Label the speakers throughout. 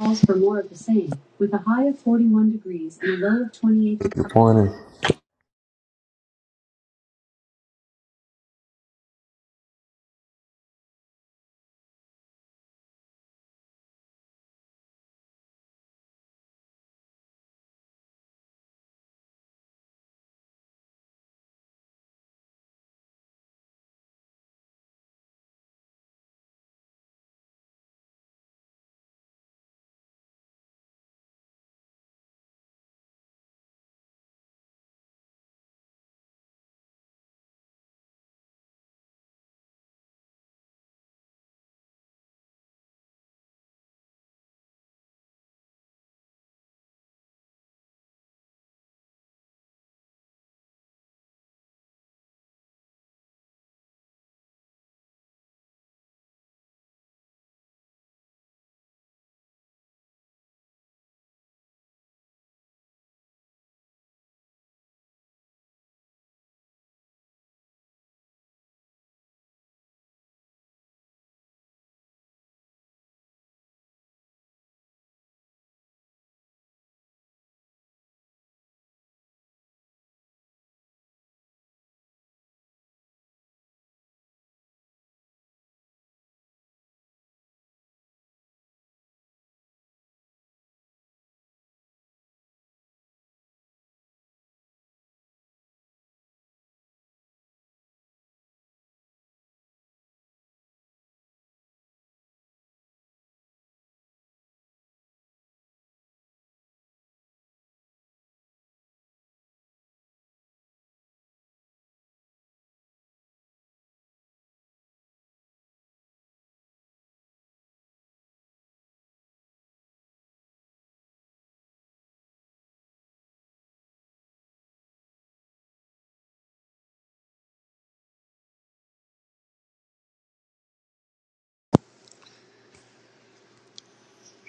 Speaker 1: calls for more of the same, with a high of 41 degrees and a low of 28
Speaker 2: Good
Speaker 1: degrees.
Speaker 2: morning.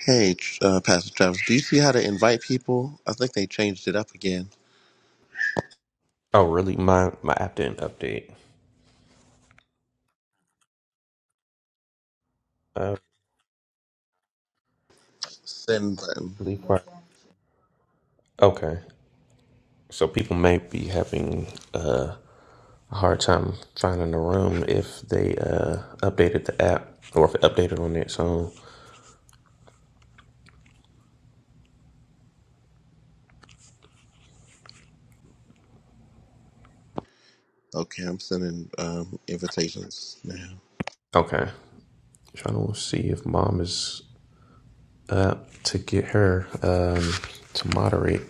Speaker 1: Hey, uh, Pastor Travis, do you see how to invite people? I think they changed it up again.
Speaker 2: Oh, really? My my app didn't update. Uh,
Speaker 1: Send button.
Speaker 2: really quiet. Okay, so people may be having uh, a hard time finding the room if they uh, updated the app or if it updated on its own.
Speaker 1: Okay, I'm sending um, invitations now.
Speaker 2: Okay, trying to see if mom is up to get her um, to moderate.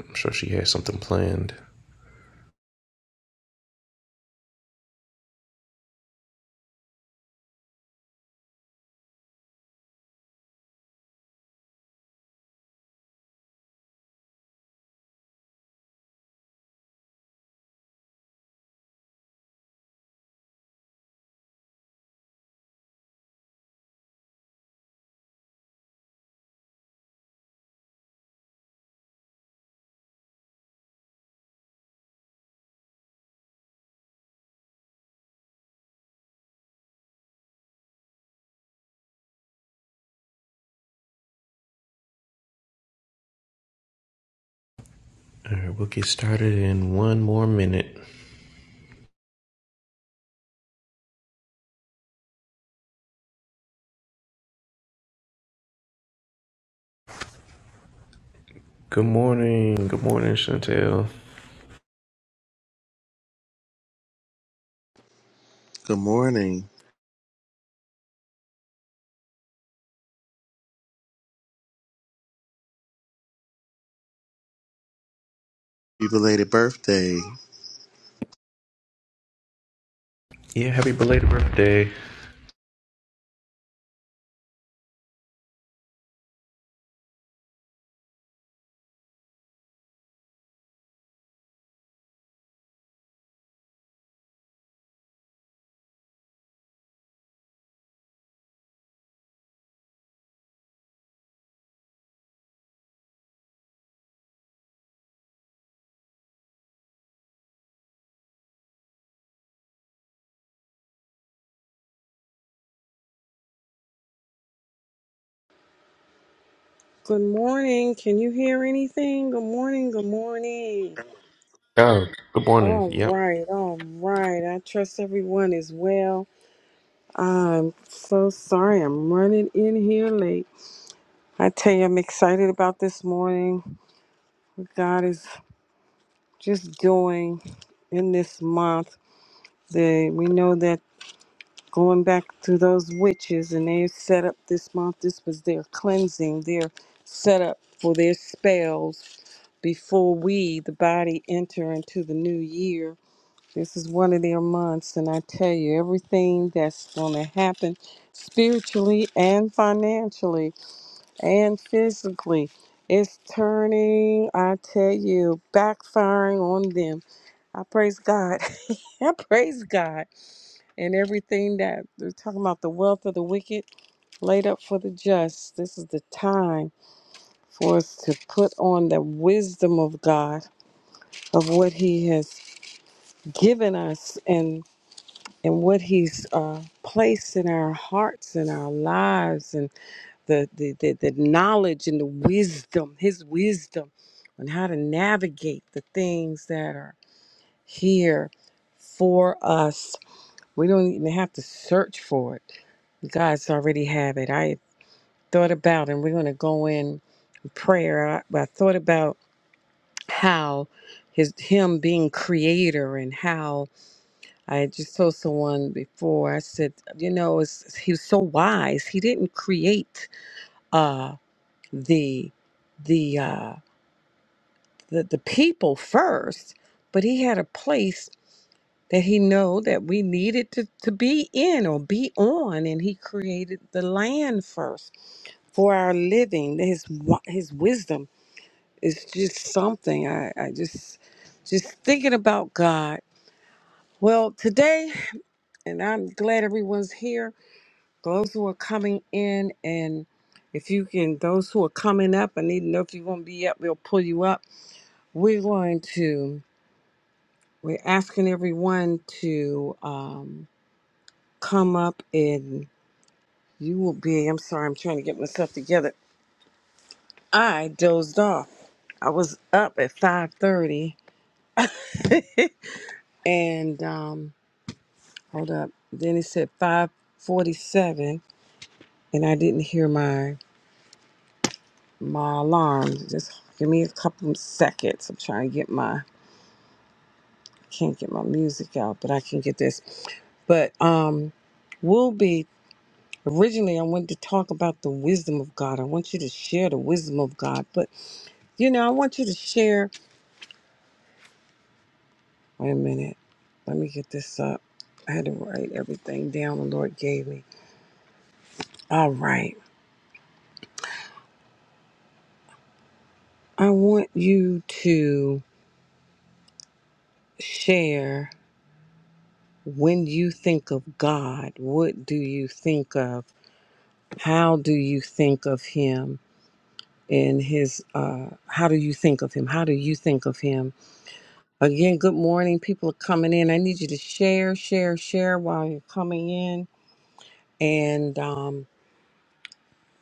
Speaker 2: I'm sure she has something planned. All right, we'll get started in one more minute. Good morning. Good morning, Chantel.
Speaker 1: Good morning. Happy belated birthday.
Speaker 2: Yeah, happy belated birthday.
Speaker 3: Good morning. Can you hear anything? Good morning. Good morning.
Speaker 2: Oh, good morning.
Speaker 3: All
Speaker 2: Yep.
Speaker 3: right. All right. I trust everyone is well. I'm so sorry. I'm running in here late. I tell you, I'm excited about this morning. What God is just doing in this month. The, we know that going back to those witches and they set up this month, this was their cleansing, their setup for their spells before we, the body, enter into the new year. This is one of their months, and I tell you, everything that's going to happen spiritually and financially and physically is turning, I tell you, backfiring on them. I praise God. I praise God. And everything that they're talking about the wealth of the wicked laid up for the just. This is the time for us to put on the wisdom of God of what He has given us and and what He's uh, placed in our hearts and our lives, and the the, the the knowledge and the wisdom, His wisdom, on how to navigate the things that are here for us. We don't even have to search for it. God's already have it. I thought about, and we're going to go in prayer. I, I thought about how his him being creator and how I had just told someone before, I said, you know, it's, he was so wise. He didn't create uh, the, the, uh, the, the people first, but he had a place that he know that we needed to, to be in or be on. And he created the land first for our living. His, wi- his wisdom is just something I, I just, just thinking about God. Well, today, and I'm glad everyone's here Those who are coming in, and if you can, those who are coming up, I need to know if you're going to be up. We'll pull you up. We're going to. We're asking everyone to um, come up, and you will be. I'm sorry. I'm trying to get myself together. I dozed off. I was up at 5:30, and um, hold up. Then it said 5:47, and I didn't hear my my alarm. Just give me a couple of seconds. I'm trying to get my can't get my music out, but I can get this. But um, we'll be originally. I wanted to talk about the wisdom of God. I want you to share the wisdom of God, but you know, I want you to share. Wait a minute. Let me get this up. I had to write everything down the Lord gave me. All right. I want you to share when you think of God. What do you think of? How do you think of Him? and his uh, how do you think of him? How do you think of him? Again, good morning. People are coming in. I need you to share, share, share while you're coming in. And um,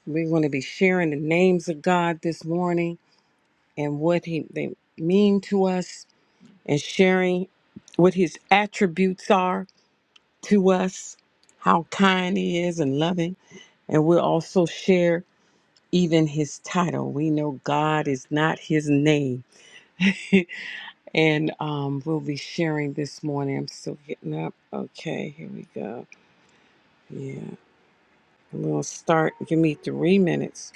Speaker 3: we're going to be sharing the names of God this morning and what he, they mean to us and sharing what his attributes are to us, how kind he is and loving. And we'll also share even his title. We know God is not his name. and um, we'll be sharing this morning. I'm still getting up. Okay, here we go. Yeah, we'll start. Give me three minutes.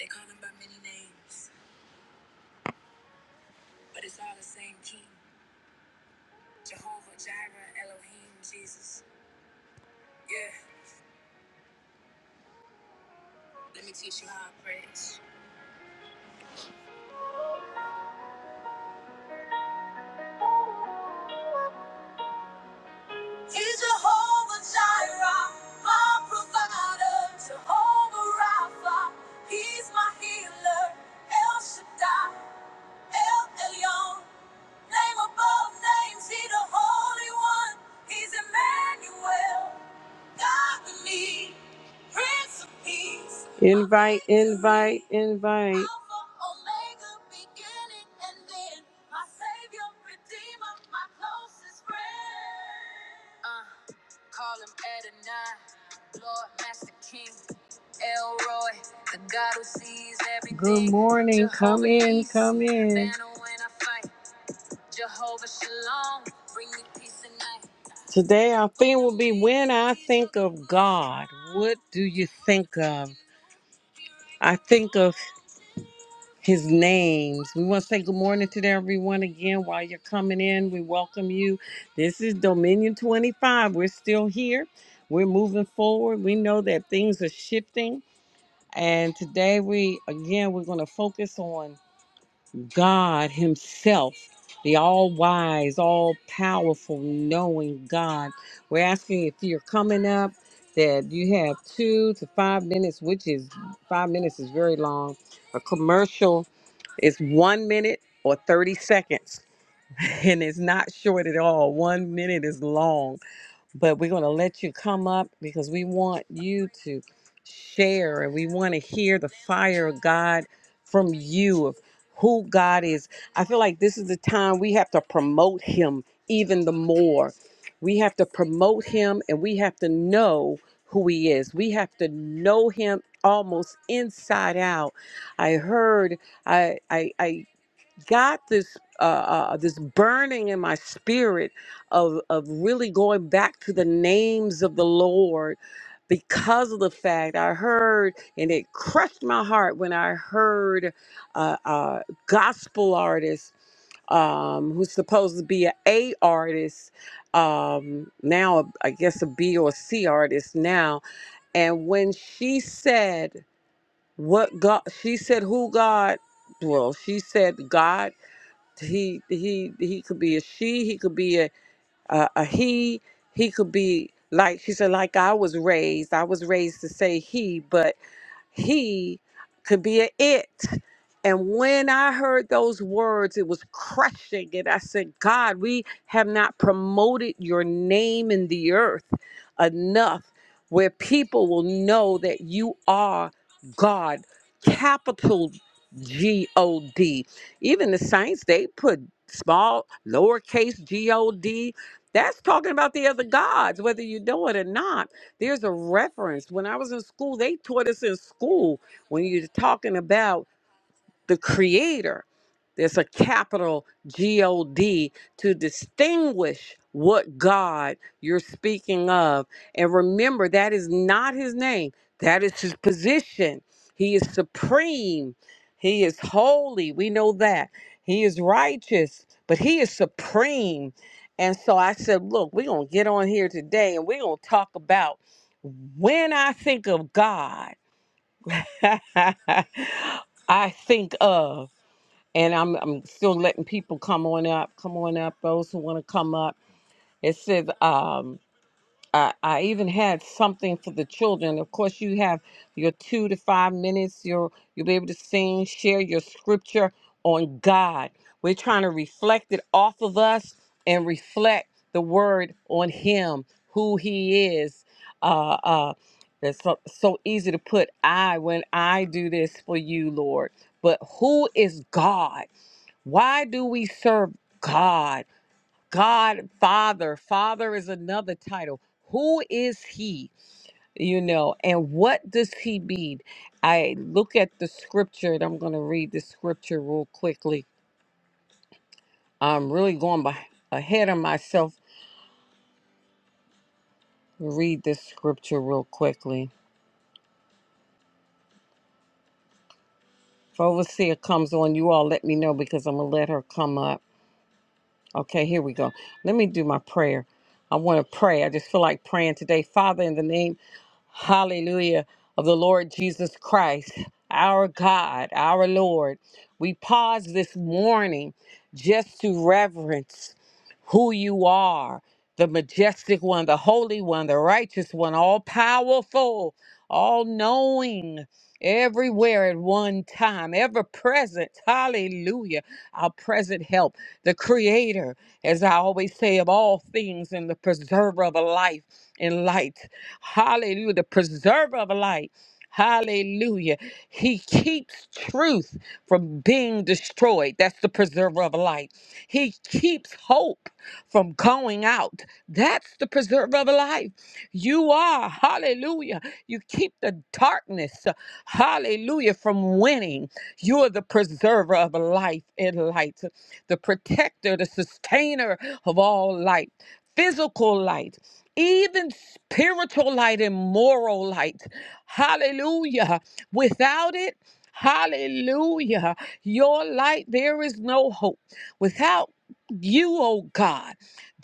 Speaker 3: Invite, invite, invite. Good morning. Come in, come in. Today, our theme will be When I Think of God, what do you think of? I think of his names. We want to say good morning to everyone again while you're coming in. We welcome you. This is Dominion 25. We're still here, we're moving forward. We know that things are shifting. And today, we again, we're going to focus on. God Himself, the all wise, all powerful, knowing God. We're asking if you're coming up that you have two to five minutes, which is five minutes is very long. A commercial is one minute or 30 seconds, and it's not short at all. One minute is long but we're going to let you come up because we want you to share and we want to hear the fire of God from you of who God is. I feel like this is the time we have to promote Him even the more. We have to promote Him and we have to know who He is. We have to know Him almost inside out. I heard. I I I got this uh, uh, this burning in my spirit of of really going back to the names of the Lord because of the fact I heard and it crushed my heart when I heard uh, uh, gospel artist um, who's supposed to be a A artist um, now I guess a B or a C artist now and when she said what God she said who God well she said God he he he could be a she he could be a a, a he he could be like she said like i was raised i was raised to say he but he could be an it. And when I heard those words, it was crushing. And I said, God, we have not promoted your name in the earth enough where people will know that you are God, capital G O D. Even the saints, they put small, lowercase G O D. That's talking about the other gods, whether you know it or not there's a reference. When I was in school, they taught us in school when you're talking about the creator. There's a capital G O D to distinguish what God you're speaking of. And remember, that is not his name, that is his position. He is supreme, he is holy. We know that. He is righteous, but he is supreme. And so I said, Look, we're going to get on here today and we're going to talk about when I think of God, I think of and I'm I'm still letting people come on up, come on up, those who want to come up. It says um I, I even had something for the children. Of course you have your two to five minutes, you'll you'll be able to sing, share your scripture on God. We're trying to reflect it off of us and reflect the word on him, who he is. Uh uh that's so, so easy to put I when I do this for you, Lord. But who is God? Why do we serve God? God, Father. Father is another title. Who is He? You know, and what does He mean? I look at the scripture, and I'm going to read the scripture real quickly. I'm really going by, ahead of myself. Read this scripture real quickly. If Overseer comes on, you all let me know because I'm going to let her come up. Okay, here we go. Let me do my prayer. I want to pray. I just feel like praying today. Father, in the name hallelujah, of the Lord Jesus Christ, our God, our Lord. We pause this morning just to reverence who you are the majestic one, the holy one, the righteous one, all powerful, all knowing, everywhere at one time, ever present. Hallelujah. Our present help, the creator, as I always say, of all things, and the preserver of a life and light. Hallelujah. The preserver of a light. Hallelujah. He keeps truth from being destroyed. That's the preserver of light. He keeps hope from going out. That's the preserve of life. You are, hallelujah. You keep the darkness, hallelujah, from winning. You are the preserver of life and light, the protector, the sustainer of all light, physical light. Even spiritual light and moral light. Hallelujah. Without it, hallelujah. Your light, there is no hope. Without you, oh God,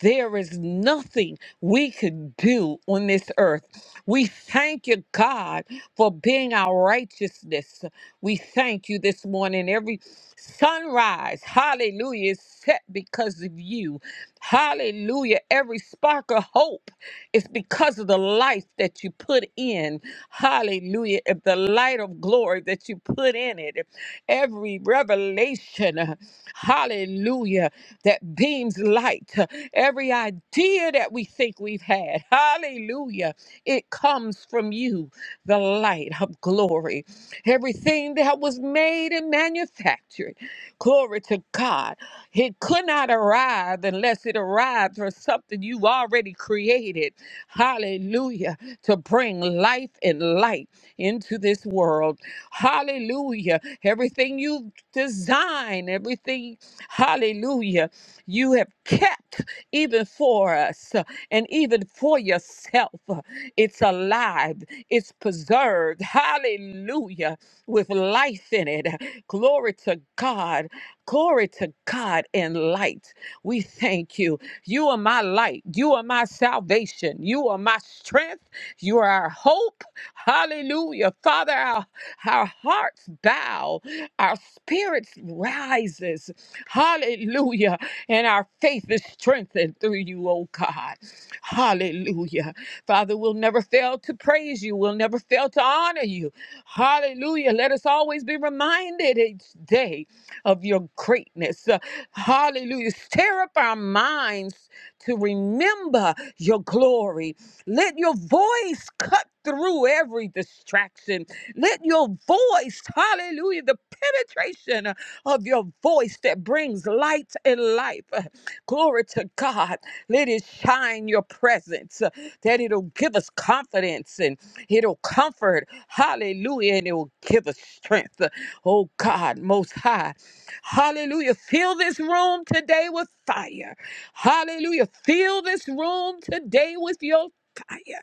Speaker 3: there is nothing we could do on this earth. We thank you, God, for being our righteousness. We thank you this morning. Every sunrise, hallelujah, is set because of you. Hallelujah. Every spark of hope is because of the life that you put in. Hallelujah. If the light of glory that you put in it, every revelation, hallelujah that beams light, every idea that we think we've had, hallelujah, it comes from you, the light of glory. Everything that was made and manufactured, glory to God, it could not arrive unless it arrived from something you already created, hallelujah, to bring life and light into this world. Hallelujah. Everything you design, everything, hallelujah. You have kept even for us uh, and even for yourself. uh, It's alive, it's preserved. Hallelujah. With life in it. Glory to God. Glory to God and light. We thank you. You are my light. You are my salvation. You are my strength. You are our hope. Hallelujah. Father, our, our hearts bow, our spirits rises. Hallelujah. And our faith is strengthened through you, oh God. Hallelujah. Father, we'll never fail to praise you. We'll never will never fail to honor you. Hallelujah. Let us always be reminded each day of your greatness. Uh, Hallelujah. Stir up our minds to remember your glory. Let your voice cut through every distraction. Let your voice, hallelujah, the penetration of your voice that brings light and life. Uh, Glory to God. Let it shine your presence, uh, that it'll give us confidence and. It'll comfort. Hallelujah. And it will give us strength. Oh God, most high. Hallelujah. Fill this room today with fire. Hallelujah. Fill this room today with your fire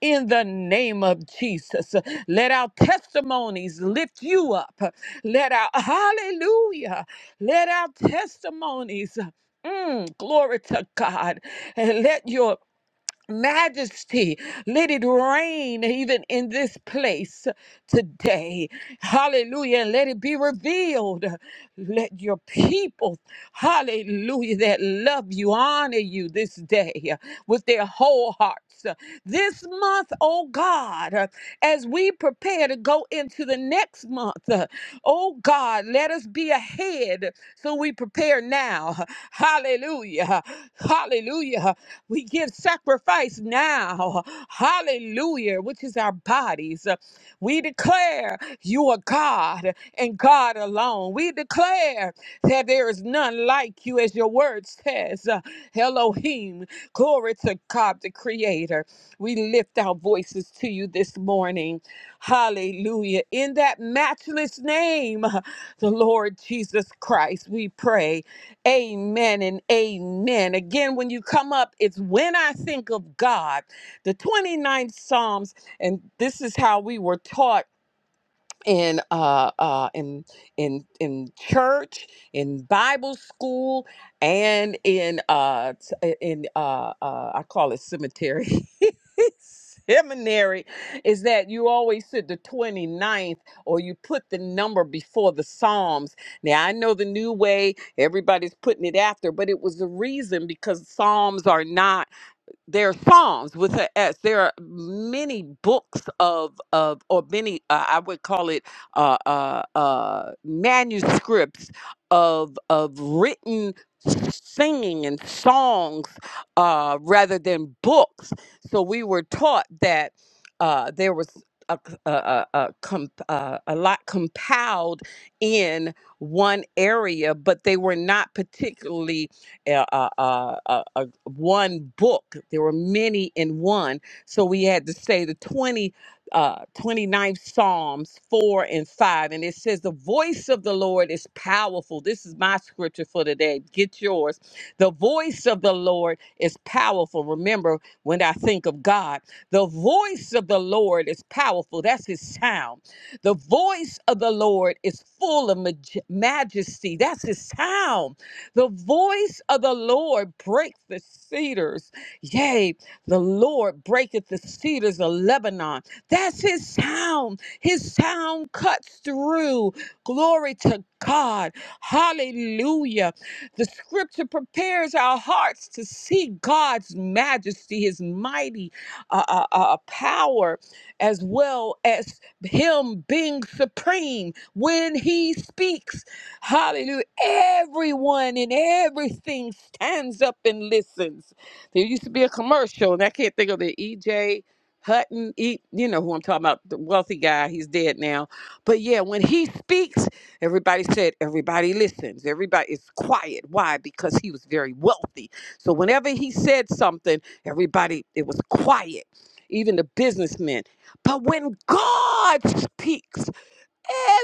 Speaker 3: in the name of Jesus. Let our testimonies lift you up. Let our hallelujah. Let our testimonies. mm, glory to God. And let your majesty. Let it reign even in this place today. Hallelujah. And let it be revealed. Let your people, hallelujah, that love you, honor you this day with their whole hearts. This month, oh God, as we prepare to go into the next month. month. Oh God, let us be ahead so we prepare now. Hallelujah. Hallelujah. We give sacrifice now. Hallelujah, which is our bodies. We declare you are God and God alone. We declare that there is none like you, as your word says. Elohim, glory to God the Creator. We lift our voices to you this morning. Hallelujah. In that matchless name, the Lord Jesus Christ, we pray. Amen and amen. Again, when you come up, it's when I think of God, the twenty ninth Psalms, and this is how we were taught in uh, uh, in in in church, in Bible school, and in uh, t- in uh, uh, I call it cemetery. Seminary is that you always said the twenty ninth, or you put the number before the Psalms. Now, I know the new way everybody's putting it after, but it was the reason because Psalms are not there are psalms with an s there are many books of of or many uh, i would call it uh, uh, uh, manuscripts of of written singing and songs uh, rather than books so we were taught that uh, there was a, c- a, a, a, comp- uh, a lot compiled in one area, but they were not particularly uh, uh, uh, uh, uh, one book. There were many in one. So we had to say the 20, uh, 29th Psalms 4 and 5. And it says, The voice of the Lord is powerful. This is my scripture for today. Get yours. The voice of the Lord is powerful. Remember, when I think of God, the voice of the Lord is powerful. That's his sound. The voice of the Lord is full of maj- majesty. That's his sound. The voice of the Lord breaks the cedars. Yea, the Lord breaketh the cedars of Lebanon. That's his sound. His sound cuts through. Glory to God. Hallelujah. The scripture prepares our hearts to see God's majesty, his mighty uh, uh, uh, uh, power, as well as him being supreme when he speaks. Hallelujah. Everyone and everything stands up and listens. There used to be a commercial, and I can't think of it. EJ Hutton, e, you know who I'm talking about, the wealthy guy. He's dead now. But yeah, when he speaks, everybody said, everybody listens. Everybody is quiet. Why? Because he was very wealthy. So whenever he said something, everybody, it was quiet. Even the businessmen. But when God speaks,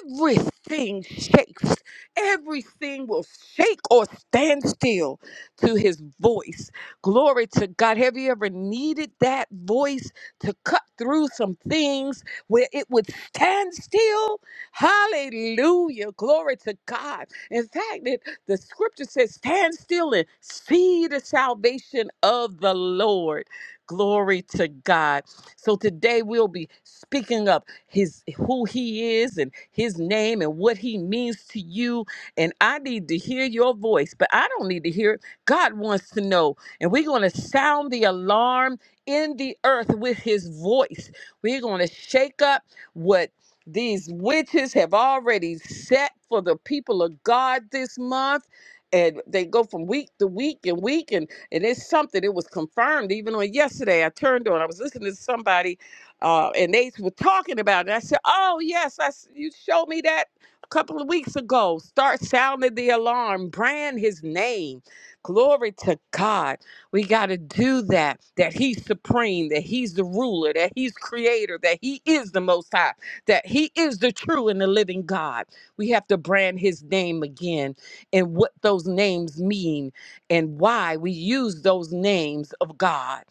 Speaker 3: everything shakes. Everything will shake or stand still to his voice. Glory to God. Have you ever needed that voice to cut through some things where it would stand still? Hallelujah. Glory to God. In fact, it, the scripture says, Stand still and see the salvation of the Lord. Glory to God. So today we'll be speaking up his who he is and his name and what he means to you. And I need to hear your voice, but I don't need to hear it. God wants to know. And we're going to sound the alarm in the earth with his voice. We're going to shake up what these witches have already set for the people of God this month. And they go from week to week and week, and. And it's something, it was confirmed even on yesterday. I turned on, I was listening to somebody, uh, and they were talking about it. I said, Oh, yes, I, s- you showed me that a couple of weeks ago. Start sounding the alarm, brand his name. Glory to God. We got to do that, that he's supreme, that he's the ruler, that he's creator, that he is the most high, that he is the true and the living God. We have to brand his name again and what those names mean and why we use those names of God.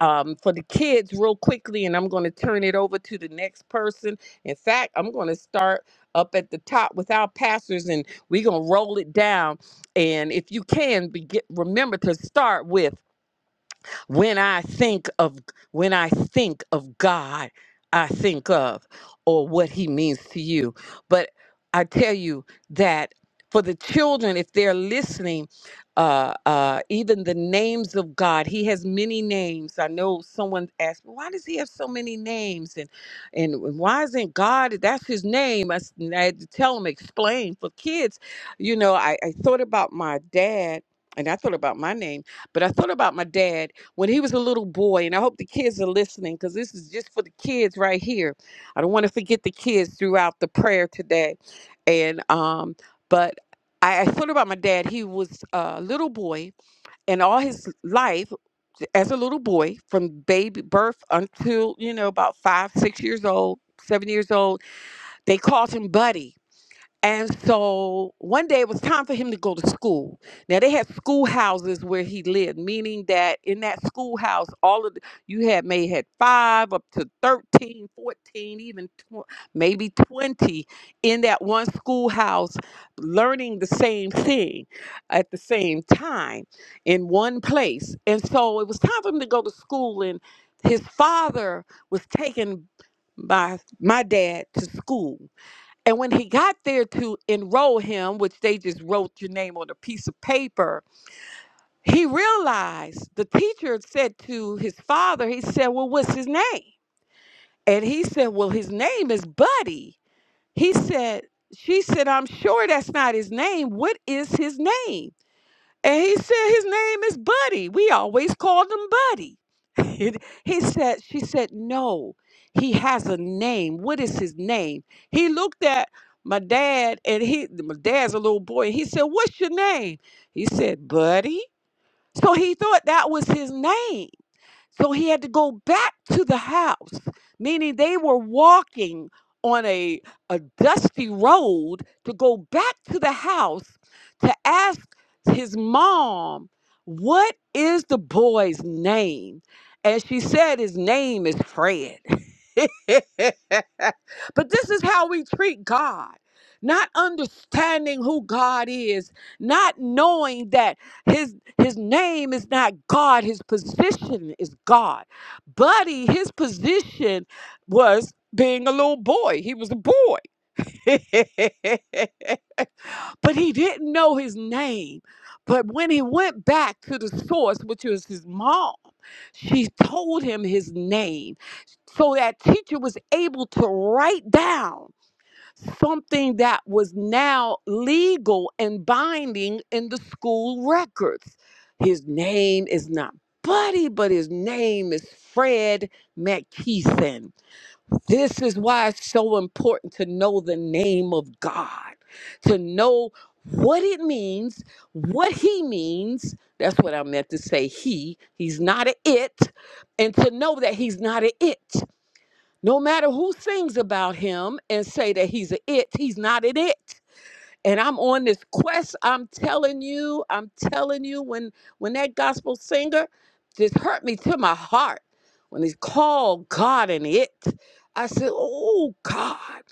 Speaker 3: Um, for the kids, real quickly, and I'm going to turn it over to the next person. In fact, I'm going to start up at the top with our pastors, and we're going to roll it down. And if you can, be get, remember to start with. When I think of when I think of God, I think of or what he means to you. But I tell you that for the children, if they're listening, uh, uh, even the names of God, He has many names. I know someone asked, "Well, "Why does He have so many names?" and and why isn't God? That's His name. I, s- and I had to tell him, explain for kids. You know, I, I thought about my dad, and I thought about my name, but I thought about my dad when he was a little boy, and I hope the kids are listening because this is just for the kids right here. I don't want to forget the kids throughout the prayer today. And um, but I, I thought about my dad. He was a little boy, and all his life as a little boy, from baby birth until you know about five, six years old, seven years old, they called him Buddy and so one day it was time for him to go to school. Now they had schoolhouses where he lived, meaning that in that schoolhouse, all of the, you had may had five up to 13, 14, even tw- maybe 20 in that one schoolhouse learning the same thing at the same time in one place. And so it was time for him to go to school and his father was taken by my dad to school and when he got there to enroll him, which they just wrote your name on a piece of paper, he realized the teacher said to his father, he said, Well, what's his name? And he said, Well, his name is Buddy. He said, She said, I'm sure that's not his name. What is his name? And he said his name is Buddy. We always called him Buddy. he said, she said, no, he has a name. What is his name? He looked at my dad and he my dad's a little boy. He said, What's your name? He said, Buddy. So he thought that was his name. So he had to go back to the house, meaning they were walking on a, a dusty road to go back to the house to ask his mom, What is the boy's name? And she said, His name is Fred. but this is how we treat God. Not understanding who God is, not knowing that his his name is not God, his position is God. Buddy, his position was being a little boy. He was a boy. but he didn't know his name. But when he went back to the source, which was his mom, she told him his name so that teacher was able to write down something that was now legal and binding in the school records. His name is not Buddy, but his name is Fred McKeeson. This is why it's so important to know the name of God, to know what it means, what he means. That's what I meant to say. He, he's not an it, and to know that he's not an it. No matter who sings about him and say that he's a it, he's not an it. And I'm on this quest. I'm telling you, I'm telling you, when when that gospel singer just hurt me to my heart when he called God an it. I said, Oh God,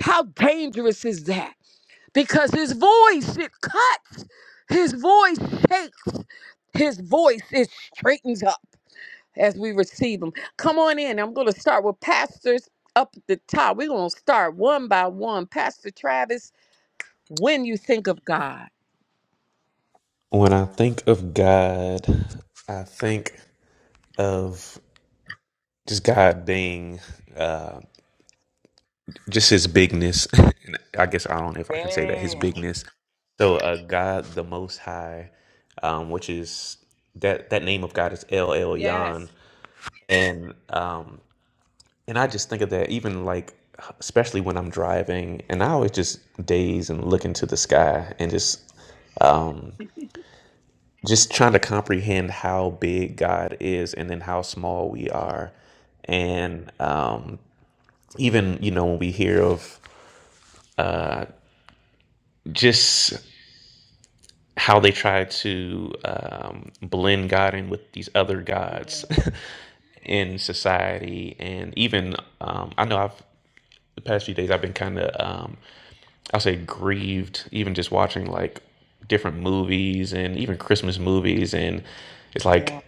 Speaker 3: how dangerous is that? Because his voice, it cuts, his voice shakes, his voice, it straightens up as we receive them. Come on in. I'm going to start with pastors up at the top. We're going to start one by one. Pastor Travis, when you think of God.
Speaker 2: When I think of God, I think of just God being uh, just his bigness. And I guess I don't know if I can say that his bigness. So, uh, God the Most High, um, which is that that name of God is El Elyon, and um, and I just think of that even like especially when I'm driving, and I always just daze and look into the sky and just. um, just trying to comprehend how big God is and then how small we are. And um, even, you know, when we hear of just how they try to um, blend God in with these other gods in society. And even, um, I know I've, the past few days, I've been kind of, um, I'll say, grieved, even just watching like different movies and even Christmas movies. And it's
Speaker 3: Yeah.
Speaker 2: like,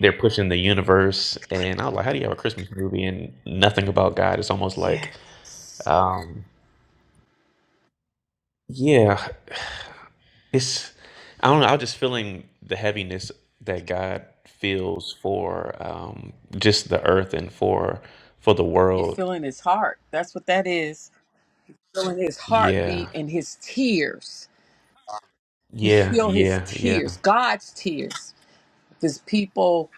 Speaker 2: they're pushing the universe, and I was like, how do you have a Christmas movie and nothing about God? It's almost like,
Speaker 3: Yes.
Speaker 2: um, yeah, it's I don't know. I was just feeling the heaviness that God feels for um, just the earth and for for the
Speaker 3: You
Speaker 2: world.
Speaker 3: feeling his heart. That's what that is. Feeling his
Speaker 2: Yeah,
Speaker 3: heartbeat and his tears.
Speaker 2: yeah,
Speaker 3: Feel his
Speaker 2: yeah, yeah,
Speaker 3: tears, God's tears. His people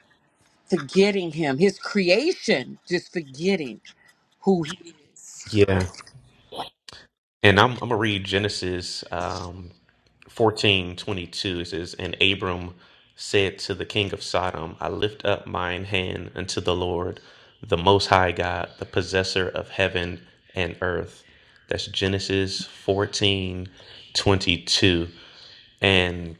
Speaker 3: forgetting him, his creation just forgetting who he
Speaker 2: yeah. And I'm, I'm going to read Genesis um, 14 twenty two. It says, And Abram said to the king of Sodom, I lift up mine hand unto the Lord, the Most High God, the possessor of heaven and earth. That's Genesis 14 22. And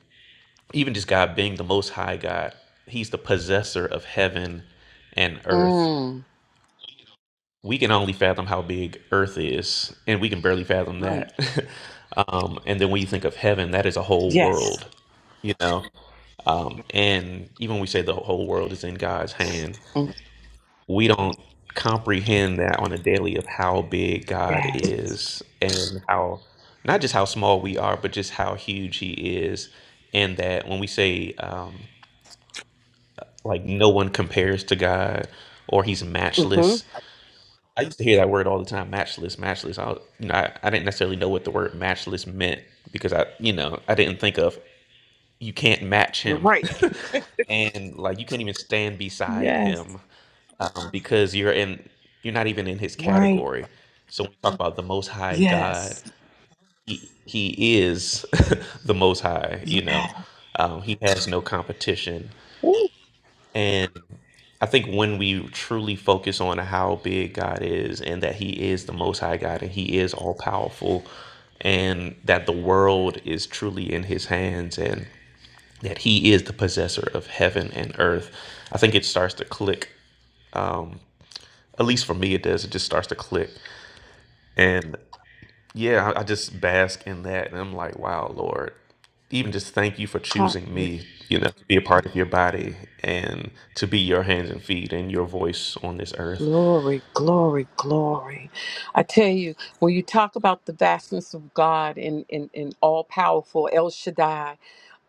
Speaker 2: even just God being the Most High God, He's the possessor of heaven and earth
Speaker 3: Mm.
Speaker 2: we can only fathom how big earth is and we can barely fathom
Speaker 3: Right.
Speaker 2: that um, and then when you think of heaven that is a whole
Speaker 3: Yes.
Speaker 2: world you know um, and even when we say the whole world is in god's hand
Speaker 3: Mm.
Speaker 2: we don't comprehend that on a daily of how big god
Speaker 3: Yes.
Speaker 2: is and how not just how small we are but just how huge he is and that when we say um, like no one compares to god or he's
Speaker 3: Mm-hmm.
Speaker 2: matchless I used to hear that word all the time, matchless, matchless. I, was- you know, I, I didn't necessarily know what the word matchless meant because I, you know, I didn't think of you can't match
Speaker 3: You're
Speaker 2: him,
Speaker 3: right.
Speaker 2: and like you can't even stand beside
Speaker 3: Yes.
Speaker 2: him um, because you're in, you're not even in his
Speaker 3: Right.
Speaker 2: category. So when we talk about the Most High God,
Speaker 3: Yes.
Speaker 2: he, he is the Most High. You
Speaker 3: Yes.
Speaker 2: know, um, he has no competition.
Speaker 3: Ooh.
Speaker 2: And I think when we truly focus on how big God is and that He is the Most High God and He is all powerful and that the world is truly in His hands and that He is the possessor of heaven and earth, I think it starts to click. At least for me, it does. It just starts to click. And yeah, I I just bask in that. And I'm like, wow, Lord, even just thank you for choosing
Speaker 3: Hallelujah.
Speaker 2: me, you know, to be a part of your body and to be your hands and feet and your voice on this earth.
Speaker 3: Glory, glory, glory. I tell you, when you talk about the vastness of God and, and, and all powerful El Shaddai,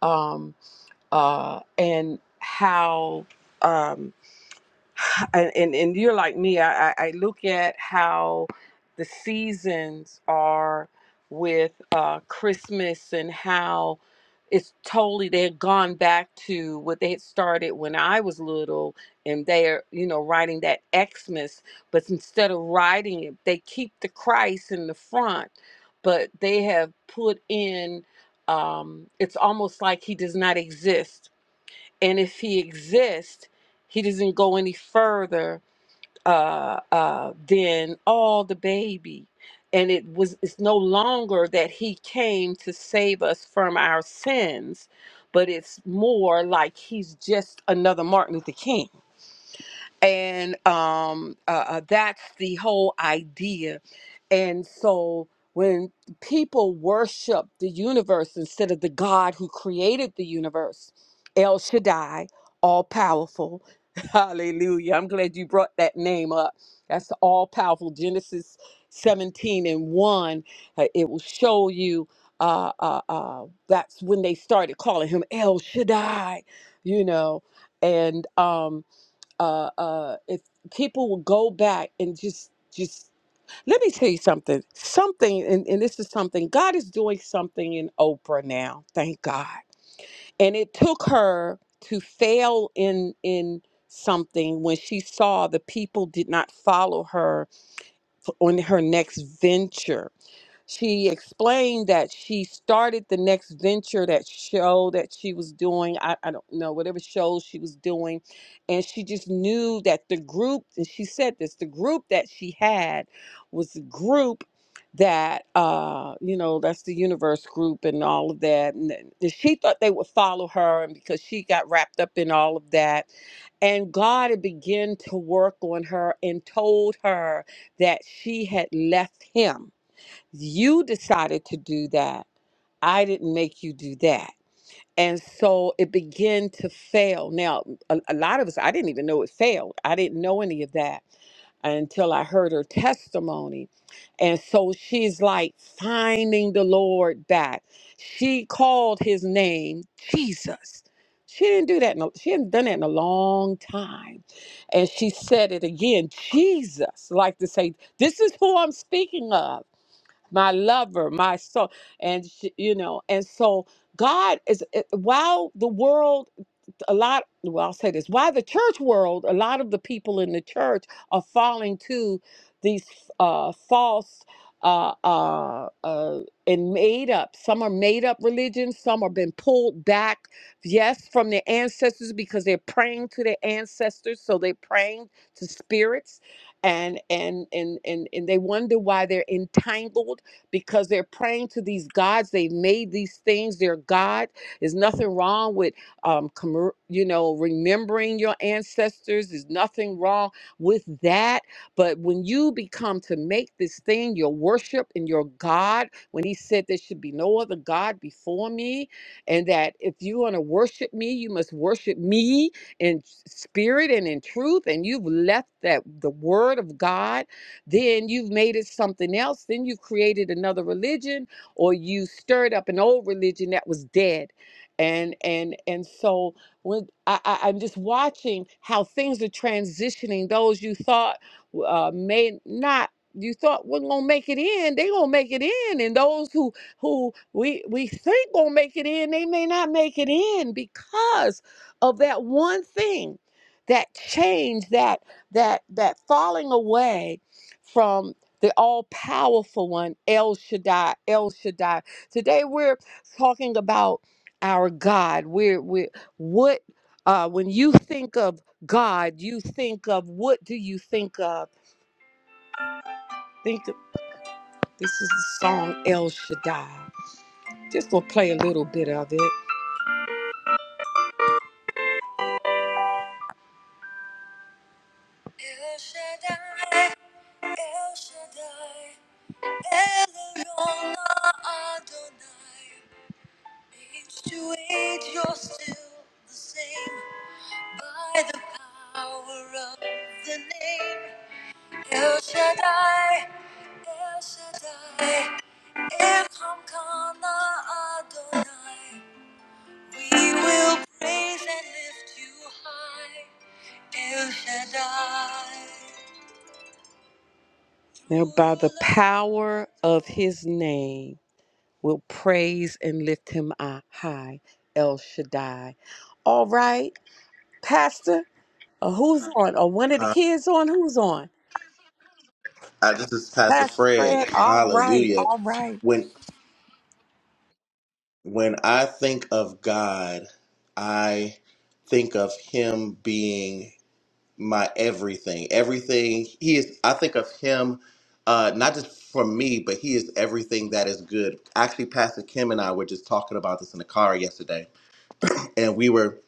Speaker 3: um, uh, and how. um. and, and and you're like me. I, I I look at how the seasons are with uh, Christmas and how it's totally they had gone back to what they had started when I was little, and they're you know writing that Xmas, but instead of writing it, they keep the Christ in the front, but they have put in. Um, it's almost like he does not exist and if he exists, he doesn't go any further uh, uh, than all the baby. And it was it's no longer that he came to save us from our sins, but it's more like he's just another Martin Luther King and um, uh, uh, that's the whole idea. And so when people worship the universe instead of the God who created the universe, El Shaddai, all powerful, hallelujah. I'm glad you brought that name up. That's the all powerful Genesis 17 and 1. uh, It will show you. Uh, uh, uh, that's when they started calling him El Shaddai, you know, and um, uh, uh, if people will go back and just just let me tell you something something and, and this is something god is doing something in oprah now thank god and it took her to fail in in something when she saw the people did not follow her on her next venture she explained that she started the next venture, that show that she was doing. I, I don't know, whatever show she was doing. And she just knew that the group, and she said this, the group that she had was the group that uh you know that's the universe group and all of that and then- and she thought they would follow her and because she got wrapped up in all of that and god had begun to work on her and told her that she had left him you decided to do that. I didn't make you do that. And so it began to fail. Now, a, a lot of us, I didn't even know it failed. I didn't know any of that until I heard her testimony. And so she's like finding the Lord back. She called his name Jesus. She didn't do that. In a, she hadn't done that in a long time. And she said it again, Jesus, like to say, this is who I'm speaking of my lover, my soul. And, she, you know, and so God is, eh, while the world a lot, well, I'll say this why the church world, a lot of the people in the church are falling to these uh, false. Uh, uh, uh, and made up. Some are made up religions. Some are been pulled back, yes, from their ancestors because they're praying to their ancestors. So they're praying to spirits, and and and and and they wonder why they're entangled because they're praying to these gods. They've made these things their god. There's nothing wrong with um, commer you know, remembering your ancestors. There's nothing wrong with that. But when you become to make this thing your worship and your God, when he said there should be no other God before me, and that if you want to worship me, you must worship me in spirit and in truth, and you've left that the word of God, then you've made it something else. Then you've created another religion or you stirred up an old religion that was dead and and and so when I, I i'm just watching how things are transitioning those you thought uh may not you thought we not gonna make it in they gonna make it in and those who who we we think gonna make it in they may not make it in because of that one thing that change that that that falling away from the all-powerful one el shaddai el shaddai today we're talking about our God. We're, we're what uh, when you think of God, you think of what do you think of? Think of this is the song El Shaddai. Just gonna play a little bit of it. Now, by the power of His name, we'll praise and lift Him up high, El Shaddai. All right, Pastor. Uh, who's on? Or one of the
Speaker 1: Hi,
Speaker 3: kids on? Who's on?
Speaker 1: uh, this is Pastor
Speaker 3: Pastor
Speaker 1: Fred.
Speaker 3: Fred. All right.
Speaker 1: Hallelujah.
Speaker 3: All right.
Speaker 1: When when I think of God, I think of Him being my everything. Everything he is. I think of him, uh, not just for me, but he is everything that is good. Actually, Pastor Kim and I were just talking about this in the car yesterday, and we were.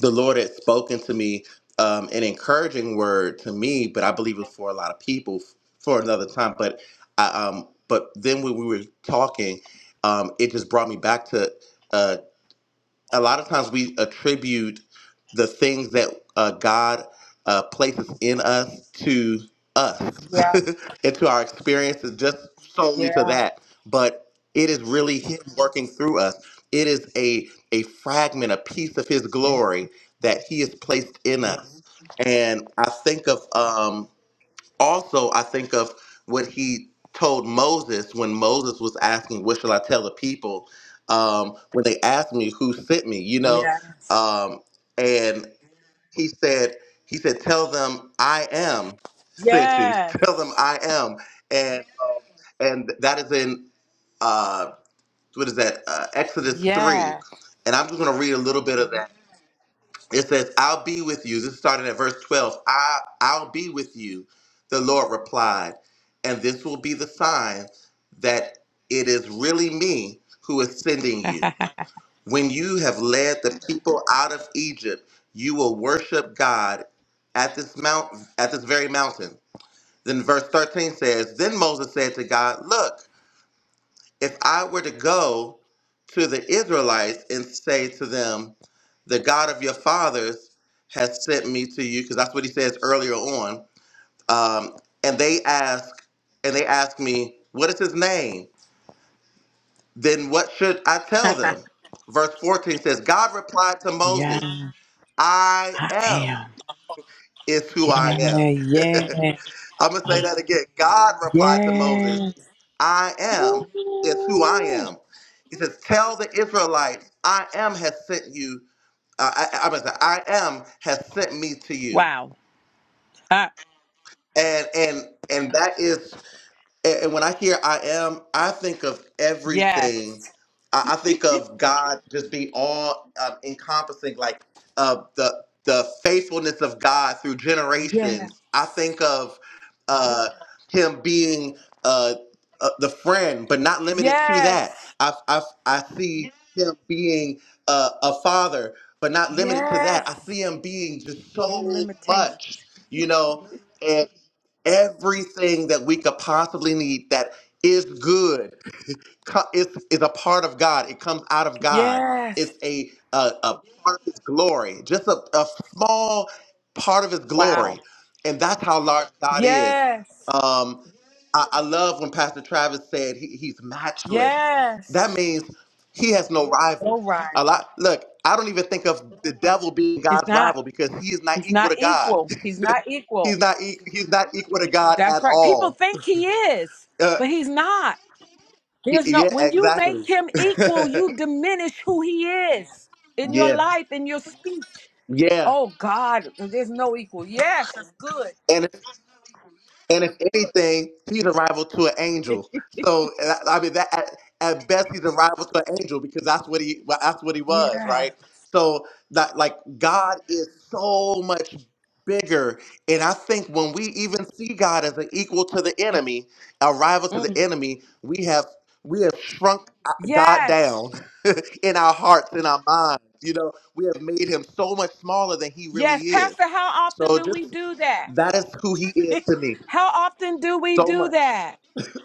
Speaker 1: The Lord had spoken to me um, an encouraging word to me, but I believe it was for a lot of people f- for another time. But I, um, but then when we were talking, um, it just brought me back to. uh, a lot of times we attribute the things that uh, God uh, places in us to us
Speaker 3: Yeah.
Speaker 1: and to our experiences, just solely to
Speaker 3: Yeah.
Speaker 1: that. But it is really Him working through us. It is a a fragment, a piece of His
Speaker 3: Yeah.
Speaker 1: glory that He has placed in us. And I think of um, also I think of what he told Moses when Moses was asking, "What shall I tell the people?" Um, when they asked me who sent me, you know,
Speaker 3: Yes.
Speaker 1: um, and he said, he said, "Tell them I am sent you. Tell them
Speaker 3: Yes.
Speaker 1: I am." And um, and that is in uh, what is that uh, Exodus three,
Speaker 3: Yeah.
Speaker 1: and I'm just going to read a little bit of that it says, I'll be with you. This is starting at verse 12. I, I'll be with you, the Lord replied. And this will be the sign that it is really me who is sending you. When you have led the people out of Egypt, you will worship God at this mount, at this very mountain. Then verse 13 says, Then Moses said to God, Look, if I were to go to the Israelites and say to them, the God of your fathers has sent me to you, because that's what he says earlier on, um, and they ask, and they ask me, what is his name? Then what should I tell them? Verse 14 says, God replied to
Speaker 3: yeah,
Speaker 1: Moses, I
Speaker 3: I
Speaker 1: am
Speaker 3: am.
Speaker 1: is who I am.
Speaker 3: Yeah,
Speaker 1: I'm gonna say that again. God
Speaker 3: yeah,
Speaker 1: replied to Moses,
Speaker 3: yes.
Speaker 1: I am is who I
Speaker 3: Woo.
Speaker 1: am. He says, Tell the Israelites, I am has sent you. Uh, I, I'm gonna say, I am has sent me to you.
Speaker 3: Wow. Ah,
Speaker 1: And and and that is and, and when I hear I am, I think of
Speaker 3: yes.
Speaker 1: everything. I, I think of God just being all um, encompassing, like uh, the the faithfulness of God through
Speaker 3: Yes.
Speaker 1: generations. I think of uh, Him being uh, uh, the friend, but not limited to
Speaker 3: Yes.
Speaker 1: that. I I, I see Him being uh, a father, but not limited to
Speaker 3: Yes.
Speaker 1: that. I see Him being just
Speaker 3: No
Speaker 1: so
Speaker 3: limitation.
Speaker 1: much, you know everything that we could possibly need that is good co- is, is a part of God. It comes out of God.
Speaker 3: Yes.
Speaker 1: It's a, a, a part of His glory, just a, a small part of His
Speaker 3: Wow.
Speaker 1: glory. And that's how large God is.
Speaker 3: Yes.
Speaker 1: Um, I, I love when Pastor Travis said he, he's matchless. That
Speaker 3: Yes.
Speaker 1: means he has no rival.
Speaker 3: No
Speaker 1: A
Speaker 3: rival.
Speaker 1: lot. Look, I don't even think of the devil being
Speaker 3: He's
Speaker 1: God's
Speaker 3: not.
Speaker 1: rival because he is not
Speaker 3: He's
Speaker 1: equal
Speaker 3: not
Speaker 1: to God.
Speaker 3: equal. He's not equal.
Speaker 1: He's not e- he's not equal to God
Speaker 3: That's
Speaker 1: at
Speaker 3: right. People
Speaker 1: all.
Speaker 3: think he is,
Speaker 1: Uh,
Speaker 3: but he's not.
Speaker 1: he-
Speaker 3: There's no
Speaker 1: yeah,
Speaker 3: when you
Speaker 1: exactly.
Speaker 3: make him equal, you diminish who he is in your
Speaker 1: yeah,
Speaker 3: life, in your speech.
Speaker 1: yeah.
Speaker 3: Oh God, there's no equal. Yes, that's good.
Speaker 1: and. And if anything, he's a rival to an angel. So I I mean, that at, at best, he's a rival to an angel because that's what he well, that's what he was,
Speaker 3: Yes.
Speaker 1: right? So that like God is so much bigger, and I think when we even see God as an equal to the enemy, a rival to the
Speaker 3: Mm.
Speaker 1: enemy, we have we have shrunk uh, God
Speaker 3: Yes.
Speaker 1: down in our hearts, in our minds. You know, we have made him so much smaller than he really
Speaker 3: Yes.
Speaker 1: is.
Speaker 3: Pastor, how often
Speaker 1: So
Speaker 3: do we
Speaker 1: just
Speaker 3: do that?
Speaker 1: that is who he is to me.
Speaker 3: How often do we
Speaker 1: So
Speaker 3: do
Speaker 1: much.
Speaker 3: that?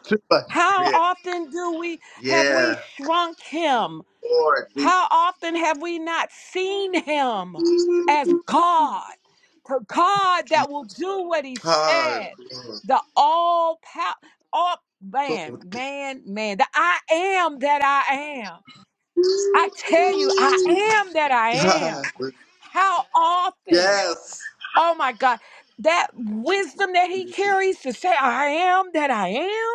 Speaker 1: Too much.
Speaker 3: How
Speaker 1: Yeah.
Speaker 3: often do we have
Speaker 1: yeah.
Speaker 3: we shrunk him?
Speaker 1: Lord, Jesus.
Speaker 3: How often have we not seen him as God, the God that will do what he
Speaker 1: Ah,
Speaker 3: said,
Speaker 1: Lord,
Speaker 3: the all power, all man,
Speaker 1: Lord,
Speaker 3: man, man, the I am that I am. I tell you, I am that I
Speaker 1: ah,
Speaker 3: am. How often,
Speaker 1: yes.
Speaker 3: oh my God, that wisdom that he carries to say, I am that I am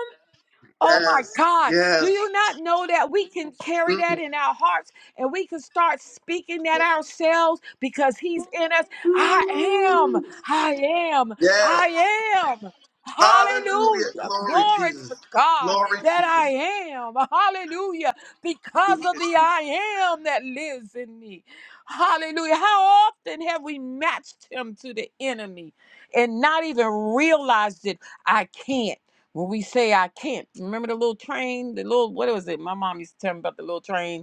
Speaker 3: Oh my
Speaker 1: Yes.
Speaker 3: God. Do
Speaker 1: Yes.
Speaker 3: you not know that we can carry
Speaker 1: Mm.
Speaker 3: that in our hearts and we can start speaking that ourselves because He's in us? I am.
Speaker 1: Woo.
Speaker 3: I am.
Speaker 1: Yes.
Speaker 3: I am.
Speaker 1: Hallelujah.
Speaker 3: Hallelujah.
Speaker 1: Glory,
Speaker 3: Glory
Speaker 1: Jesus.
Speaker 3: to God
Speaker 1: Glory,
Speaker 3: that I
Speaker 1: Jesus.
Speaker 3: am. Hallelujah. Because of the I am that lives in me. Hallelujah. How often have we matched him to the enemy and not even realized it? I can't when we say I can't. Remember the little train, the little what was it? My mom used to tell me about the little train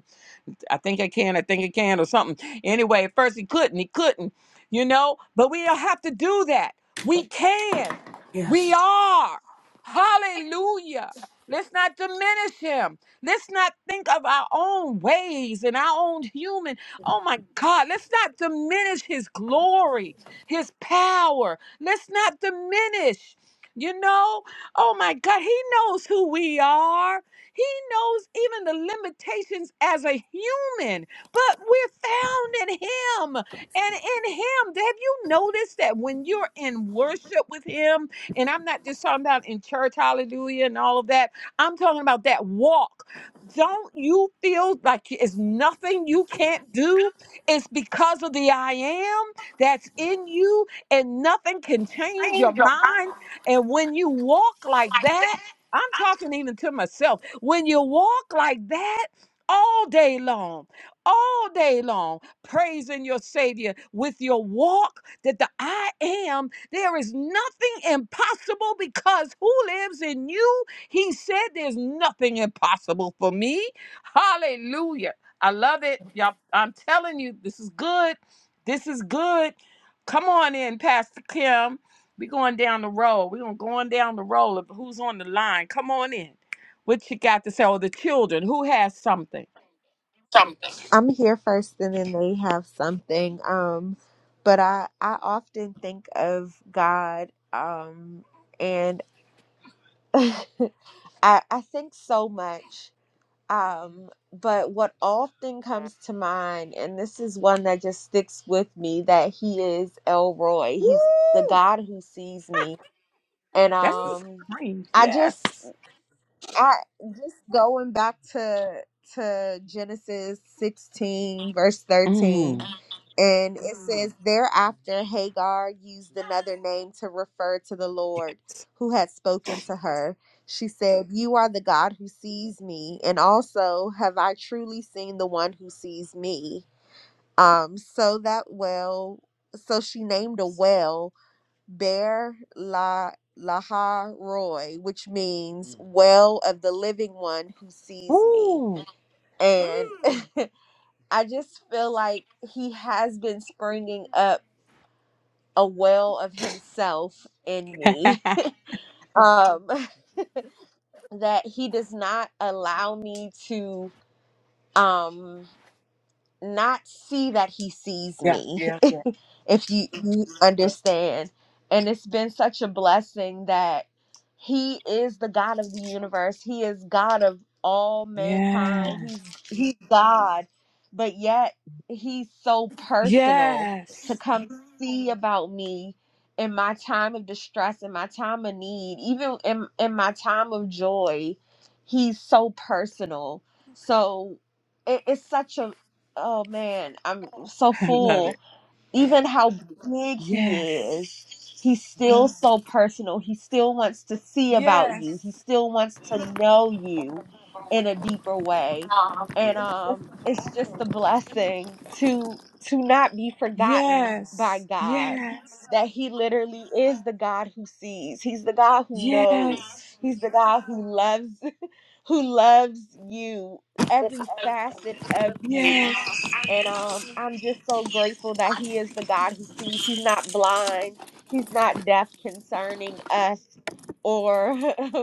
Speaker 3: I think I can, I think I can, or something. Anyway, at first he couldn't, he couldn't, you know, but we don't have to do that. We can. We
Speaker 4: Yes.
Speaker 3: are. Hallelujah. Let's not diminish him. Let's not think of our own ways and our own human. Oh my God, let's not diminish his glory, his power. Let's not diminish. You know, oh my God, he knows who we are. He knows even the limitations as a human human, but we're found in Him. And in Him, have you noticed that when you're in worship with Him, and I'm not just talking about in church, hallelujah, and all of that, I'm talking about that walk. Don't you feel like it's nothing you can't do? It's because of the I am that's in you, and nothing can change your mind. And when you walk like that, I'm talking even to myself. When you walk like that all day long, all day long, praising your Savior with your walk that the I am. There is nothing impossible because who lives in you? He said, There's nothing impossible for me. Hallelujah. I love it. Y'all, I'm telling you, this is good. This is good. Come on in, Pastor Kim. We're going down the road. We're going to go on down the road of who's on the line. Come on in. What you got to say? Or the children. Who has something?
Speaker 5: something. I'm here first and then they have something. Um but I I often think of God um and I I think so much um but what often comes to mind and this is one that just sticks with me that he is Elroy.
Speaker 3: Woo!
Speaker 5: He's the God who sees me. And
Speaker 3: That's the
Speaker 5: um
Speaker 3: supreme.
Speaker 5: I
Speaker 3: Yes.
Speaker 5: just I just going back to to Genesis 16 verse 13
Speaker 3: Mm.
Speaker 5: And it Mm. says, Thereafter, Hagar used another name to refer to the Lord who had spoken to her. She said, You are the God who sees me, and also have I truly seen the one who sees me. Um, so that well, so she named a well Ber La Laha Roy, which means Mm. well of the living one who sees me.
Speaker 3: Ooh.
Speaker 5: And I just feel like he has been springing up a well of himself in me um that he does not allow me to um not see that he sees
Speaker 3: Yeah,
Speaker 5: me
Speaker 3: yeah, yeah.
Speaker 5: if you, you understand and it's been such a blessing that he is the god of the universe he is god of all mankind
Speaker 3: Yes.
Speaker 5: he's he's god but yet he's so personal to
Speaker 3: Yes.
Speaker 5: come see about me in my time of distress in my time of need even in, in my time of joy he's so personal so it, it's such a oh man, I'm so
Speaker 3: I love
Speaker 5: full.
Speaker 3: it.
Speaker 5: Even how big he
Speaker 3: Yes.
Speaker 5: is, he's still Mhm. so personal. He still wants to see about you. He
Speaker 3: Yes.
Speaker 5: still wants to Mhm. know you in a deeper way. And um it's just a blessing to to not be forgotten by
Speaker 3: Yes.
Speaker 5: God.
Speaker 3: Yes.
Speaker 5: That he literally is the God who sees. He's the God who knows.
Speaker 3: Yes.
Speaker 5: He's the God who loves who loves you, every facet of you.
Speaker 3: Yes.
Speaker 5: And um, I'm just so grateful that He is the God who sees. He's not blind, He's not deaf concerning us or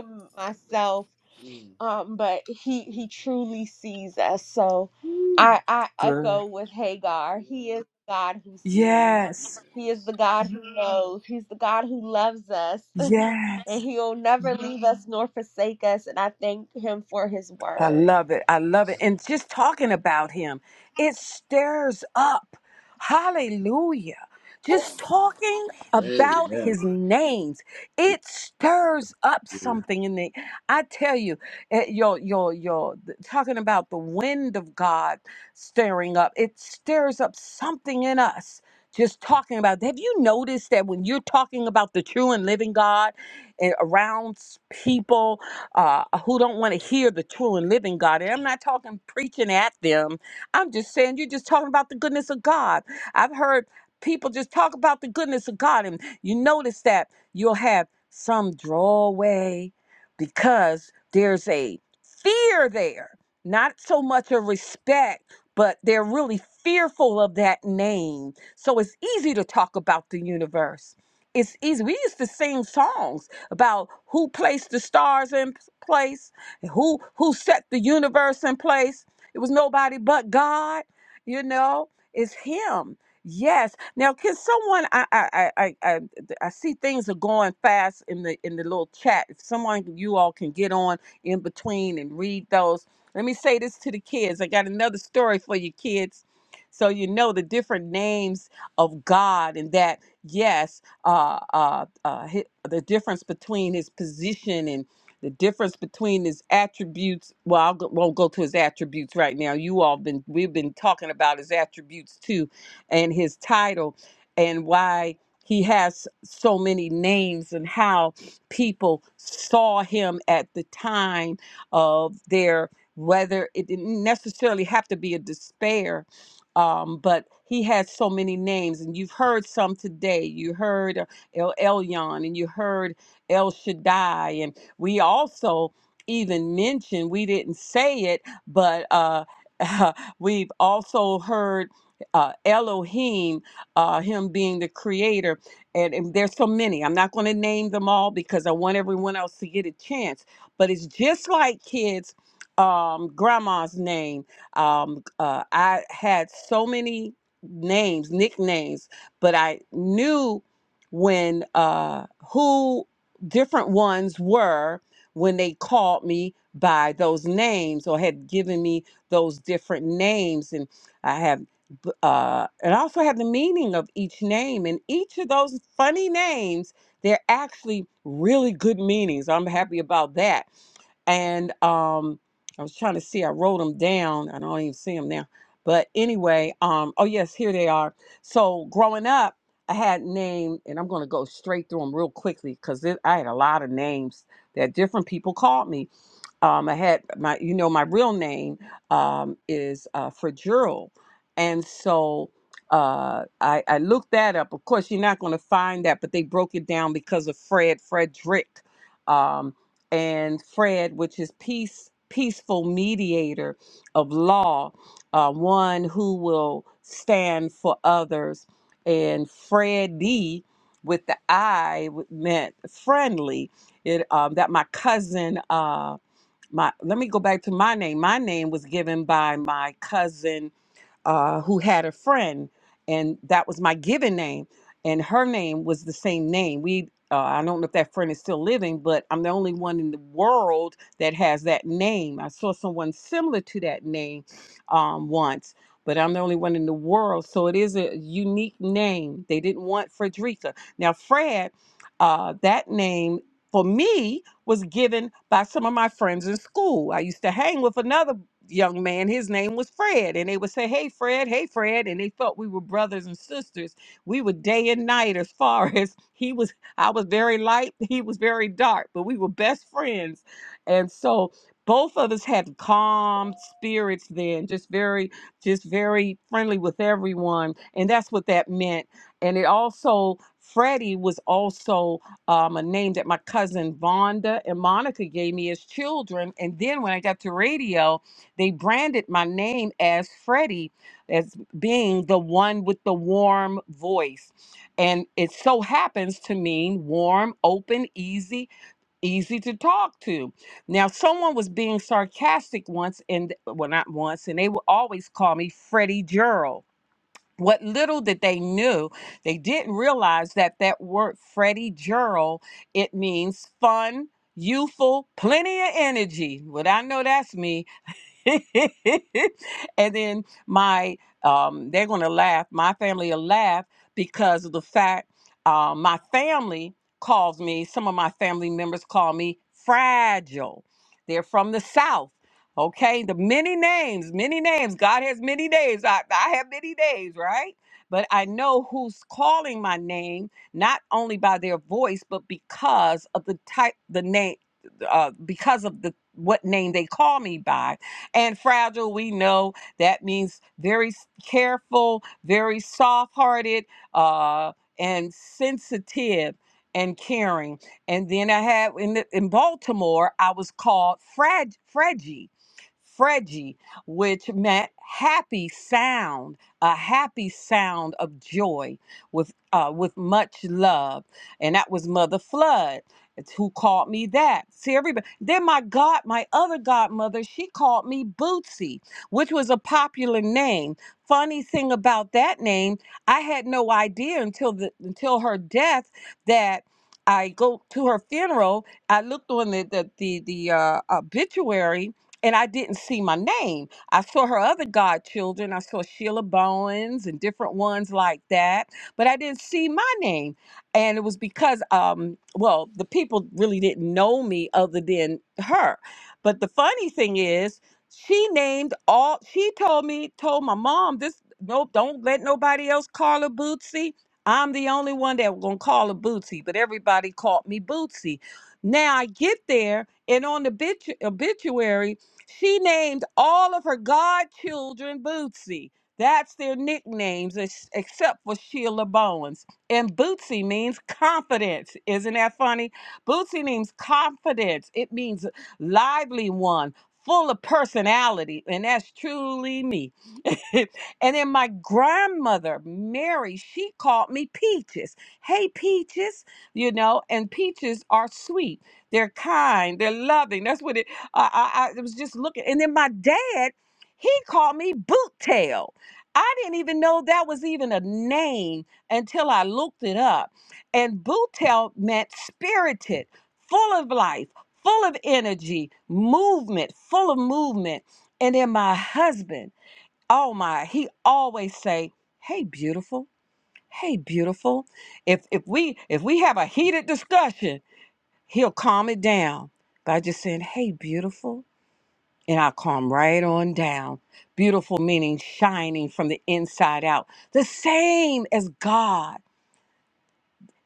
Speaker 5: myself. Um, but he he truly sees us. So I I
Speaker 3: Good.
Speaker 5: echo with Hagar. He is the God who sees.
Speaker 3: Yes.
Speaker 5: He is the God who knows. He's the God who loves us
Speaker 3: Yes.
Speaker 5: and he'll never leave us nor forsake us. And I thank him for his
Speaker 3: I
Speaker 5: word.
Speaker 3: love it. I love it. And just talking about him, it stirs up. Hallelujah. Just talking about his names, it stirs up something in the. I tell you, eh, your your your th- talking about the wind of God stirring up. It stirs up something in us. Just talking about. Have you noticed that when you're talking about the true and living God eh, around s- people? uh, who don't want to hear the true and living God. And I'm not talking preaching at them. I'm just saying you're just talking about the goodness of God. I've heard people just talk about the goodness of God, and you notice that you'll have some draw away because there's a fear there, not so much a respect, but they're really fearful of that name. So it's easy to talk about the universe. It's easy. We used to sing songs about who placed the stars in p- place, who who set the universe in place. It was nobody but God. You know, it's Him. Yes. Now, can someone? I I I I, I I see things are going fast in the in the little chat. If someone you all can get on in between and read those. Let me say this to the kids. I got another story for you kids. So you know the different names of God and that yes uh, uh, uh, hi the difference between his position and the difference between his attributes. Well, I will won't go to his attributes right now. You all been we've been talking about his attributes too, and his title, and why he has so many names, and how people saw him at the time of their whether it didn't necessarily have to be a despair um, but he has so many names, and you've heard some today. You heard uh, El Elyon, and you heard El Shaddai, and we also even mentioned we didn't say it, but uh, we've also heard uh, Elohim, uh, him being the creator, and, and there's so many. I'm not going to name them all because I want everyone else to get a chance. But it's just like kids, um, grandma's name um, uh, I had so many names, nicknames, but I knew when uh, who different ones were when they called me by those names or had given me those different names. And I have, b- uh, and I also have the meaning of each name. And each of those funny names, they're actually really good meanings. I'm happy about that and um i was trying to see i wrote them down i don't even see them now but anyway um oh yes here they are so growing up i had name and i'm going to go straight through them real quickly because i had a lot of names that different people called me um, I had my, you know, my real name um, is uh, Fragile, and so uh, I, I looked that up. Of course, you're not going to find that, but they broke it down because of Fred Frederick, um, and Fred, which is peace, peaceful mediator of law, uh, one who will stand for others, and Freddie with the I w- meant friendly. It um, that my cousin. Um, my let me go back to my name. My name was given by my cousin uh, who had a friend, and that was my given name, and her name was the same name. We uh, I don't know if that friend is still living, but I'm the only one in the world that has that name. I saw someone similar to that name um, once, but I'm the only one in the world. So it is a unique name. They didn't want Frederica. Now, Fred, uh, that name for me was given by some of my friends in school. I used to hang with another young man. His name was Fred. And they would say, Hey, Fred, hey, Fred. And they felt we were brothers and sisters. We were day and night as far as he was, I was very light, he was very dark, but we were best friends. And so both of us had calm spirits then, just very, just very friendly with everyone. And that's what that meant. And it also, Freddie was also um, a name that my cousin Vonda and Monica gave me as children. And then when I got to radio, they branded my name as Freddie as being the one with the warm voice. And it so happens to mean warm, open, easy, easy to talk to. Now, someone was being sarcastic once, and well, not once, and they would always call me Freddie Gerald. What little that they knew, they didn't realize that that word Freddie Gerald, it means fun, youthful, plenty of energy. Well, I know that's me and then my um, they're gonna laugh. My family will laugh because of the fact uh, my family calls me. Some of my family members call me fragile. They're from the south. Okay, the many names, many names. God has many names. I, I have many names, right? But I know who's calling my name, not only by their voice, but because of the type, the name, uh, because of the what name they call me by and fragile, we know that means very s- careful, very soft hearted, uh, and sensitive and caring. And then I had in, the, in Baltimore, I was called Frag, Freggie. Freggie, which meant happy sound, a happy sound of joy with uh, with much love, and that was Mother Flood. It's who called me that. See, everybody. Then my god, my other godmother, she called me Bootsy, which was a popular name. Funny thing about that name, I had no idea until the until her death that I go to her funeral. I looked on the the the, the uh, obituary. And I didn't see my name. I saw her other godchildren. I saw Sheila Bowens and different ones like that, but I didn't see my name and it was because um well the people really didn't know me other than her but the funny thing is she named all she told me told my mom this nope don't let nobody else call her bootsy i'm the only one that was gonna call her bootsy but everybody called me bootsy now i get there and on the bitu- obituary she named all of her godchildren bootsy that's their nicknames ex- except for sheila bowens and Bootsy means confidence. Isn't that funny? Bootsy means confidence. It means lively one, full of personality. And that's truly me. and then my grandmother, Mary, she called me Peaches. Hey, Peaches, you know, and peaches are sweet. They're kind. They're loving. That's what it, I, I, I was just looking. And then my dad, he called me Boottail. I didn't even know that was even a name until I looked it up. And butel meant spirited, full of life, full of energy, movement, full of movement. And then my husband, oh my, he always say, "Hey, beautiful. Hey, beautiful." If if we if we have a heated discussion, he'll calm it down by just saying, "Hey, beautiful." And I'll calm right on down. Beautiful meaning shining from the inside out, the same as God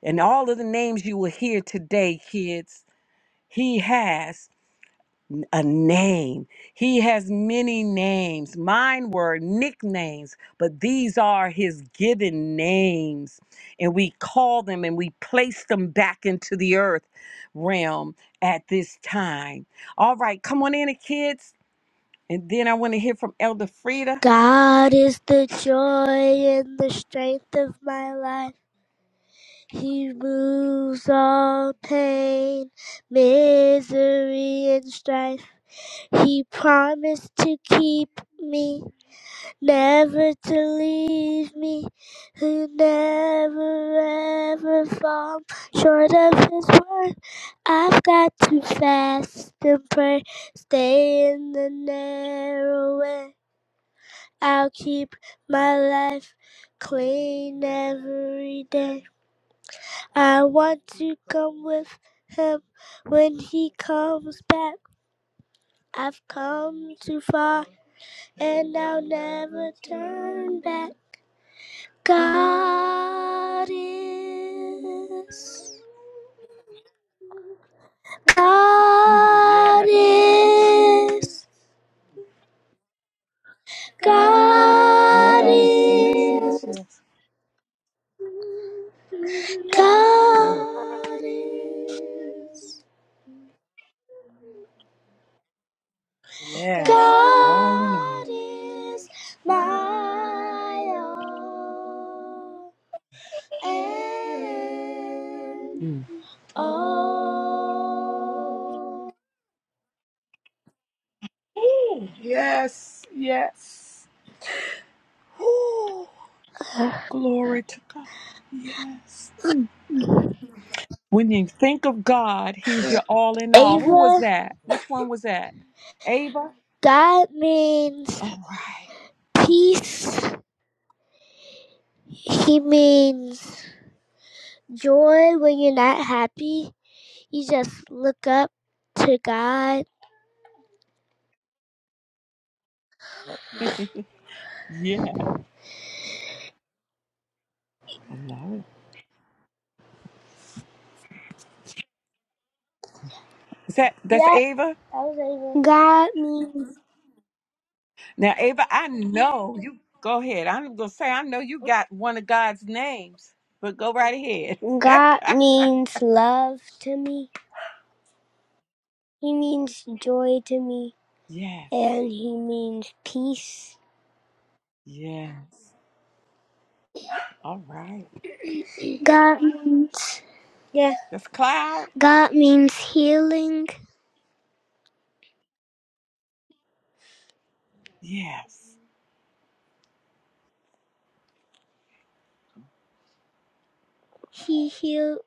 Speaker 3: and all of the names you will hear today, kids, he has a name. He has many names. Mine were nicknames, but these are his given names. And we call them and we place them back into the earth realm at this time. All right, come on in, kids. And then I want to hear from Elder Frida.
Speaker 5: God is the joy and the strength of my life. He removes all pain, misery, and strife. He promised to keep me. never to leave me, who never ever fall short of his word. I've got to fast and pray, stay in the narrow way. I'll keep my life clean every day. I want to come with him when he comes back. I've come too far and I'll never turn back. God is.
Speaker 3: Mhm.
Speaker 5: God
Speaker 3: Yes.
Speaker 5: is. God
Speaker 3: Yes. Yes. Yes.
Speaker 5: is.
Speaker 3: Yes.
Speaker 5: God
Speaker 3: Mm.
Speaker 5: is.
Speaker 3: Yes. All in all.
Speaker 5: God is my all and
Speaker 3: Mm.
Speaker 5: all.
Speaker 3: Ooh, yes, yes. Ooh, glory to God. Yes. When you think of God, He's your all in all. Who
Speaker 5: Ava.
Speaker 3: was that? Which one was that? Ava?
Speaker 5: That means
Speaker 3: All right. Cool.
Speaker 5: peace. He means joy when you're not happy. You just look up to God.
Speaker 3: Yeah. I love it. Is that that's
Speaker 5: Yep, that
Speaker 3: Ava?
Speaker 5: was even. God means
Speaker 3: Now, Ava, I know you go ahead. I'm gonna say I know you got one of God's names, but go right ahead.
Speaker 5: God means love to me. He means joy to me,
Speaker 3: Yes.
Speaker 5: and he means peace.
Speaker 3: Yes. All right.
Speaker 5: God means yeah.
Speaker 3: That's Cloud.
Speaker 5: God means healing.
Speaker 3: Yes.
Speaker 5: He healed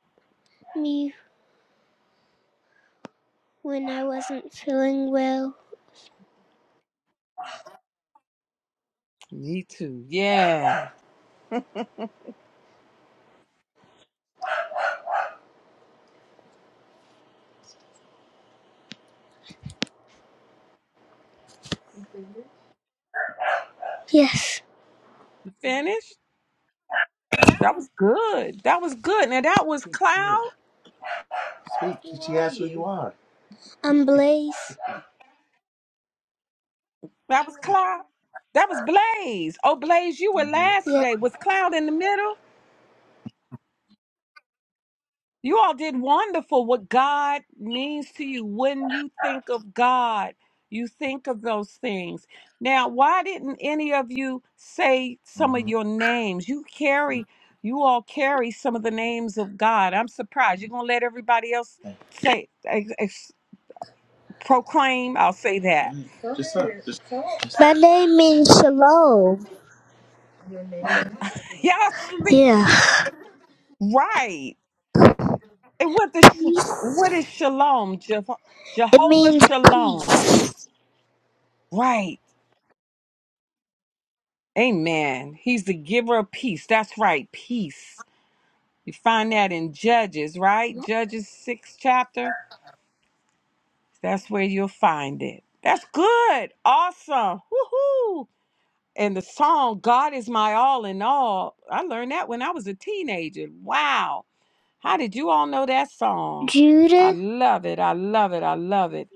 Speaker 5: me when I wasn't feeling well.
Speaker 3: Me too. Yeah.
Speaker 5: Yes.
Speaker 3: You finished? That was good. That was good. Now that was Cloud.
Speaker 5: I'm Blaze.
Speaker 3: That was Cloud. That was Blaze. Oh, Blaze, you were last
Speaker 5: Yeah.
Speaker 3: today. Was Cloud in the middle? You all did wonderful. What God means to you when you think of God, you think of those things. Now, why didn't any of you say some of your names? You carry, you all carry some of the names of God. I'm surprised. You're gonna let everybody else say. proclaim. I'll say that.
Speaker 5: My name means shalom.
Speaker 3: Y'all sleep
Speaker 5: Yeah.
Speaker 3: right. And what the sh- what is
Speaker 5: Peace.
Speaker 3: shalom? Jeho-
Speaker 5: It
Speaker 3: Jehovah
Speaker 5: means
Speaker 3: shalom.
Speaker 5: peace.
Speaker 3: Right. Amen. He's the giver of peace. That's right. Peace. You find that in Judges, right?
Speaker 5: Yep.
Speaker 3: Judges six chapter. That's where you'll find it. That's good. Awesome. Woohoo. And the song God is my all in all. I learned that when I was a teenager. Wow. How did you all know that song? I
Speaker 5: Judah,
Speaker 3: love it. I love it. I love it.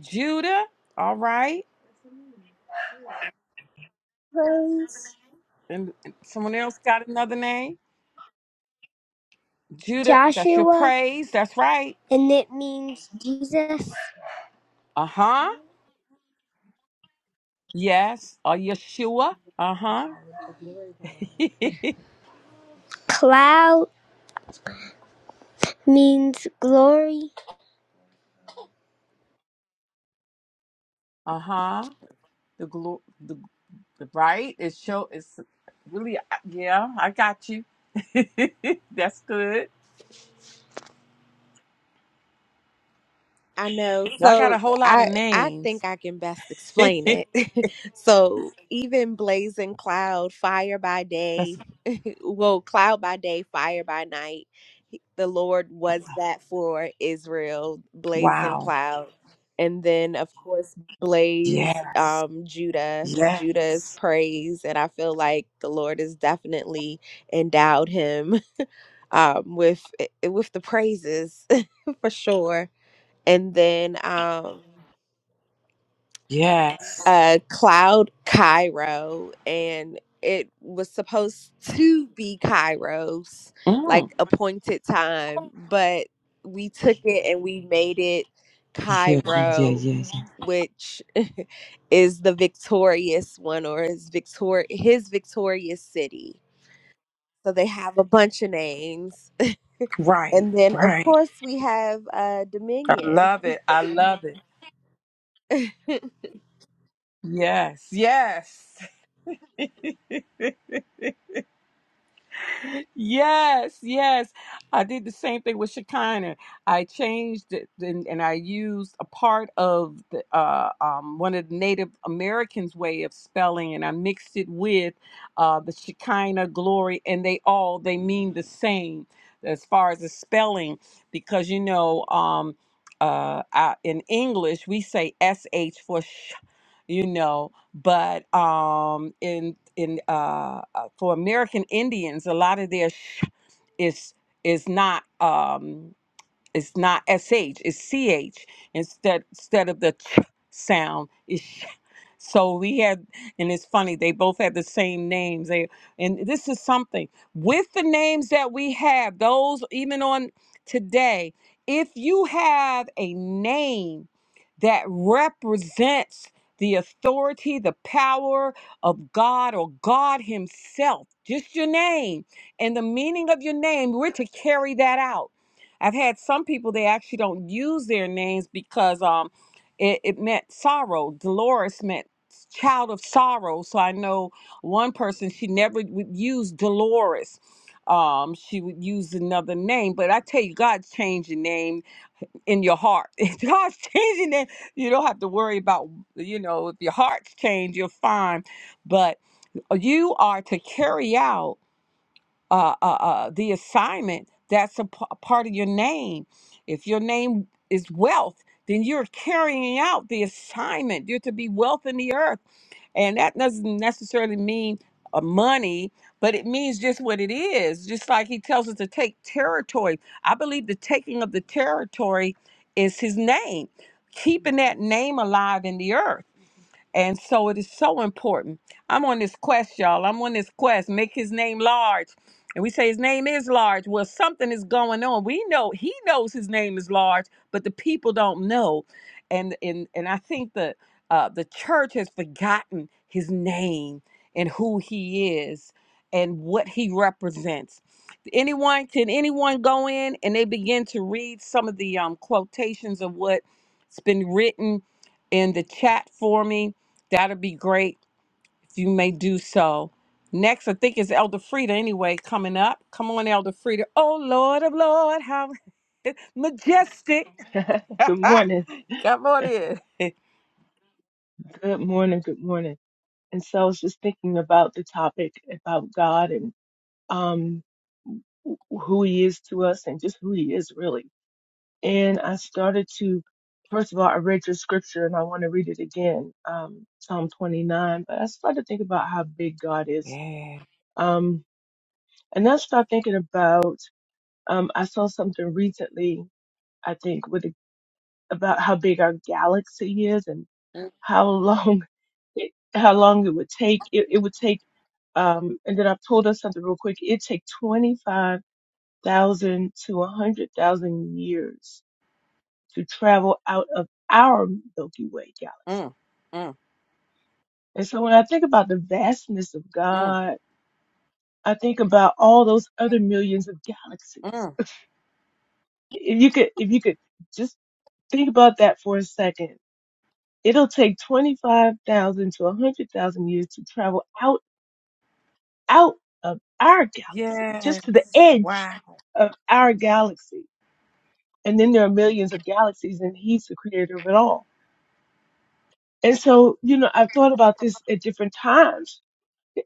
Speaker 3: Judah, all right.
Speaker 5: praise
Speaker 3: And and someone else got another name? Judah, that's your
Speaker 5: Joshua,
Speaker 3: praise. That's right.
Speaker 5: and it means Jesus.
Speaker 3: Uh huh. Yes. Uh, Yeshua. Uh huh.
Speaker 5: Cloud means glory.
Speaker 3: uh huh. The glo- the the right. It show. It's really. uh, Yeah, I got you. that's good.
Speaker 5: I know.
Speaker 3: Y'all got
Speaker 5: So
Speaker 3: a whole lot of
Speaker 5: I I
Speaker 3: names.
Speaker 5: think I can best explain it. so even blazing cloud, fire by
Speaker 3: that's
Speaker 5: day, well, cloud by day, fire by night. He- The Lord was that for Israel, blazing
Speaker 3: wow.
Speaker 5: cloud. And then, of course, blaze
Speaker 3: Yes.
Speaker 5: um, Judah, Judah's
Speaker 3: Yes.
Speaker 5: praise. And I feel like the Lord has definitely endowed him um, with eh, with the praises for sure. And then, um,
Speaker 3: Yes.
Speaker 5: uh, Cloud Cairo, and it was supposed to be Cairo's
Speaker 3: Mm.
Speaker 5: like appointed time, but we took it and we made it
Speaker 3: Yeah, yeah, yeah,
Speaker 5: Cairo,
Speaker 3: yeah. yeah.
Speaker 5: which is the victorious one or is victor his victorious city. So they have a bunch of names,
Speaker 3: Right,
Speaker 5: and then of
Speaker 3: right.
Speaker 5: course we have uh,
Speaker 3: I
Speaker 5: Dominion,
Speaker 3: love it. I love it.
Speaker 5: and
Speaker 3: Yes, yes. Yes, yes. I did the same thing with Shekinah. I changed it and, and I used a part of the, uh, um, one of the Native Americans' way of spelling, and I mixed it with uh, the Shekinah glory, and they all they mean the same as far as the spelling, because you know, um, uh, I, in English we say sh for sh, you know but um, in in uh, uh, for American Indians, a lot of their sh- is is not. Um, it's not sh. It's ch instead instead of the ch sound. It's sh. So we had, and it's funny. They both had the same names. They and this is something with the names that we have. Those even on today, if you have a name that represents the authority, the power of God or God Himself, just your name and the meaning of your name, we're to carry that out I've had some people they actually don't use their names because um it, it meant sorrow. Dolores meant child of sorrow. So I know one person she never would use Dolores. Um, she would use another name, but I tell you, God's changing name in your heart. If God's changing name, you don't have to worry about, you know, if your heart's changed, you're fine. But you are to carry out uh, uh, uh, the assignment that's a p- a part of your name. If your name is wealth, then you're carrying out the assignment. You're to be wealth in the earth. And that doesn't necessarily mean uh, money, but it means just what it is. Just like he tells us to take territory. I believe the taking of the territory is his name, keeping that name alive in the earth and so it is so important. I'm on this quest, y'all. I'm on this quest. Make his name large. And we say his name is large. Well, something is going on. We know he knows his name is large, but the people don't know. And and and I think the uh, the church has forgotten his name and who he is and what he represents. Anyone can anyone go in and they begin to read some of the um, quotations of what's been written in the chat for me That'd be great if you may do so. Next, I think is Elder Frida anyway coming up. Come on, Elder Frida. Oh, Lord of Lord, how majestic.
Speaker 6: Good morning.
Speaker 3: Come on in.
Speaker 6: Good morning. Good morning. And so I was just thinking about the topic about God and um wh- who he is to us and just who he is really. And I started to first of all I read your scripture and I want to read it again, um, Psalm twenty nine, but I started to think about how big God is.
Speaker 3: Yeah.
Speaker 6: Um and then I started thinking about um I saw something recently, I think, with about how big our galaxy is how long it, how long it would take. It, it would take, um, and then I pulled up something real quick. It take 25,000 to 100,000 years to travel out of our Milky Way galaxy.
Speaker 3: Mm, mm,
Speaker 6: And so when I think about the vastness of
Speaker 3: mm,
Speaker 6: God, I think about all those other millions of galaxies.
Speaker 3: mm.
Speaker 6: If you could, if you could just think about that for a second, it'll take 25,000 to 100,000 years to travel out out of our galaxy,
Speaker 3: Yes.
Speaker 6: just to the edge
Speaker 3: Wow.
Speaker 6: of our galaxy. And then there are millions of galaxies and he's the creator of it all. And so, you know, I've thought about this at different times.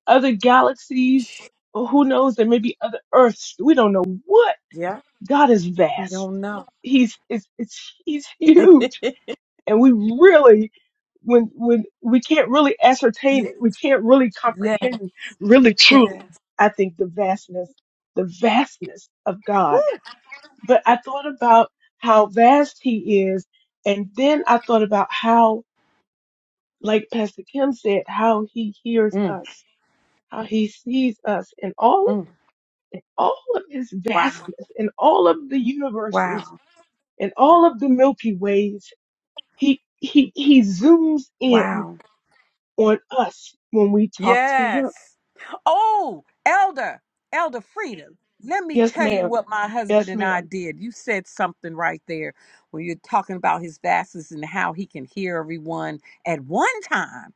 Speaker 6: Other galaxies, well, who knows, there may be other Earths. We don't know what.
Speaker 3: Yeah.
Speaker 6: God is
Speaker 3: We
Speaker 6: vast.
Speaker 3: don't know.
Speaker 6: He's, it's, it's, he's huge
Speaker 3: yeah.
Speaker 6: and we really when when we can't really ascertain it we can't really
Speaker 3: Yeah.
Speaker 6: comprehend really truly i think the vastness the vastness of god
Speaker 3: Woo.
Speaker 6: but i thought about how vast he is and then i thought about how like pastor kim said how he hears
Speaker 3: Mm,
Speaker 6: us how he sees us in all
Speaker 3: mm.
Speaker 6: in all of his
Speaker 3: Wow.
Speaker 6: vastness in all of the universes
Speaker 3: Wow.
Speaker 6: in all of the milky ways he he he zooms in
Speaker 3: Wow.
Speaker 6: on us when we talk to him.
Speaker 3: Yes. Oh, Elder, Elder Freedom. Let me
Speaker 6: Yes,
Speaker 3: tell you
Speaker 6: ma'am.
Speaker 3: what my husband
Speaker 6: Yes,
Speaker 3: and I
Speaker 6: ma'am.
Speaker 3: did. You said something right there when you're talking about his vastness and how he can hear everyone at one time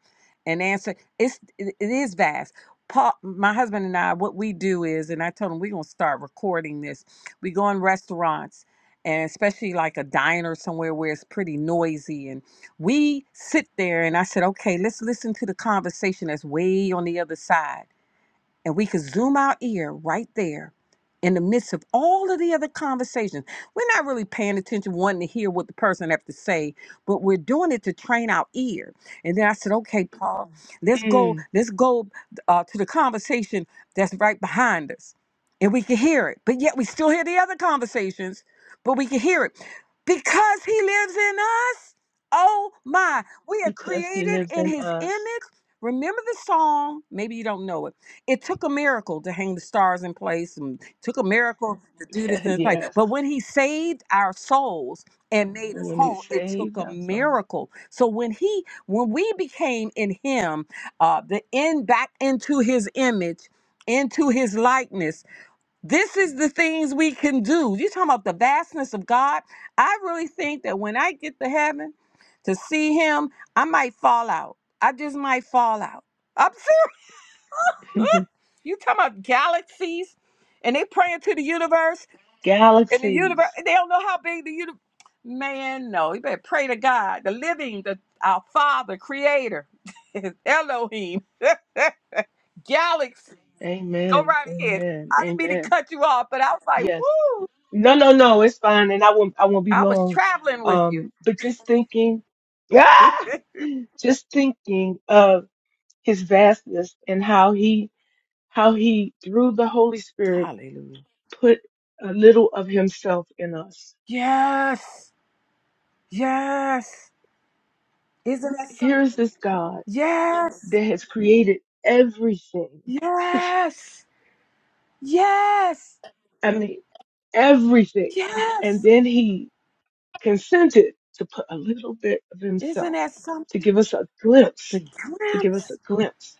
Speaker 3: and answer. It's it it is vast. Paul, my husband and I, what we do is, and I told him we're gonna start recording this. We go in restaurants and especially like a diner somewhere where it's pretty noisy and we sit there and I said, okay, let's listen to the conversation that's way on the other side and we could zoom our ear right there in the midst of all of the other conversations. We're not really paying attention, wanting to hear what the person have to say, but we're doing it to train our ear. And then I said, okay, Paul, let's go,
Speaker 6: Mm,
Speaker 3: let's go uh, to the conversation that's right behind us. And we can hear it. But yet we still hear the other conversations, but we can hear it. Because he lives in us. Oh my. We are
Speaker 6: because he
Speaker 3: created
Speaker 6: lives
Speaker 3: in
Speaker 6: in
Speaker 3: his image.
Speaker 6: us.
Speaker 3: Remember the song? Maybe you don't know it it took a miracle to hang the stars in place and took a miracle to do this in place
Speaker 6: yes.
Speaker 3: but when he saved our souls and made
Speaker 6: But
Speaker 3: us
Speaker 6: when he's
Speaker 3: whole it took
Speaker 6: saved,
Speaker 3: a
Speaker 6: that's all.
Speaker 3: miracle so when he when we became in him uh the end back into his image into his likeness this is the things we can do you talking about the vastness of god i really think that when i get to heaven to see him i might fall out i just might fall out i'm serious You talking about galaxies, and they praying to the universe, and the universe.
Speaker 6: Galaxies.
Speaker 3: They don't know how big the universe. Man, no, you better pray to God, the living, the our Father, Creator, Elohim, galaxy. Go
Speaker 6: Amen.
Speaker 3: right ahead.
Speaker 6: Amen.
Speaker 3: I didn't mean to
Speaker 6: Amen.
Speaker 3: cut you off, but I was like,
Speaker 6: Yes.
Speaker 3: woo!
Speaker 6: No, no, no. It's fine. And I won't, I won't be
Speaker 3: I was
Speaker 6: long.
Speaker 3: traveling with you.
Speaker 6: Um, but just thinking, ah, just thinking of his vastness and how he, how he, through the Holy Spirit,
Speaker 3: Hallelujah.
Speaker 6: put a little of himself in us.
Speaker 3: Yes, yes. Isn't that
Speaker 6: Here
Speaker 3: something?
Speaker 6: is this God that
Speaker 3: Yes,
Speaker 6: has created everything.
Speaker 3: yes, yes,
Speaker 6: I mean, everything.
Speaker 3: yes.
Speaker 6: And then he consented to put a little bit of
Speaker 3: Isn't
Speaker 6: himself
Speaker 3: that
Speaker 6: to
Speaker 3: something?
Speaker 6: give us a
Speaker 3: The
Speaker 6: glimpse, to give us a
Speaker 3: glimpse.
Speaker 6: glimpse,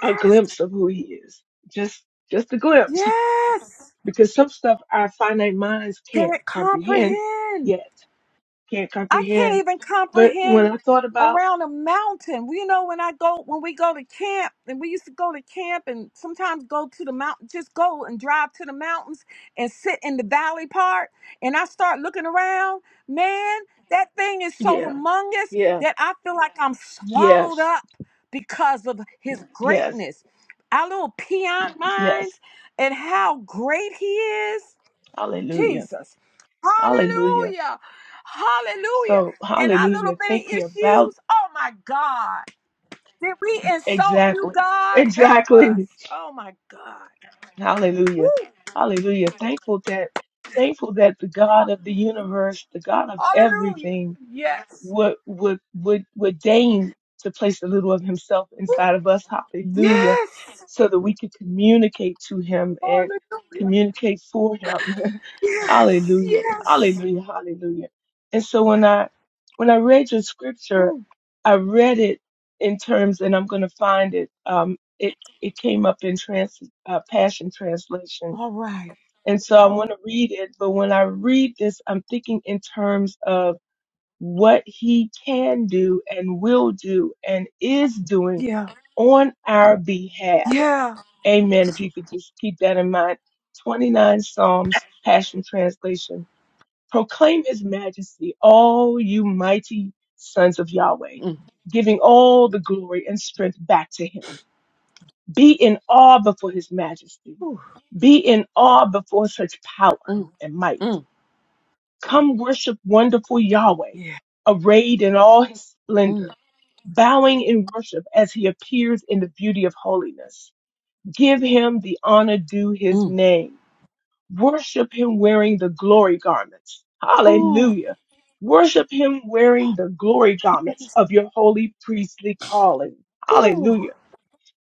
Speaker 6: a glimpse of who he is. Just, just a glimpse.
Speaker 3: Yes.
Speaker 6: Because some stuff our finite minds
Speaker 3: Can
Speaker 6: can't
Speaker 3: it
Speaker 6: comprehend
Speaker 3: comprehend?
Speaker 6: yet, can't
Speaker 3: I can't
Speaker 6: comprehend.
Speaker 3: even
Speaker 6: But when
Speaker 3: comprehend
Speaker 6: I thought about,
Speaker 3: around a mountain. Well, You know, when I go, when we go to camp, and we used to go to camp and sometimes go to the mountain, just go and drive to the mountains and sit in the valley part. And I start looking around, man, that thing is so
Speaker 6: yeah,
Speaker 3: humongous
Speaker 6: yeah,
Speaker 3: that I feel like I'm swallowed
Speaker 6: yes.
Speaker 3: up because of his
Speaker 6: Yes,
Speaker 3: greatness. Our little peon
Speaker 6: yes.
Speaker 3: minds and how great he is.
Speaker 6: Hallelujah.
Speaker 3: Jesus.
Speaker 6: Hallelujah.
Speaker 3: Hallelujah. Hallelujah.
Speaker 6: So,
Speaker 3: And our little
Speaker 6: hallelujah.
Speaker 3: bitty
Speaker 6: Thinking about
Speaker 3: issues, oh my God. Did we insult you,
Speaker 6: exactly,
Speaker 3: God? Help us.
Speaker 6: exactly.
Speaker 3: Oh my God.
Speaker 6: Hallelujah.
Speaker 3: Woo.
Speaker 6: Hallelujah. Thankful that, thankful that the God of the universe, the God of
Speaker 3: Hallelujah.
Speaker 6: everything
Speaker 3: Yes.
Speaker 6: would, would, would, would deign to place a little of himself inside of us. Hallelujah.
Speaker 3: Yes.
Speaker 6: So that we could communicate to him and
Speaker 3: Hallelujah.
Speaker 6: communicate for him.
Speaker 3: Yes.
Speaker 6: Hallelujah.
Speaker 3: Yes.
Speaker 6: Hallelujah. Hallelujah. And so when I when I read your scripture,
Speaker 3: Mm.
Speaker 6: I read it in terms, and I'm going to find it. Um, it it came up in trans uh, Passion Translation,
Speaker 3: All right.
Speaker 6: and so I want to read it. But when I read this, I'm thinking in terms of what He can do and will do and is doing
Speaker 3: Yeah.
Speaker 6: on our behalf.
Speaker 3: Yeah.
Speaker 6: Amen. If you could just keep that in mind. 29 Psalms, Passion Translation Proclaim his majesty, all you mighty sons of Yahweh,
Speaker 3: Mm,
Speaker 6: giving all the glory and strength back to him. Be in awe before his majesty.
Speaker 3: Ooh.
Speaker 6: Be in awe before such power
Speaker 3: mm,
Speaker 6: and might.
Speaker 3: mm,
Speaker 6: Come worship wonderful Yahweh,
Speaker 3: Yeah.
Speaker 6: arrayed in all his
Speaker 3: mm,
Speaker 6: splendor, bowing in worship as he appears in the beauty of holiness. Give him the honor due his
Speaker 3: mm,
Speaker 6: name Worship him wearing the glory garments.
Speaker 3: Ooh.
Speaker 6: Hallelujah. Worship him wearing the glory garments
Speaker 3: Yes.
Speaker 6: of your holy priestly calling.
Speaker 3: Ooh.
Speaker 6: Hallelujah.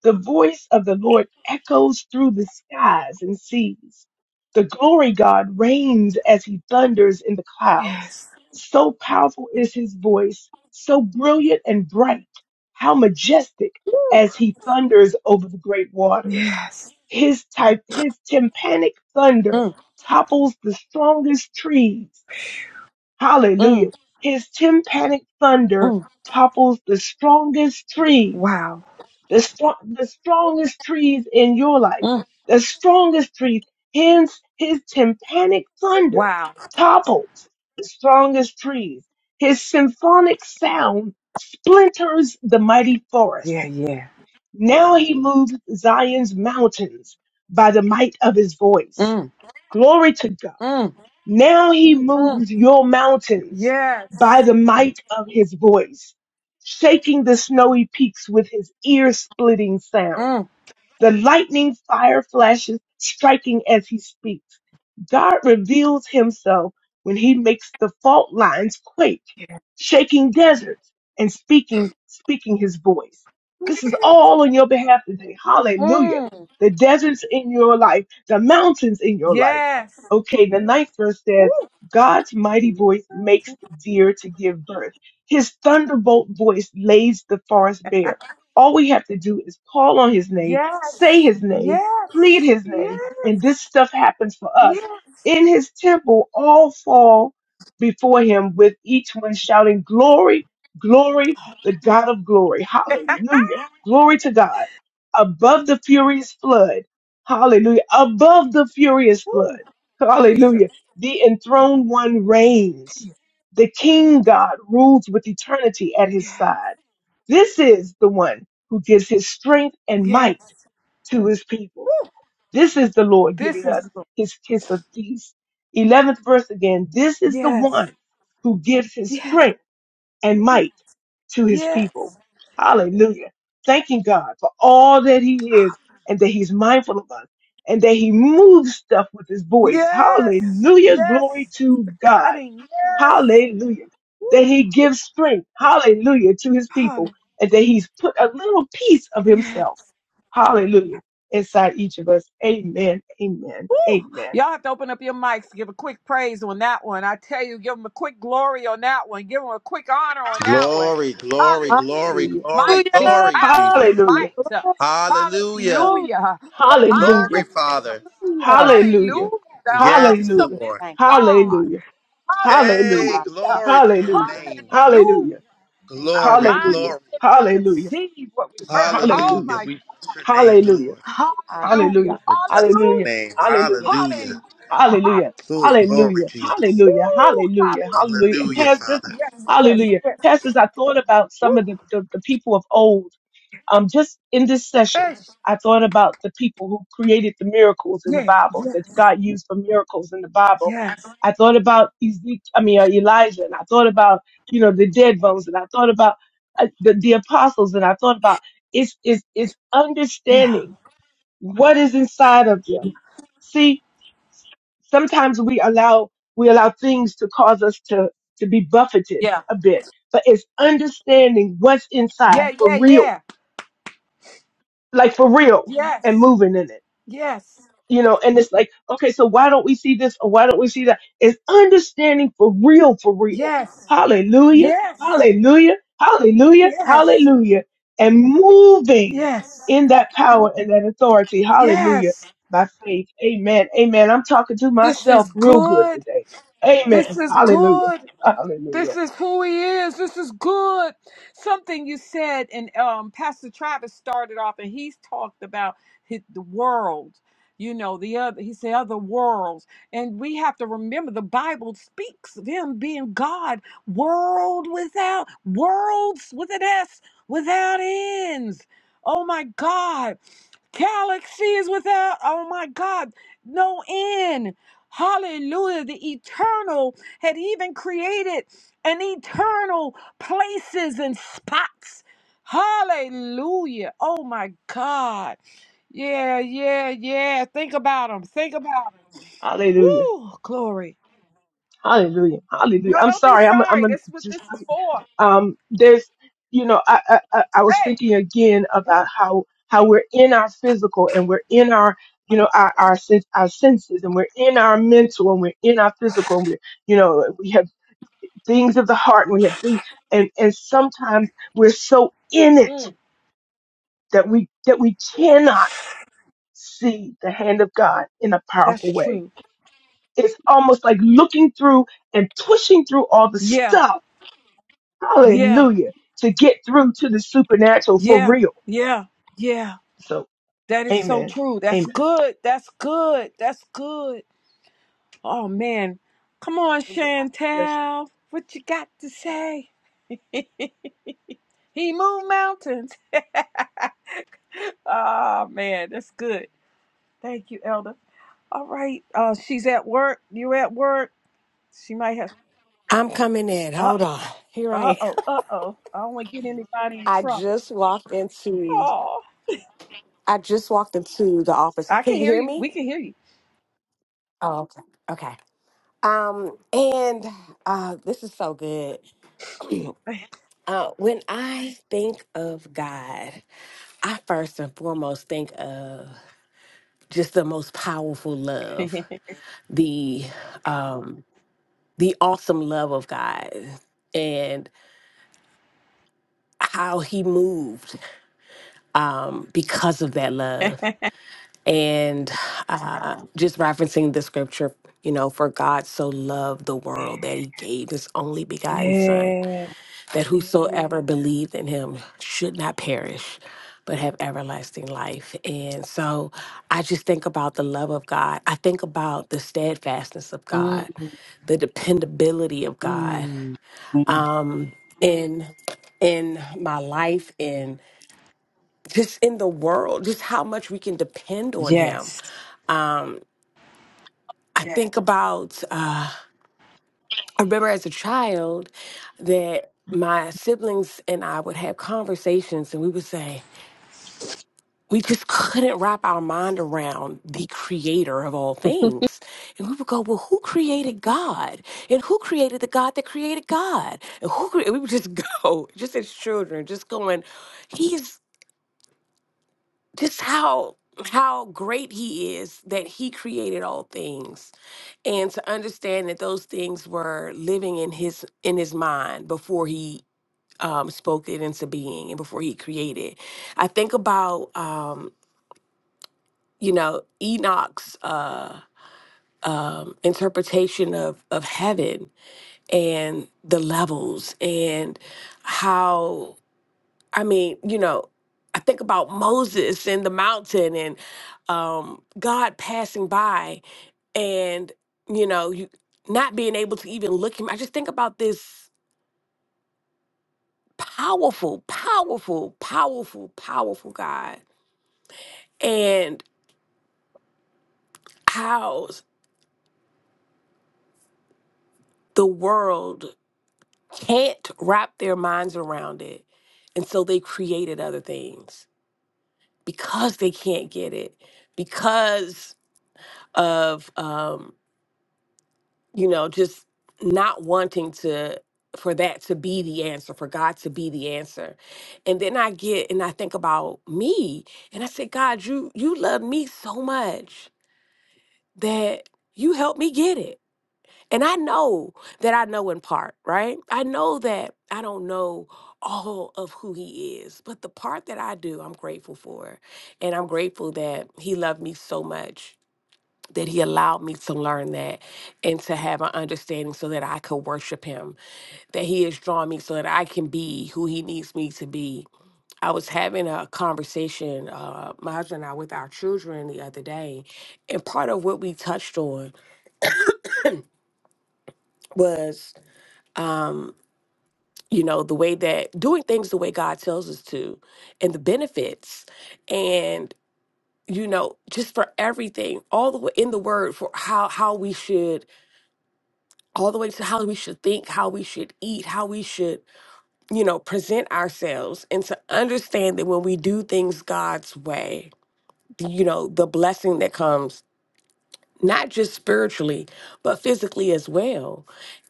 Speaker 6: The voice of the Lord echoes through the skies and seas. The glory God reigns as he thunders in the clouds.
Speaker 3: Yes.
Speaker 6: So powerful is his voice, so brilliant and bright. How majestic
Speaker 3: Ooh.
Speaker 6: as he thunders over the great waters.
Speaker 3: Yes.
Speaker 6: His type, his tympanic thunder topples the strongest trees.
Speaker 3: Mm,
Speaker 6: Hallelujah. His tympanic thunder
Speaker 3: mm,
Speaker 6: topples the strongest trees
Speaker 3: Wow.
Speaker 6: the, strong, the strongest trees in your life,
Speaker 3: mm.
Speaker 6: the strongest trees, hence his tympanic thunder
Speaker 3: Wow.
Speaker 6: topples the strongest trees. His symphonic sound splinters the mighty
Speaker 3: Yeah,
Speaker 6: forests.
Speaker 3: yeah.
Speaker 6: Now he moves Zion's mountains by the might of his voice.
Speaker 3: Mm,
Speaker 6: Glory to God.
Speaker 3: mm,
Speaker 6: Now he
Speaker 3: mm.
Speaker 6: moves your mountains
Speaker 3: Yes.
Speaker 6: by the might of his voice shaking the snowy peaks with his ear splitting sound
Speaker 3: Mm,
Speaker 6: the lightning fire flashes striking as he speaks. God reveals himself when he makes the fault lines quake,
Speaker 3: Yeah.
Speaker 6: shaking deserts and speaking, speaking his voice. This is all on your behalf today. Hallelujah.
Speaker 3: mm.
Speaker 6: The deserts in your life, the mountains in your life.
Speaker 3: Yes.
Speaker 6: Okay, the ninth verse says,
Speaker 3: Woo.
Speaker 6: God's mighty voice makes the deer to give birth. His thunderbolt voice lays the forest bare. All we have to do is call on his name, say
Speaker 3: Yes.
Speaker 6: his name, plead
Speaker 3: Yes.
Speaker 6: his name,
Speaker 3: Yes.
Speaker 6: and this stuff happens for us.
Speaker 3: Yes.
Speaker 6: In his temple, all fall before him with each one shouting, Glory, glory, the God of glory. Hallelujah. Glory to God. Above the furious flood. Hallelujah. Above the furious flood.
Speaker 3: Woo.
Speaker 6: Hallelujah.
Speaker 3: Jesus.
Speaker 6: The enthroned one reigns. The King God rules with eternity at his
Speaker 3: Yeah.
Speaker 6: side. This is the one who gives his strength and might
Speaker 3: Yes.
Speaker 6: to his people. This is the Lord
Speaker 3: This
Speaker 6: giving
Speaker 3: is
Speaker 6: us
Speaker 3: the Lord.
Speaker 6: his kiss of peace. 11th verse again. This is the
Speaker 3: Yes.
Speaker 6: one who gives his
Speaker 3: Yes.
Speaker 6: strength and might to his people.
Speaker 3: Yes.
Speaker 6: Hallelujah. Thanking God for all that he is and that he's mindful of us and that he moves stuff with his voice.
Speaker 3: Yes.
Speaker 6: Hallelujah. Glory
Speaker 3: Yes.
Speaker 6: to God.
Speaker 3: Cutting. Yes.
Speaker 6: Hallelujah.
Speaker 3: Woo.
Speaker 6: That he gives strength. Hallelujah to his people. And that he's put a little piece of
Speaker 3: Hallelujah.
Speaker 6: himself. Hallelujah. Inside each of us. Amen. Amen.
Speaker 3: Woo!
Speaker 6: Amen.
Speaker 3: Y'all have to open up your mics, give a quick praise on that one. I tell you, give him a quick glory on that one. Give him a quick honor on that one.
Speaker 1: Glory, glory,
Speaker 3: Hallelujah. His
Speaker 1: glory, glory,
Speaker 3: might, his
Speaker 7: Hallelujah.
Speaker 1: glory, Jesus.
Speaker 3: powerful
Speaker 6: Hallelujah.
Speaker 3: might.
Speaker 8: Lord,
Speaker 1: Hallelujah.
Speaker 7: Glory.
Speaker 3: Hallelujah. The
Speaker 1: Glory,
Speaker 6: Hallelujah.
Speaker 3: mightiness of
Speaker 1: Father.
Speaker 7: Hallelujah.
Speaker 6: Hallelujah.
Speaker 3: Hallelujah. The
Speaker 1: Yes,
Speaker 6: Hallelujah.
Speaker 3: awesomeness
Speaker 1: Lord.
Speaker 8: thank
Speaker 3: of God.
Speaker 6: Hallelujah. Hallelujah.
Speaker 1: Hey,
Speaker 8: you.
Speaker 3: Hallelujah.
Speaker 1: glory to your
Speaker 6: Hallelujah.
Speaker 8: Hallelujah.
Speaker 1: name.
Speaker 3: Hallelujah.
Speaker 6: Hallelujah. Hallelujah.
Speaker 3: Our
Speaker 1: Glory,
Speaker 6: Hallelujah.
Speaker 3: minds
Speaker 1: glory,
Speaker 3: can't even
Speaker 6: Hallelujah.
Speaker 3: conceive what we heard.
Speaker 8: Hallelujah.
Speaker 3: Oh
Speaker 6: Hallelujah.
Speaker 1: Hallelujah.
Speaker 3: my.
Speaker 1: We bless your name,
Speaker 6: Hallelujah.
Speaker 1: Lord.
Speaker 8: Hallelujah.
Speaker 6: Hallelujah.
Speaker 3: Hallelujah.
Speaker 1: Majestic
Speaker 6: Hallelujah.
Speaker 3: Hallelujah.
Speaker 1: name.
Speaker 6: Hallelujah.
Speaker 1: Hallelujah.
Speaker 3: Hallelujah.
Speaker 6: Hallelujah.
Speaker 1: Oh, glory,
Speaker 6: Hallelujah.
Speaker 1: Jesus.
Speaker 6: Hallelujah.
Speaker 3: Woo!
Speaker 6: Hallelujah. Hallelujah. And
Speaker 3: Hallelujah.
Speaker 1: Hallelujah,
Speaker 6: pastors,
Speaker 1: Father.
Speaker 3: Yes, yes,
Speaker 6: hallelujah.
Speaker 3: yes.
Speaker 6: Pastors, I thought about
Speaker 3: Woo!
Speaker 6: some of the, the, the people of old. Um, just in this
Speaker 3: Hey,
Speaker 6: session, I thought about the people who created the miracles in the
Speaker 3: yeah,
Speaker 6: Bible that
Speaker 3: yes,
Speaker 6: God used for miracles in the Bible.
Speaker 3: yes,
Speaker 6: I thought about Ezekiel, I mean, uh, Elijah, and I thought about, you know, the dead bones, and I thought about uh, the, the apostles, and I thought about it's, it's, it's
Speaker 3: yeah,
Speaker 6: understanding what is inside of them. See, sometimes we allow we allow things to cause us to to be buffeted
Speaker 3: yeah,
Speaker 6: a bit but it's understanding what's inside
Speaker 3: yeah,
Speaker 6: for
Speaker 3: yeah,
Speaker 6: real
Speaker 3: yeah.
Speaker 6: like for real and
Speaker 3: Yes,
Speaker 6: moving in it
Speaker 3: yes,
Speaker 6: you know, and it's like, okay, so why don't we see this or why don't we see that? It's understanding for real, for real.
Speaker 3: yes,
Speaker 6: Hallelujah,
Speaker 3: yes,
Speaker 6: hallelujah, hallelujah,
Speaker 3: yes,
Speaker 6: hallelujah. And moving
Speaker 3: yes,
Speaker 6: in that power and that authority, hallelujah,
Speaker 3: yes.
Speaker 6: by faith. Amen, amen. I'm talking to
Speaker 3: This
Speaker 6: myself
Speaker 3: is
Speaker 6: real good
Speaker 3: good.
Speaker 6: today.
Speaker 3: This
Speaker 6: Amen,
Speaker 3: is
Speaker 6: hallelujah,
Speaker 3: good. This
Speaker 6: hallelujah,
Speaker 3: is who he is. This is good. Something you said, and um, Pastor Travis started off, and he's talked about his, the world. You know, the other. He said other worlds, and we have to remember the Bible speaks of him being God, world without worlds with an S, without ends. Oh my God, galaxies without. Oh my God, no end. Hallelujah. The eternal had even created and eternal places and spots. Hallelujah. Oh my God. Yeah, yeah, yeah. Think about them. Think about 'em.
Speaker 6: hallelujah.
Speaker 3: Woo, glory.
Speaker 6: Hallelujah. Hallelujah.
Speaker 3: No,
Speaker 6: I'm
Speaker 3: don't be
Speaker 6: sorry. I'm
Speaker 3: sorry.
Speaker 6: I'm
Speaker 3: This is what this
Speaker 6: just
Speaker 3: is for.
Speaker 6: um, there's, you know, I, I, I I was
Speaker 3: Hey,
Speaker 6: thinking again about how, how we're in our physical and we're in our, you know, our, our, sense, our senses and we're in our mental and we're in our physical and we're, you know, we have things of the heart and we have things, and, and sometimes we're so in it
Speaker 3: Mm,
Speaker 6: that we, that we cannot see the hand of God in a
Speaker 3: that's
Speaker 6: powerful way.
Speaker 3: true.
Speaker 6: It's almost like looking through and pushing through all the
Speaker 3: Yeah,
Speaker 6: stuff.
Speaker 3: yeah,
Speaker 6: Hallelujah. To get through to the supernatural for
Speaker 3: yeah,
Speaker 6: real
Speaker 3: yeah, yeah.
Speaker 6: So,
Speaker 3: That is so
Speaker 6: amen.
Speaker 3: true. That's
Speaker 6: Amen.
Speaker 3: good. That's good. That's good. Oh, man. Come on,
Speaker 6: Those are my blessings.
Speaker 3: Chantel. What you got to say? He moved mountains. oh man, that's good. Thank you, Elder. All right. Uh she's at work. You at work. She might have
Speaker 4: I'm coming in.
Speaker 3: uh
Speaker 4: Hold on. Here I
Speaker 3: uh
Speaker 4: am.
Speaker 3: oh, uh oh. I don't want to get anybody in
Speaker 4: I
Speaker 3: trouble.
Speaker 4: just walked into
Speaker 3: Oh
Speaker 4: I just walked into the office.
Speaker 3: I
Speaker 4: Can
Speaker 3: can
Speaker 4: you
Speaker 3: hear
Speaker 4: hear
Speaker 3: you.
Speaker 4: me?
Speaker 3: We can hear you.
Speaker 4: Oh, okay. Okay. Um, and uh this is so good. Uh when I think of God, I first and foremost think of just the most powerful love, the um the awesome love of God and how he moved um because of that love. and uh, just referencing the scripture, you know, for God so loved the world that he gave his only begotten Son,
Speaker 3: yeah.
Speaker 4: that whosoever believed in him should not perish, but have everlasting life. And so I just think about the love of God. I think about the steadfastness of God,
Speaker 3: Mm,
Speaker 4: the dependability of God
Speaker 3: mm.
Speaker 4: in in my life and just in the world, just how much we can depend on him.
Speaker 3: Yes.
Speaker 4: I Yeah. think about I remember as a child that my siblings and I would have conversations and we would say, we just couldn't wrap our mind around the creator of all things. And we would go, well, who created God? And who created the God that created God? And who cre-? we would just go, just as children, just going, he's just how how great he is that he created all things and to understand that those things were living in his in his mind before he um, spoke it into being and before he created. I think about um, you know Enoch's uh, um, interpretation of of heaven and the levels and how I mean you know I think about Moses and the mountain and um, God passing by and you know you not being able to even look him. I just think about this powerful, powerful, powerful, powerful God and how the world can't wrap their minds around it. And so they created other things because they can't get it, because of, um, you know, just not wanting to, for that to be the answer, for God to be the answer. And then I get, and I think about me, and I say, God, you, you love me so much that you helped me get it And I know that I know in part, right? I know that I don't know all of who he is, but the part that I do, I'm grateful for. And I'm grateful that he loved me so much that he allowed me to learn that and to have an understanding so that I could worship him, that he has drawn me so that I can be who he needs me to be. I was having a conversation, uh, my husband and I, with our children the other day, and part of what we touched on was. um, you know the way that doing things the way god tells us to and the benefits and you know just for everything all the way in the word for how how we should all the way to how we should think how we should eat how we should you know present ourselves and to understand that when we do things god's way you know the blessing that comes not just spiritually, but physically as well.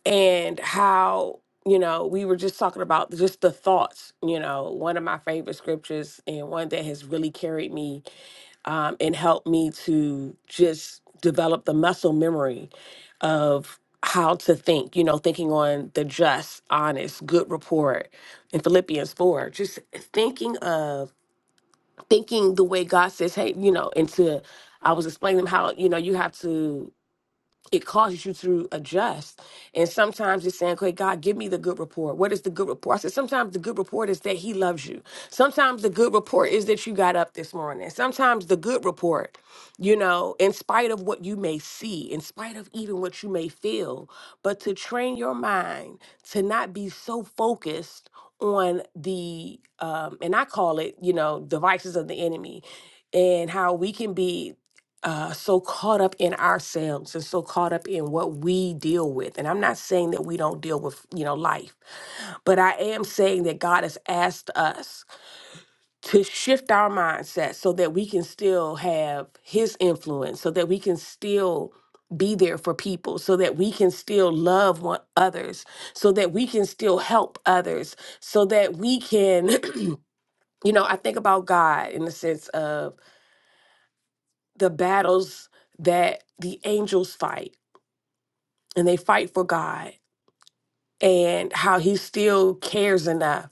Speaker 4: And how, you know, we were just talking about just the thoughts, you know, one of my favorite scriptures and one that has really carried me um, and helped me to just develop the muscle memory of how to think, you know, thinking on the just, honest, good report in Philippians 4, just thinking of thinking the way God says, hey, you know, and to I was explaining how, you know, you have to it causes you to adjust. And sometimes it's saying, okay, God, give me the good report. What is the good report? I said, sometimes the good report is that he loves you. Sometimes the good report is that you got up this morning. Sometimes the good report, you know, in spite of what you may see, in spite of even what you may feel, but to train your mind to not be so focused on the, um, and I call it, you know, devices of the enemy and how we can be uh, so caught up in ourselves and so caught up in what we deal with. And I'm not saying that we don't deal with, you know, life, but I am saying that God has asked us to shift our mindset so that we can still have His influence, so that we can still be there for people, so that we can still love one others, so that we can still help others, so that we can, you know, I think about God in the sense of the battles that the angels fight and they fight for God and how he still cares enough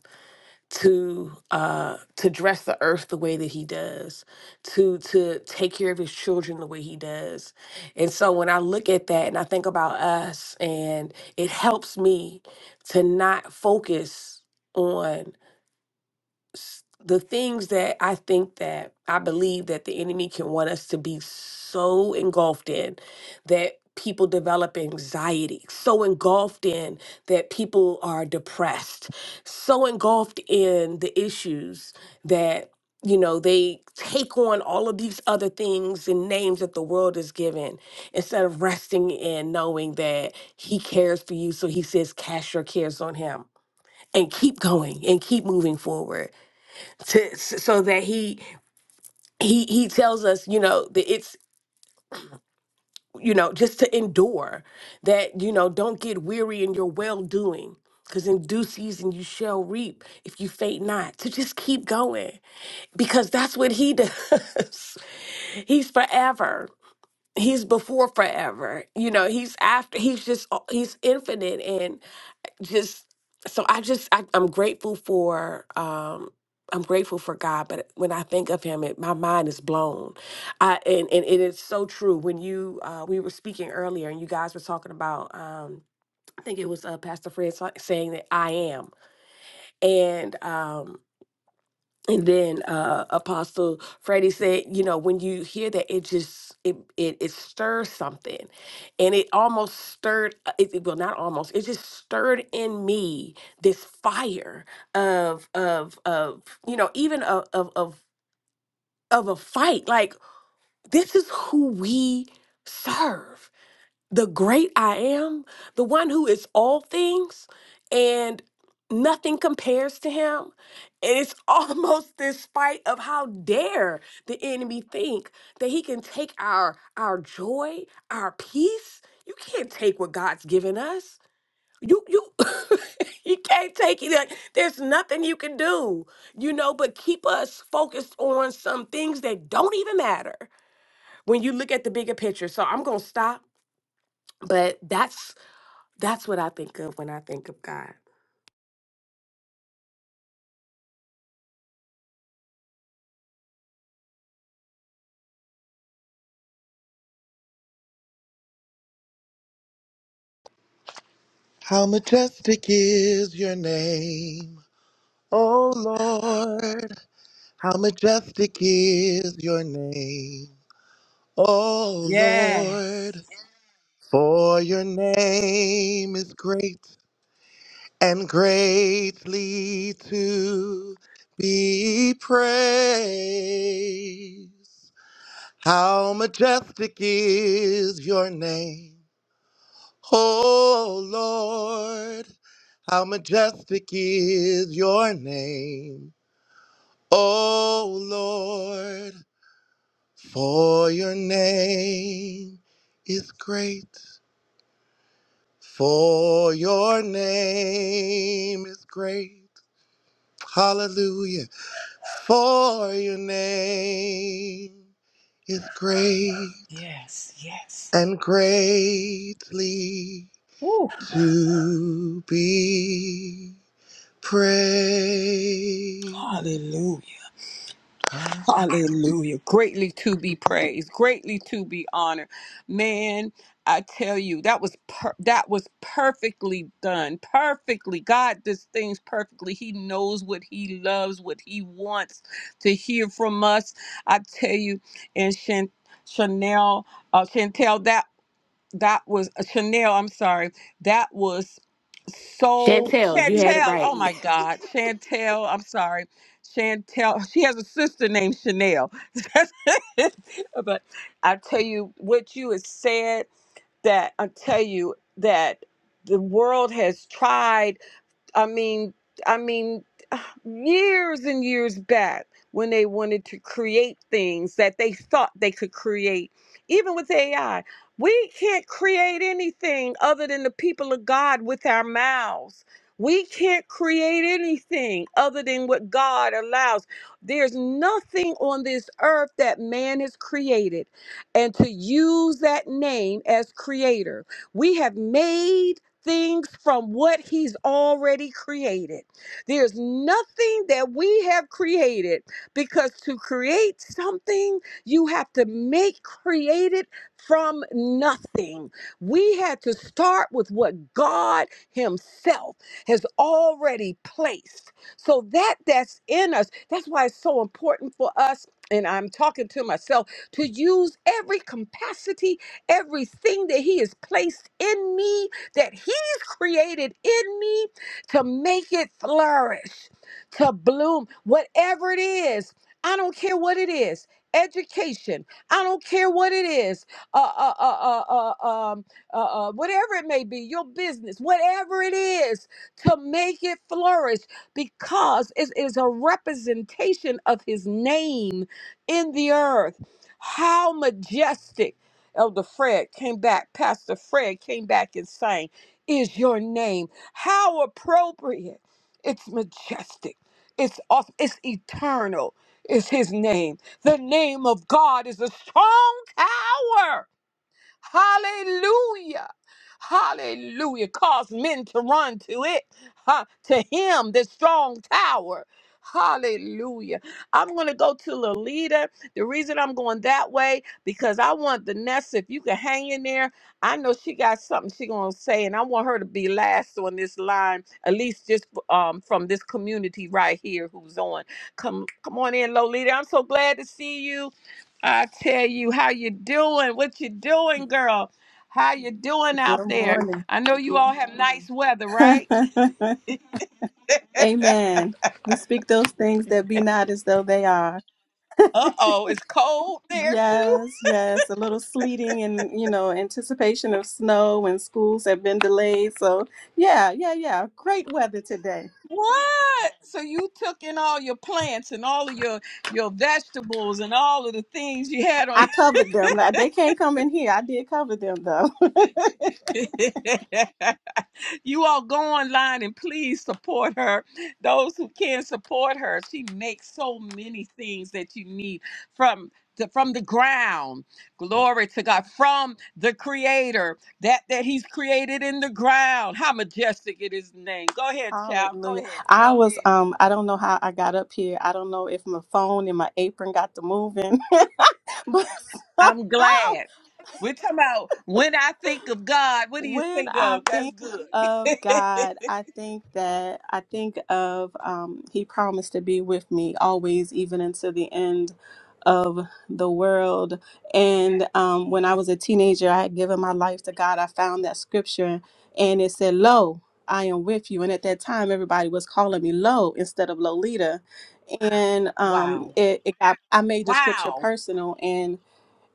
Speaker 4: to uh to dress the earth the way that he does to to take care of his children the way he does and so when i look at that and i think about us and it helps me to not focus on s- the things that I think that I believe that the enemy can want us to be so engulfed in that people develop anxiety, so engulfed in that people are depressed, so engulfed in the issues that you know they take on all of these other things and names that the world is given instead of resting in knowing that he cares for you so he says cast your cares on him and keep going and keep moving forward to so that he he he tells us you know that it's you know just to endure that you know don't get weary in your well doing because in due season you shall reap if you faint not to just keep going because that's what he does he's forever he's before forever you know he's after he's just uh, he's infinite just so I just I, I'm grateful for um I'm grateful for God, but when I think of Him, it, my mind is blown. I and and it is so true. When you uh, we were speaking earlier, and you guys were talking about um, I think it was uh, Pastor Fred sa- saying that I am, and um, and then uh, apostle freddie said you know when you hear that it just it it, it stirs something and it almost stirred uh, it, it- well not almost it just stirred in me this fire of of of you know even of of of, of a fight like this is who we serve the great I am, the one who is all things and nothing compares to him. And it's almost despite of how dare the enemy think that he can take our our joy, our peace. You can't take what God's given us. You you you can't take it. Like, There's nothing you can do, you know, but keep us focused on some things that don't even matter when you look at the bigger picture. So I'm gonna stop but that's that's what I think of when I think of God.
Speaker 1: How majestic is your name, oh Lord. How majestic is your name, oh
Speaker 3: Yes.
Speaker 1: Lord. For your name is great and greatly to be praised. How majestic is your name, oh Lord. How majestic is your name, oh Lord. For your name is great. For your name is great. Hallelujah. For your name is great
Speaker 3: Yes. Yes.
Speaker 1: and greatly
Speaker 3: Woo.
Speaker 1: to be praised.
Speaker 3: Hallelujah. Hallelujah. Greatly to be praised, greatly to be honored. Man, I tell you, that was per- that was perfectly done. Perfectly. God does things perfectly. He knows what he loves, what he wants to hear from us. I tell you, and Chan- Chanel, uh, Chantel, that that was uh, Chanel, I'm sorry. That was so
Speaker 4: Chantel, you had it
Speaker 3: Chantel,
Speaker 4: right.
Speaker 3: oh my God, Chantel, I'm sorry, Chantel. She has a sister named Chanel. but I tell you what you had said. That I tell you that the world has tried. I mean, I mean, years and years back when they wanted to create things that they thought they could create, even with AI. We can't create anything other than the people of God with our mouths. We can't create anything other than what God allows. There's nothing on this earth that man has created. And to use that name as creator, we have made things from what he's already created. There's nothing that we have created because to create something, you have to make create it from nothing. We had to start with what God himself has already placed. So that that's in us. That's why it's so important for us and I'm talking to myself to use every capacity, everything that he has placed in me that he created in me to make it flourish, to bloom, whatever it is. I don't care what it is. Education. I don't care what it is. Uh, uh, uh, uh, uh, um, uh, uh, whatever it may be, your business, whatever it is, to make it flourish because it is a representation of his name in the earth. How majestic. Elder Fred came back, Pastor Fred came back and sang is your name. How appropriate. It's majestic. It's awesome. It's eternal. Is his name. The name of God is a strong tower Hallelujah. Hallelujah. Cause men to run to it, huh, to him, the strong tower. Hallelujah. I'm going to go to Lolita. The reason I'm going that way, because I want the Nessa, if you can hang in there, I know she got something she going to say, and I want her to be last on this line, at least just um, from this community right here who's on. Come, come on in, Lolita. I'm so glad to see you. I tell you how you doing, what you doing, girl. How you doing out
Speaker 9: Good
Speaker 3: there?
Speaker 9: morning.
Speaker 3: I know you all have nice weather, right?
Speaker 9: Amen. We speak those things that be not as though they are.
Speaker 3: Uh-oh, it's cold there too.
Speaker 9: Yes, yes. A little sleeting and, you know, anticipation of snow and schools have been delayed. So, yeah, yeah, yeah. Great weather today.
Speaker 3: What? So you took in all your plants and all of your your vegetables and all of the things you had on
Speaker 9: I covered them. Now, They can't come in here. I did cover them, though. Glory
Speaker 3: You all go online and please support her. Those who can support her, she makes so many things that you need from the, from the ground. Glory to
Speaker 9: to God.
Speaker 3: God. From the creator that that he's created in the ground. How majestic it is name. Go ahead, child. Go
Speaker 9: Hallelujah.
Speaker 3: ahead.
Speaker 9: I
Speaker 3: Go
Speaker 9: was,
Speaker 3: ahead.
Speaker 9: um, I don't know how I got up here. I don't know if my phone and my apron got to moving, but
Speaker 3: I'm
Speaker 9: somehow.
Speaker 3: glad. We're talking about when I think of God, what do you
Speaker 9: When
Speaker 3: think
Speaker 9: I
Speaker 3: of? That's
Speaker 9: think
Speaker 3: good.
Speaker 9: of God, I think that I think of um, He promised to be with me always, even until the end of the world. And um, when I
Speaker 3: yeah.
Speaker 9: was a teenager, I had given my life to God. I found that scripture, and it said, "Lo, I am with you." And at that time, everybody was calling me Lo instead of Lolita, and um,
Speaker 3: Wow.
Speaker 9: it, it got I made the scripture
Speaker 3: Wow.
Speaker 9: personal,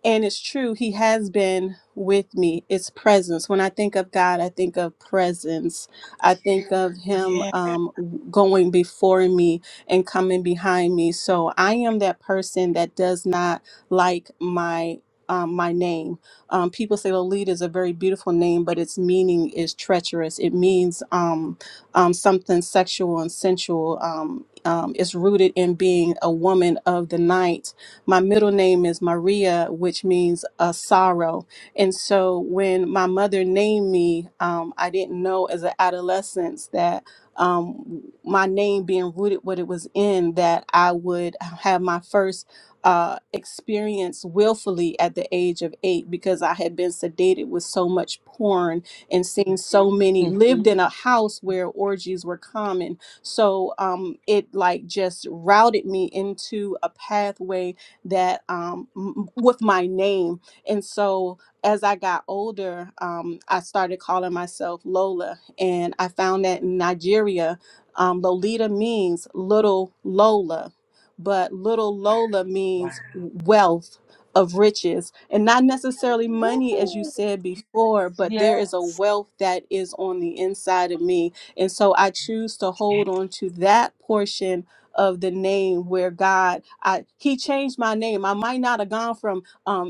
Speaker 9: and it's true, He has been with me. It's presence. When I think of God, I think of presence. I think of Him
Speaker 3: Yeah.
Speaker 9: um, going before me and coming behind me. So I am that person that does not like my. Um, my name. Um, people say Lolita is a very beautiful name, but its meaning is treacherous. It means um, um, something sexual and sensual. Um, um, it's rooted in being a woman of the night my middle name is Maria, which means a sorrow. And so when my mother named me, um, I didn't know as an adolescence that um, my name being rooted what it was in, that I would have my first uh, experience willfully at the age of eight because I had been sedated with so much porn and seen so many, lived
Speaker 3: Mhm.
Speaker 9: in a house where orgies were common. So um, it like just routed me into a pathway that um, m- with my name. And so as I got older, um, I started calling myself Lola. And I found that in Nigeria, um, Lolita means little Lola, but little Lola means wealth of riches and not necessarily money as you
Speaker 3: Woo.
Speaker 9: said before but there
Speaker 3: Yeah.
Speaker 9: is a wealth that is on the inside of me and so I choose to hold on to that portion of the name where God I he changed my name. I might not have gone from um,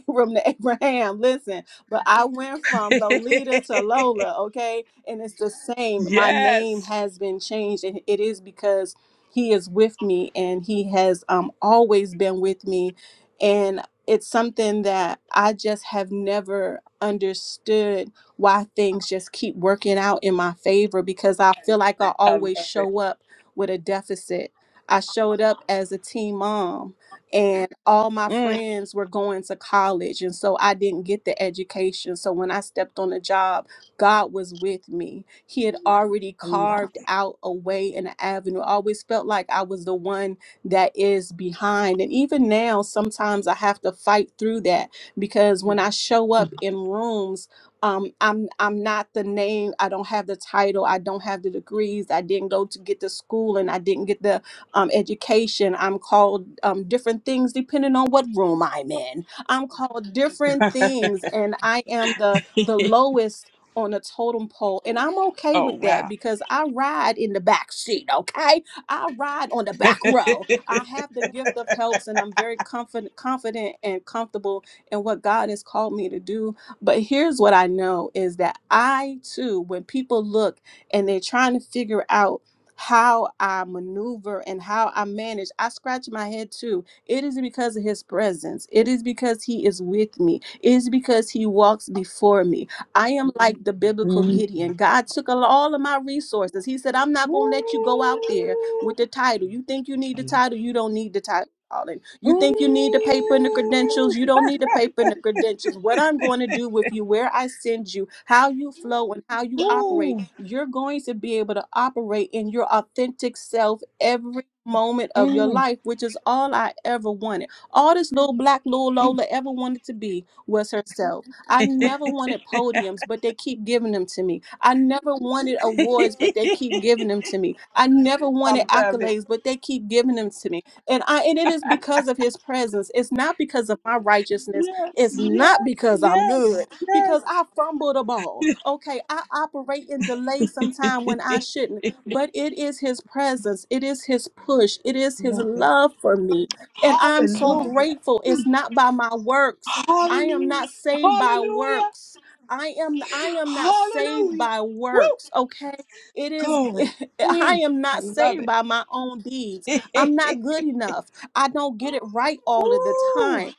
Speaker 9: Abram to Abraham. Listen, but I went from Lolita to Lola, okay? And it's the same. My name
Speaker 3: yes.
Speaker 9: has been changed, and it is because He is with me, and He has um, always been with me. And it's something that I just have never understood why things just keep working out in my favor because I feel like I
Speaker 3: I love
Speaker 9: always
Speaker 3: it.
Speaker 9: show up with a deficit. I showed up as a teen mom and all my
Speaker 3: Mm,
Speaker 9: friends were going to college and so i didn't get the education so when i stepped on the job god was with me he had Mhm. already
Speaker 3: I love
Speaker 9: carved out a way and an avenue i always felt like i was the one that is behind and even now sometimes i have to fight through that because when i show up in rooms um, I'm I'm not the name. I don't have the title. I don't have the degrees. I didn't go to get the school, and I didn't get the um, education. I'm called um, different things depending on what room I'm in. I'm called different
Speaker 3: it.
Speaker 9: things, and I am the the lowest on a totem pole, and I'm okay
Speaker 3: Oh,
Speaker 9: with that
Speaker 3: wow.
Speaker 9: because I ride in the back seat. Okay, I ride on the back row. I have the gift of helps, and I'm very confident, confident, and comfortable in what God has called me to do. But here's what I know is that I too, when people look and they're trying to figure out how I maneuver and how I manage. I scratch my head too. It is because of his presence. It is because he is with me. It is because he walks before me. I am Mhm. like the biblical
Speaker 3: Mm.
Speaker 9: Gideon. God took al- all of my resources. He said, I'm not going to let you go out there
Speaker 3: Woo.
Speaker 9: with the title. You think you need the
Speaker 3: Mm.
Speaker 9: title? You don't need the title calling. You think you need the paper and the credentials? You don't need the paper and the credentials. What I'm going to do with you, where I send you, how you flow and how you operate,
Speaker 3: Woo.
Speaker 9: you're going to be able to operate in your authentic self every moment of your
Speaker 3: Mm.
Speaker 9: life, which is all I ever wanted. All this little black little Lola ever wanted to be was herself. I never wanted podiums, but they keep giving them to me. I never wanted awards, but they keep giving them to me. I never wanted accolades, but they keep giving them to me and I and it is because of his presence. It's not because of my righteousness. It's not because I'm good. Because I fumbled a ball. Okay, I operate in delay sometime when I shouldn't. But it is his presence. It is his push. It is his love for me. And I'm so
Speaker 3: Hallelujah.
Speaker 9: grateful. It's not by my works. I am
Speaker 3: Hallelujah.
Speaker 9: not saved by
Speaker 3: Hallelujah.
Speaker 9: works. I am I am not saved
Speaker 3: Hallelujah.
Speaker 9: by
Speaker 3: Woo.
Speaker 9: works, okay? It is
Speaker 3: Glory.
Speaker 9: I
Speaker 3: Mm.
Speaker 9: am
Speaker 3: I
Speaker 9: not
Speaker 3: love
Speaker 9: saved
Speaker 3: it.
Speaker 9: by my own deeds. I'm not good enough. I don't get it right all of the
Speaker 3: Woo.
Speaker 9: time.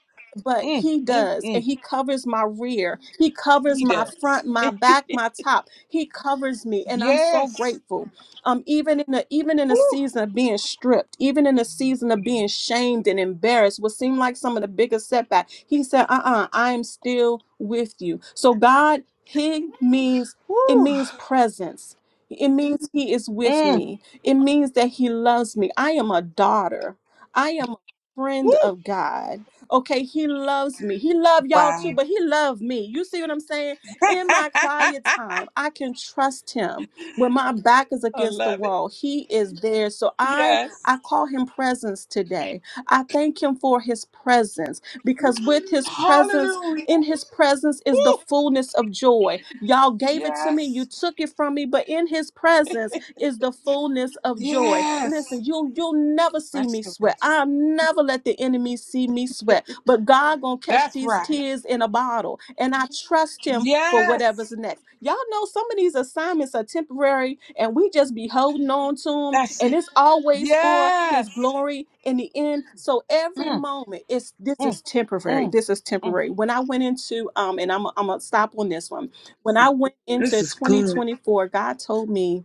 Speaker 9: But
Speaker 3: Mm,
Speaker 9: he
Speaker 3: mm,
Speaker 9: does, and
Speaker 3: mm.
Speaker 9: he covers my rear. He covers
Speaker 3: He
Speaker 9: my
Speaker 3: does.
Speaker 9: front, my back, my top. He covers me, and I'm so
Speaker 3: Yes.
Speaker 9: grateful. Um, even in the even in a
Speaker 3: Woo.
Speaker 9: season of being stripped, even in a season of being shamed and embarrassed, what seemed like some of the biggest setback, he said, "Uh-uh, I am still with you." So God, He means it
Speaker 3: Woo.
Speaker 9: means presence. It means He is with
Speaker 3: Mm.
Speaker 9: me it means that He loves me. I am a daughter. I am a friend of God. Okay, He loves me. He loved y'all too, but He loved me. You see what I'm saying? In my quiet
Speaker 3: I
Speaker 9: time, I can trust Him. When my back is against the
Speaker 3: love it.
Speaker 9: wall, He is there. So I
Speaker 3: Yes.
Speaker 9: I call Him presence today. I thank Him for His presence because with His presence,
Speaker 3: Hallelujah.
Speaker 9: in His presence is the
Speaker 3: Woo.
Speaker 9: fullness of joy. Y'all gave it to me. You
Speaker 3: Yes.
Speaker 9: took it from me, but in His presence is the fullness of joy.
Speaker 3: Yes.
Speaker 9: Listen, you you'll never see me
Speaker 3: Restoration.
Speaker 9: sweat. I'll never let the enemy see me sweat. But God gonna catch
Speaker 3: That's
Speaker 9: these
Speaker 3: right.
Speaker 9: tears in a bottle, and I trust Him for
Speaker 3: Yes.
Speaker 9: whatever's next. Y'all know some of these assignments are temporary, and we just be holding on to them,
Speaker 3: That's
Speaker 9: and
Speaker 3: it.
Speaker 9: it's always for
Speaker 3: Yes.
Speaker 9: His glory in the end. So every
Speaker 3: Mm,
Speaker 9: moment, it's this
Speaker 3: mm,
Speaker 9: is temporary.
Speaker 3: mm,
Speaker 9: This is
Speaker 3: mm.
Speaker 9: temporary. When I went into um, and I'm I'm gonna stop on this one. When I went
Speaker 3: This
Speaker 9: into
Speaker 3: is good.
Speaker 9: 2024, God told me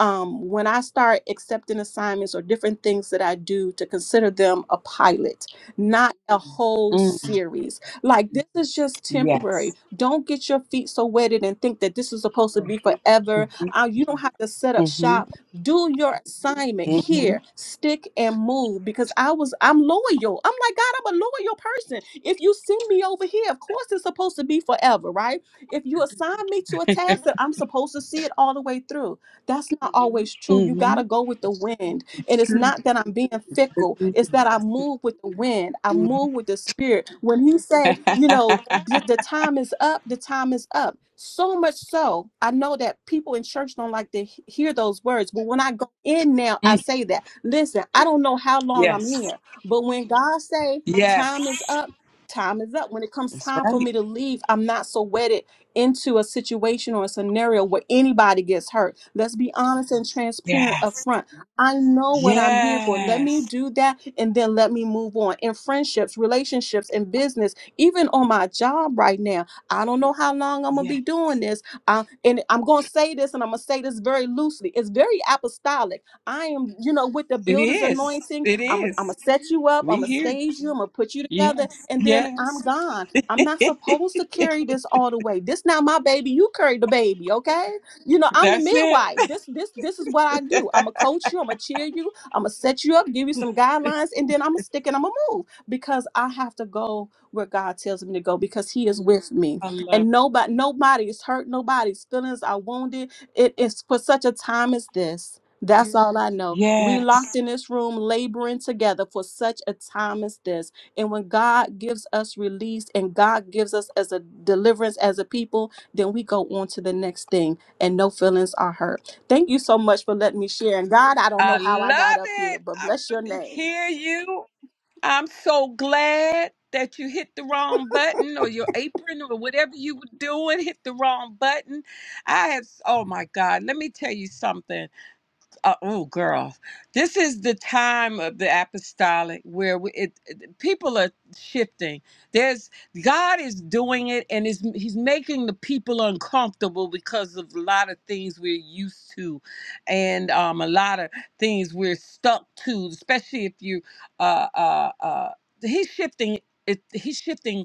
Speaker 9: um, when I start accepting assignments or different things that I do to consider them a pilot, not a Mhm. whole
Speaker 3: Mm.
Speaker 9: series. Like this is just temporary.
Speaker 3: Yes.
Speaker 9: Don't get your feet so wetted and think that this is supposed to be Mhm. forever.
Speaker 3: Mm-hmm.
Speaker 9: Uh, you don't have to set up
Speaker 3: Mm-hmm.
Speaker 9: shop. Do your assignment
Speaker 3: Mm-hmm.
Speaker 9: here. Stick and move because I was I'm loyal. I'm like God. I'm a loyal person. If you send me over here, of course it's supposed to be forever, right? If you Mhm. assign me to a task that I'm supposed to see it all the way through that's not always true. You got
Speaker 3: Mm-hmm.
Speaker 9: to go with the wind.
Speaker 3: It's
Speaker 9: And it's
Speaker 3: True.
Speaker 9: not that I'm being fickle. It's that I move with the wind. I
Speaker 3: Mhm.
Speaker 9: move with the spirit. When he say, you know, the, the time is up, the time is up. So much so, I know that people in church don't like to he- hear those words. But when I go in now, I
Speaker 3: Mm.
Speaker 9: say that. Listen, I don't know how long I'm
Speaker 3: yes.
Speaker 9: here. But when God say time is
Speaker 3: Yes.
Speaker 9: up, time is up. When it comes
Speaker 3: That's
Speaker 9: time for
Speaker 3: right.
Speaker 9: me to leave, I'm not so wedded into a situation or a scenario where anybody gets hurt. Let's be honest and transparent up
Speaker 3: Yes.
Speaker 9: front. I know what I'm here for. Let me
Speaker 3: Yes.
Speaker 9: do that and then let me move on. In friendships, relationships, and business, even on my job right now, I don't know how long I'm going to be
Speaker 3: Yes.
Speaker 9: doing this. Uh, and I'm going to say this and I'm going to say this very loosely. It's very apostolic. I am, you know, with the
Speaker 3: It
Speaker 9: builder's
Speaker 3: is.
Speaker 9: anointing,
Speaker 3: It
Speaker 9: I'm going
Speaker 3: is.
Speaker 9: to set you up, I'm
Speaker 3: We
Speaker 9: going to
Speaker 3: hear. you.
Speaker 9: stage you, I'm going to put you together,
Speaker 3: Yes.
Speaker 9: and then I'm
Speaker 3: Yes.
Speaker 9: gone. I'm not supposed to carry this all the way. This not my baby. You carry the baby, okay? You know, I'm the
Speaker 3: That's it.
Speaker 9: midwife. This this this is what I do. I'm gonna coach you, I'm gonna cheer you, I'm gonna set you up, give you some guidelines, and then I'm gonna stick and I'm gonna move because I have to go where God tells me to go because He is with me.
Speaker 3: I love
Speaker 9: And
Speaker 3: it.
Speaker 9: nobody nobody is hurt, nobody's feelings are wounded. It is for such a time as this. That's all I know. We locked
Speaker 3: Yes.
Speaker 9: in this room laboring together for such a time as this and when God gives us release and God gives us as a deliverance as a people, then we go on to the next thing and no feelings are hurt. Thank you so much for letting me share. And God, I don't know
Speaker 3: I
Speaker 9: how I got
Speaker 3: love
Speaker 9: up here,
Speaker 3: it.
Speaker 9: but
Speaker 3: I
Speaker 9: bless your
Speaker 3: want to
Speaker 9: name.
Speaker 3: hear you. I'm so glad that you hit the wrong button or your apron or whatever you were doing hit the wrong button. I have, oh my God, let me tell you something. uh, oh girl this is the time of the apostolic where we, it, it- people are shifting there's god is doing it and is he's making the people uncomfortable because of a lot of things we're used to and um, a lot of things we're stuck to especially if you uh, uh, uh, he's shifting it, he's shifting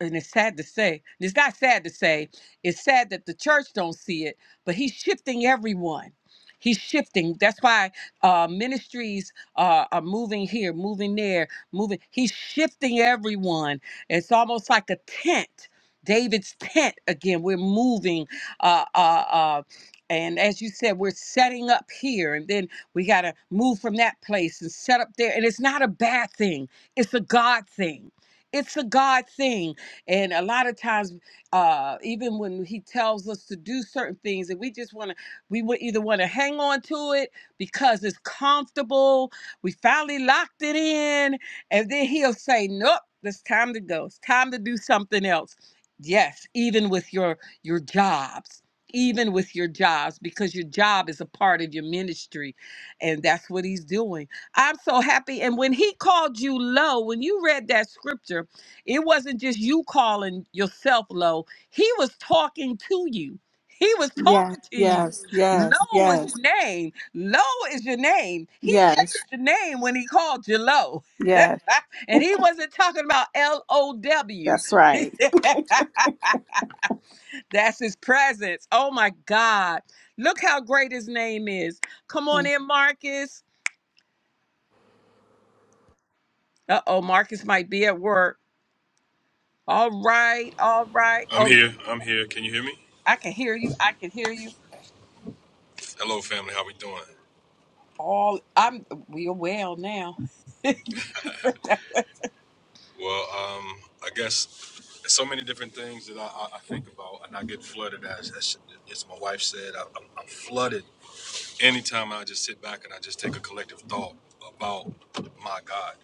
Speaker 3: and it's sad to say it's not sad to say it's sad that the church don't see it but he's shifting everyone he's shifting that's why uh, ministries uh, are moving here moving there moving he's shifting everyone it's almost like a tent david's tent again we're moving uh, uh, uh, and as you said we're setting up here and then we got to move from that place and set up there and it's not a bad thing it's a god thing it's a God thing and a lot of times, uh, even when He tells us to do certain things, and we just want to, we would either want to hang on to it because it's comfortable, we finally locked it in, and then He'll say, "Nope, it's time to go. It's time to do something else." Yes, even with your your jobs, even with your jobs, because your job is a part of your ministry, and that's what He's doing. I'm so happy. And when He called you low, when you read that scripture. It wasn't just you calling yourself low. He was talking to you. He was
Speaker 9: Yes,
Speaker 3: talking to you.
Speaker 9: yes,
Speaker 3: Low
Speaker 9: yes,
Speaker 3: was
Speaker 9: yes,
Speaker 3: your name. Low is your name. He
Speaker 9: yes,
Speaker 3: changed your name when he called you low.
Speaker 9: yes.
Speaker 3: and he wasn't talking about L O W.
Speaker 9: That's right.
Speaker 3: That's his presence. Oh my God. Look how great his name is. Come on in, Marcus. Uh oh, Marcus might be at work. All right, all right.
Speaker 10: I'm
Speaker 3: Oh,
Speaker 10: here. I'm here. Can you hear me?
Speaker 3: I can hear you. I can hear you.
Speaker 10: Hello, family. How we doing?
Speaker 3: all I'm we're well now.
Speaker 10: Well, um, I guess there's so many different things that I, I, I think about, and I get flooded as, as, as my wife said. I, I'm, I'm flooded anytime I just sit back and I just take a collective thought about my God.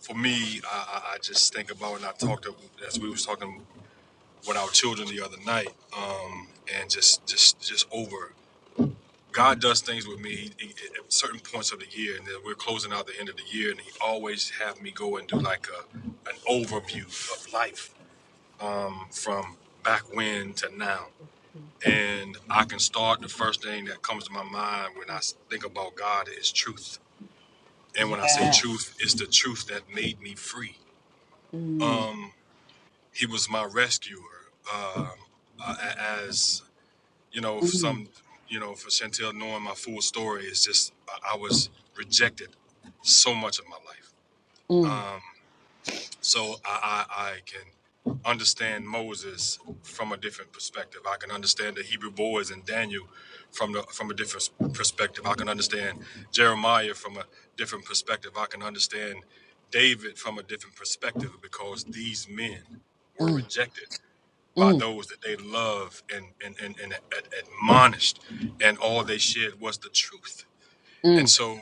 Speaker 10: For me, I, I I just think about, and I talked to, as we was talking with our children the other night, um, and just just just over. God does things with me he- he- at certain points of the year, and then we're closing out the end of the year, and He always have me go and do like a an overview of life um, from back when to now, and I can start the first thing that comes to my mind when I s- think about God is truth, and when I say
Speaker 3: yeah.
Speaker 10: truth, it's the truth that made me free.
Speaker 3: Mm,
Speaker 10: He was my rescuer. Um, uh, a- as you know,
Speaker 3: mm,
Speaker 10: some, you know, for Chantel knowing my full story is just I I was rejected so much of my life.
Speaker 3: mm,
Speaker 10: So I, I, I can understand Moses from a different perspective. I can understand the Hebrew boys and Daniel from the from a different perspective. I can understand Jeremiah from a different perspective. I can understand David from a different perspective because these men were
Speaker 3: mm,
Speaker 10: rejected by
Speaker 3: mm,
Speaker 10: those that they love and, and, and, and ad- admonished, and all they shared was the truth. And
Speaker 3: mm.
Speaker 10: so,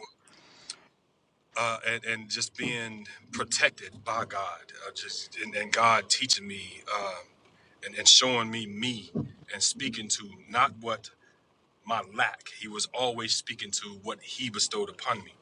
Speaker 10: uh, and, and just being protected by God, uh, just and, and God teaching me uh, and, and showing me me and speaking to not what my lack, He was always speaking to what He bestowed upon me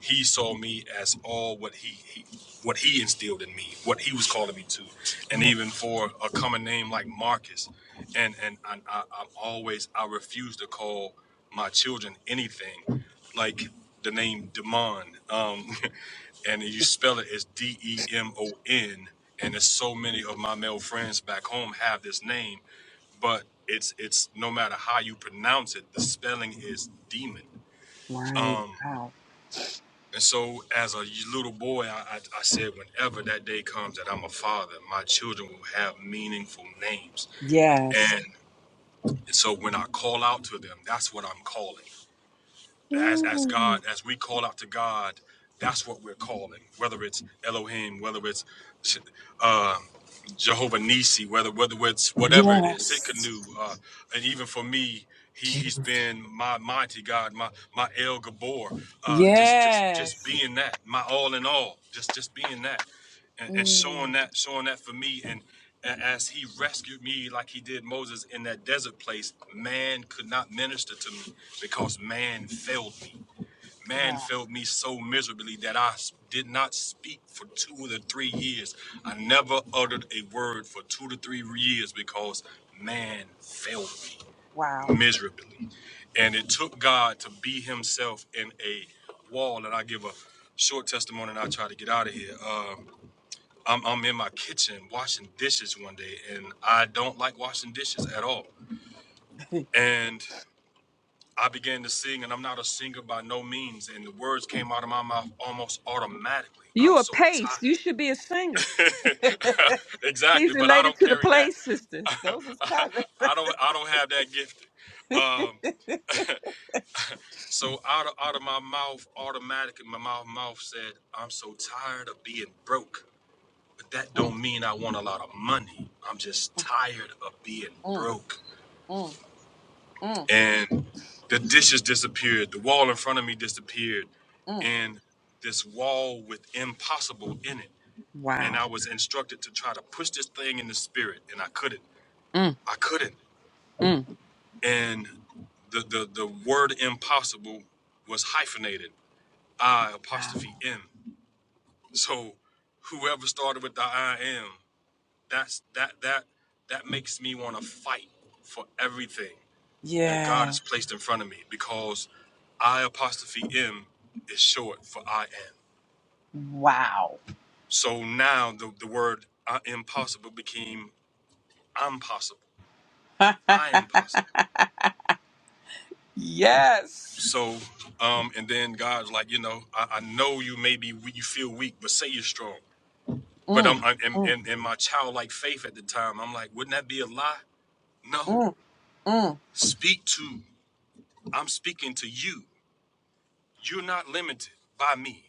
Speaker 10: he saw me as all what he, he what he instilled in me, what he was calling me to, and
Speaker 3: Yeah,
Speaker 10: even for a common name like Marcus, and and I, I, I'm always I refuse to call my children anything like the name Demon, um, and you spell it as D E M O N, and there's so many of my male friends back home have this name, but it's it's no matter how you pronounce it, the spelling is demon
Speaker 3: right. Wow.
Speaker 10: and so, as a little boy, I, I, I said, whenever that day comes that I'm a father, my children will have meaningful names.
Speaker 3: Yes.
Speaker 10: And so, when I call out to them, that's what I'm calling as as God,
Speaker 3: Mm.
Speaker 10: as we call out to God, that's what we're calling. Whether it's Elohim, whether it's uh, Jehovah Nisi, whether whether it's whatever it is,
Speaker 3: Yes.
Speaker 10: Sikkenu, uh, and even for me, he he's
Speaker 3: Jeez.
Speaker 10: been my mighty God, my my El Gabor, uh, just just just
Speaker 3: Yes.
Speaker 10: being that, my all in all, just just being that and, and showing
Speaker 3: Mm.
Speaker 10: that showing that for me and as he rescued me like he did moses in that desert place man could not minister to me because man failed me man
Speaker 3: Oh,
Speaker 10: failed me so miserably that I did not speak for two to three years i never uttered a word for two to three years because man failed me
Speaker 3: wow.
Speaker 10: miserably and it took god to be himself in a wall and i give a short testimony and i try to get out of here Um, I'm, I'm in my kitchen washing dishes one day, and I don't like washing dishes at all. And I began to sing, and I'm not a singer by no means. And the words came out of my mouth almost automatically. I'm
Speaker 3: You a
Speaker 10: so
Speaker 3: pace. You
Speaker 10: tired.
Speaker 3: should be a singer.
Speaker 10: exactly,
Speaker 3: He's
Speaker 10: but I
Speaker 3: related
Speaker 10: don't
Speaker 3: to the
Speaker 10: carry that.
Speaker 3: Play sisters. Those is cousins.
Speaker 10: I don't. I don't have that gift. Um, so out of out of my mouth, automatically, my mouth mouth said, "I'm so tired of being broke." But that don't mean I want a lot of money. I'm just tired of being
Speaker 3: Mm, mm,
Speaker 10: broke.
Speaker 3: mm, mm,
Speaker 10: And the dishes disappeared. The wall in front of me disappeared.
Speaker 3: mm.
Speaker 10: And this wall with impossible in it. And
Speaker 3: Wow.
Speaker 10: I was instructed to try to push this thing in the spirit. And I couldn't.
Speaker 3: Mm,
Speaker 10: I couldn't.
Speaker 3: mm.
Speaker 10: And the the, the word impossible was hyphenated. I
Speaker 3: Wow.
Speaker 10: apostrophe M. So whoever started with the I am That's that that that makes me want to fight for everything that God
Speaker 3: Yeah.
Speaker 10: has placed in front of me because I apostrophe M is short for I am.
Speaker 3: Wow.
Speaker 10: So now the, the word I impossible became I'm possible. I am possible.
Speaker 3: yes.
Speaker 10: So, um, and then God's like, you know, I, I know you may be we- you feel weak, but say you're strong. But
Speaker 3: Mm,
Speaker 10: I'm, i and,
Speaker 3: mm,
Speaker 10: and and my childlike faith at the time, I'm like, wouldn't that be a lie? No,
Speaker 3: mm, mm,
Speaker 10: speak to. I'm speaking to you. You're not limited by me.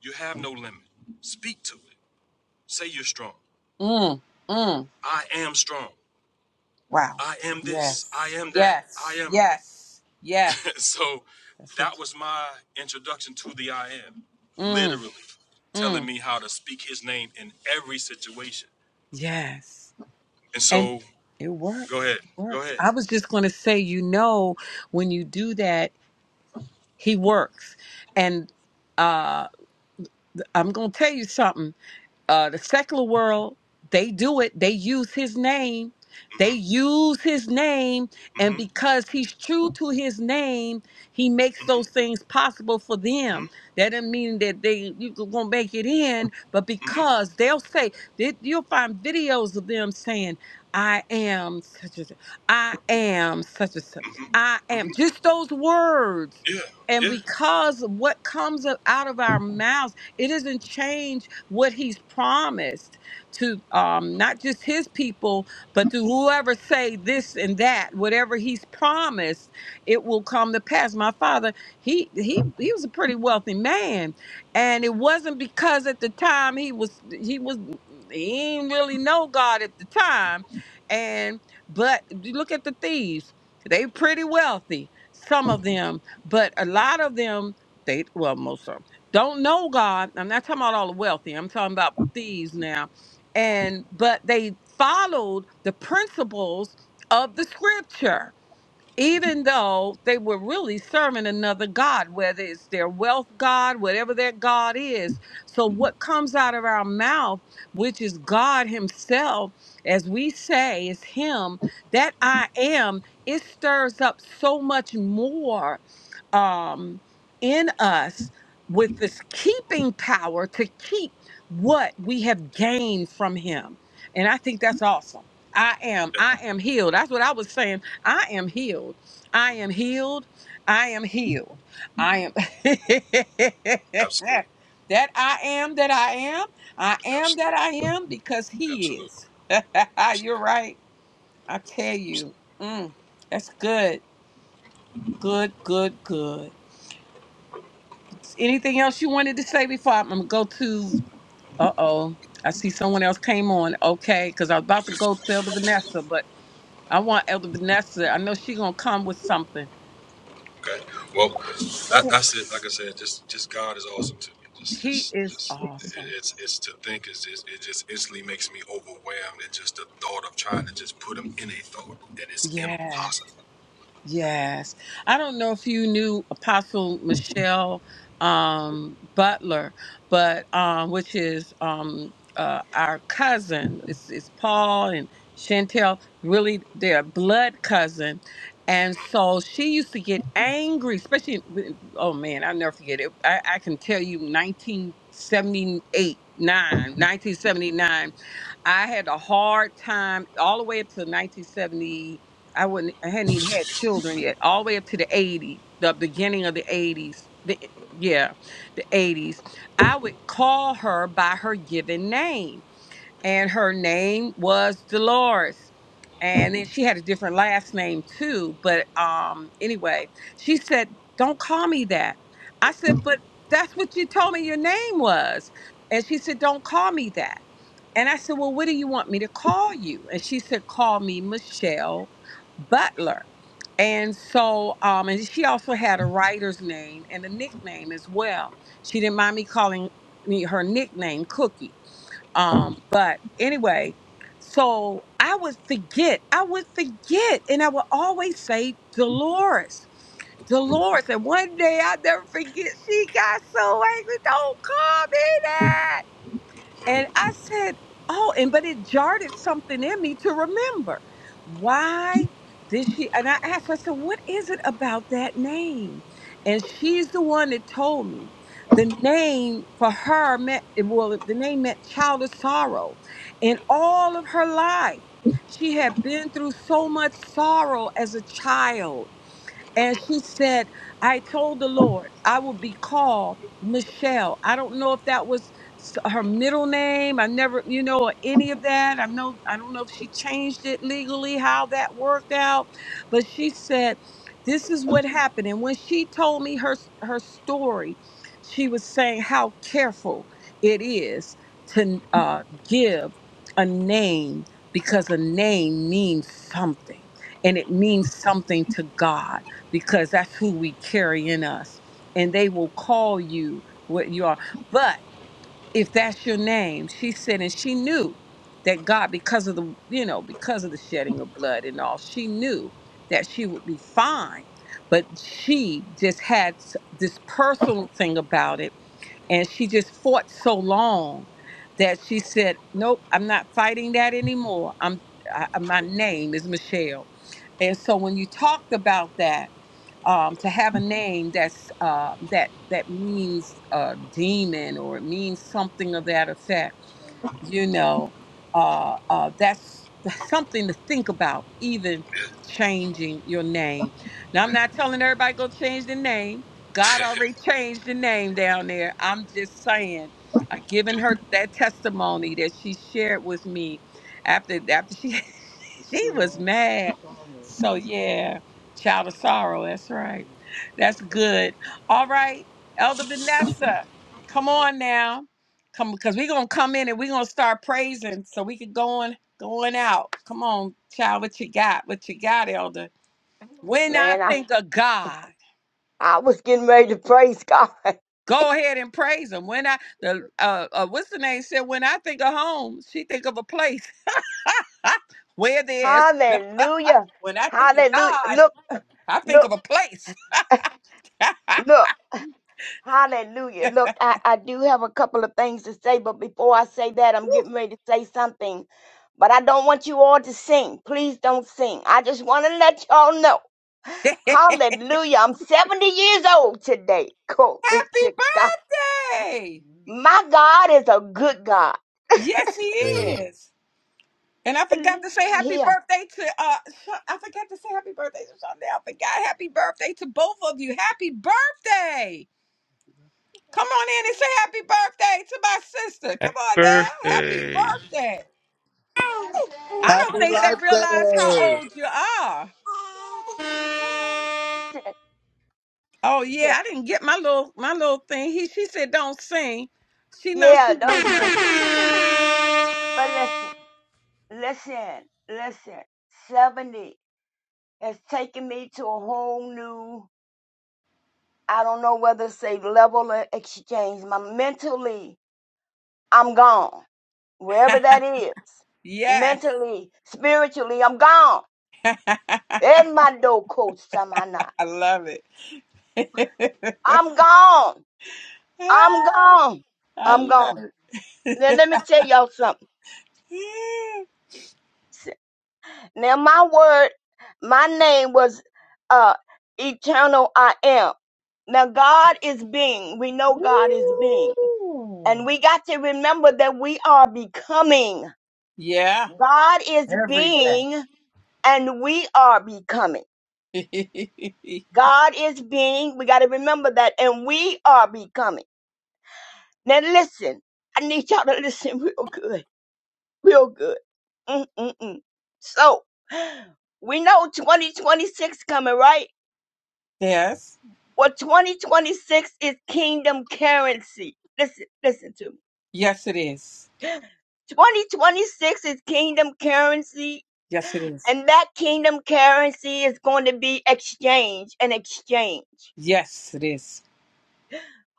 Speaker 10: You have no limit. Speak to it. Say you're strong.
Speaker 3: mm, mm.
Speaker 10: I am strong.
Speaker 3: Wow.
Speaker 10: I am this. I
Speaker 3: Yes.
Speaker 10: am that. I
Speaker 3: Yes.
Speaker 10: am.
Speaker 3: Yes. Yes.
Speaker 10: so
Speaker 3: That's what
Speaker 10: that was my introduction to the I am.
Speaker 3: you mm,
Speaker 10: Literally telling
Speaker 3: mm.
Speaker 10: me how to speak his name in every situation.
Speaker 3: Yes.
Speaker 10: And
Speaker 3: And
Speaker 10: so
Speaker 3: it
Speaker 10: go
Speaker 3: works.
Speaker 10: ahead.
Speaker 3: It
Speaker 10: Go
Speaker 3: works.
Speaker 10: ahead.
Speaker 3: I was just gonna say, you know, when you do that, he works. And uh I'm gonna tell you something. uh, the secular world, they do it. They use his name. They
Speaker 10: mm
Speaker 3: use his name. And
Speaker 10: hmm
Speaker 3: because he's true to his name, he makes
Speaker 10: mm hmm
Speaker 3: those things possible for
Speaker 10: mm hmm
Speaker 3: them.
Speaker 10: mm
Speaker 3: That doesn't mean that they you won't make it in, but
Speaker 10: hmm mm hmm
Speaker 3: because they'll say, they, you'll find videos of them saying, I am such and such. I am such and such. I am. Just those words.
Speaker 10: Yeah.
Speaker 3: And
Speaker 10: Yeah.
Speaker 3: because of what comes out of our mouths, it doesn't change what he's promised to um, not just his people, but to whoever say this and that. Whatever he's promised, it will come to pass. My father, he he he was a pretty wealthy man, and it wasn't because at the time he was he was he didn't really know God at the time, and but you look at the thieves. They pretty wealthy, some of them, but a lot of them they well most don't know God. I'm not talking about all the wealthy. I'm talking about thieves now. And but they followed the principles of the scripture, even though they were really serving another God, whether it's their wealth God, whatever their God is. So what comes out of our mouth, which is God Himself, as we say, is Him, that I am, it stirs up so much more um, in us with this keeping power to keep what we have gained from him. And I think that's awesome. I am. I am healed. That's what I was saying. I am healed. I am healed. I am healed. I am. that
Speaker 10: Absolutely.
Speaker 3: I am that I am. I am that
Speaker 10: Absolutely.
Speaker 3: I am because he
Speaker 10: Absolutely.
Speaker 3: is. You're
Speaker 10: Absolutely.
Speaker 3: right. I tell
Speaker 10: Absolutely.
Speaker 3: you. Mm, that's good. Good, good, good. Anything else you wanted to say before I'm gonna go to? Uh oh, I see someone else came on. Okay, because I was about to go to Elder Vanessa, but I want Elder Vanessa. I know she gonna come with something.
Speaker 10: Okay. Well,
Speaker 3: Go
Speaker 10: that
Speaker 3: ahead.
Speaker 10: that's it. Like I said, just just God is awesome to me. Just
Speaker 3: He
Speaker 10: just
Speaker 3: is
Speaker 10: just
Speaker 3: awesome.
Speaker 10: it's it's to think is just it just instantly makes me overwhelmed at just the thought of trying to just put him in a thought. It is
Speaker 3: Yeah.
Speaker 10: impossible.
Speaker 3: Yes. I don't know if you knew Apostle Michelle um, Butler, but um, which is um, uh, our cousin. It's, it's Paul and Chantel, really they're blood cousin. And so she used to get angry, especially, when- oh man, I'll never forget it. I, I can tell you 1978, 9, 1979. I had a hard time all the way up to 1970. I wouldn't, I hadn't even had children yet. All the way up to the 80s, the beginning of the 80s. The, yeah, the 80s. I would call her by her given name, and her name was Dolores. And then she had a different last name too. But um, anyway, she said, "Don't call me that." I said, "But that's what you told me your name was." And she said, "Don't call me that." And I said, Well, what do you want me to call you? And she said, Call me Michelle Butler. And so, um, and she also had a writer's name and a nickname as well. She didn't mind me calling me her nickname Cookie. Um, but anyway, so I would forget, I would forget, and I would always say Dolores, Dolores. And one day I'll never forget, she got so angry, don't call me that. And I said, Oh, and but it jarred something in me to remember. Why did she? And I asked her, I said, What is it about that name? And she's the one that told me the name for her meant, well, the name meant child of sorrow. In all of her life, she had been through so much sorrow as a child and she said, I told the Lord I will be called Michelle. I don't know if that was s- her middle name. I never, you know, or any of that. I know, I don't know if she changed it legally, how that worked out. But she said, this is what happened. And when she told me her her story, she was saying how careful it is to uh, give a name because a name means something and it means something to God because that's who we carry in us. And they will call you what you are. But if that's your name, she said, and she knew that God, because of the, you know, because of the shedding of blood and all, she knew that she would be fine. But she just had s- this personal thing about it. And she just fought so long that she said, nope, I'm not fighting that anymore. I'm, I, my name is Michelle. And so when you talked about that, um, to have a name that's uh, that that means uh, demon or it means something of that effect. You know, uh, uh, that's, that's something to think about. Even changing your name. Now I'm not telling everybody go change the name. God already changed the name down there. I'm just saying. I given her that testimony that she shared with me after after she She was mad. So yeah, child of sorrow. That's right. That's good. All right, Elder Vanessa, come on now, come because we're gonna come in and we're gonna start praising so we can go on going out. Come on, child, what you got? What you got, Elder? When I
Speaker 8: Man, I,
Speaker 3: think of God.
Speaker 8: I was getting ready to praise God.
Speaker 3: Go ahead and praise him. When I the uh, uh what's the name said when I think of home, she think of a place where there's
Speaker 8: Hallelujah.
Speaker 3: when I think of
Speaker 8: Hallelujah.
Speaker 3: God,
Speaker 8: Look,
Speaker 3: I think
Speaker 8: look,
Speaker 3: of a place. happy
Speaker 8: look. Hallelujah. Look, I, I do have a couple of things to say, but before I say that, I'm getting ready to say something. But I don't want you all to sing. Please don't sing. I just want to let y'all know. Hallelujah. I'm 70 years old today. Glory to God.
Speaker 3: birthday!
Speaker 8: My God is a good God.
Speaker 3: Yes, he is. And I
Speaker 8: But
Speaker 3: forgot to say
Speaker 8: listen
Speaker 3: happy
Speaker 8: here.
Speaker 3: birthday to uh Sha- I forgot to say happy birthday to Sunday. I forgot happy birthday to both of you. Happy birthday! Come on in and say happy birthday to my sister.
Speaker 2: Happy
Speaker 3: Come on now. Happy
Speaker 2: birthday.
Speaker 3: birthday. I don't think they realize how old you are.
Speaker 8: Listen,
Speaker 3: Oh
Speaker 8: listen.
Speaker 3: yeah, I didn't get my little my little thing. He she said don't sing. She knows
Speaker 8: Yeah,
Speaker 3: she wants
Speaker 8: don't.
Speaker 3: to know.
Speaker 8: But listen, listen, listen. 70 has taken me to a whole new, I don't know whether to say level of exchange. My mentally, I'm gone. Wherever that is.
Speaker 3: Yes.
Speaker 8: Mentally, spiritually, I'm gone.
Speaker 3: I
Speaker 8: In my door, coach, Samana.
Speaker 3: love it.
Speaker 8: I'm gone. I'm gone.
Speaker 3: I
Speaker 8: I'm
Speaker 3: love
Speaker 8: gone. Now,
Speaker 3: it.
Speaker 8: let me tell y'all something. Now my word, my name was uh eternal I am. Now God is being. We know God is being.
Speaker 3: Ooh.
Speaker 8: And we got to remember that we are becoming.
Speaker 3: Yeah,
Speaker 8: God is
Speaker 3: every
Speaker 8: being and we are becoming.
Speaker 3: day.
Speaker 8: God is being. We got to remember that and we are becoming. Now listen. I need y'all to listen real good. Real good. Mm-mm-mm. So, we know 2026 coming, right?
Speaker 3: yes.
Speaker 8: Well, 2026 is kingdom currency. Listen, listen to me.
Speaker 3: Yes, it is.
Speaker 8: 2026 is kingdom currency,
Speaker 3: Yes, it is.
Speaker 8: and that kingdom currency is going to be exchange and exchange.
Speaker 3: Yes, it is.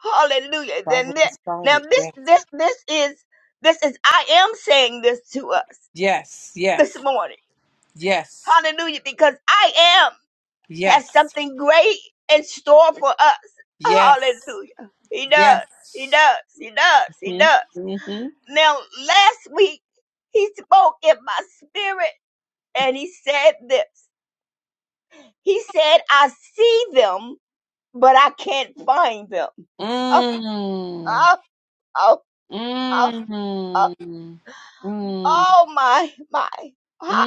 Speaker 8: Hallelujah.
Speaker 3: It's
Speaker 8: Then thi-
Speaker 3: already
Speaker 8: now
Speaker 3: started.
Speaker 8: this
Speaker 3: Yes.
Speaker 8: this this is this is I am saying this to us
Speaker 3: Yes,
Speaker 8: this
Speaker 3: yes,
Speaker 8: morning.
Speaker 3: yes,
Speaker 8: Hallelujah, because I am
Speaker 3: yes,
Speaker 8: has something great in store for us.
Speaker 3: yes,
Speaker 8: Hallelujah. He does. He
Speaker 3: yes.
Speaker 8: does. He does. He does.
Speaker 3: Mm-hmm.
Speaker 8: Now, last week, he spoke in my spirit and he said this. He said, I see them, but I can't find them.
Speaker 3: Mm.
Speaker 8: Oh, oh, oh, oh,
Speaker 3: Mm.
Speaker 8: oh,
Speaker 3: Mm. Mm.
Speaker 8: oh my, my. Ah,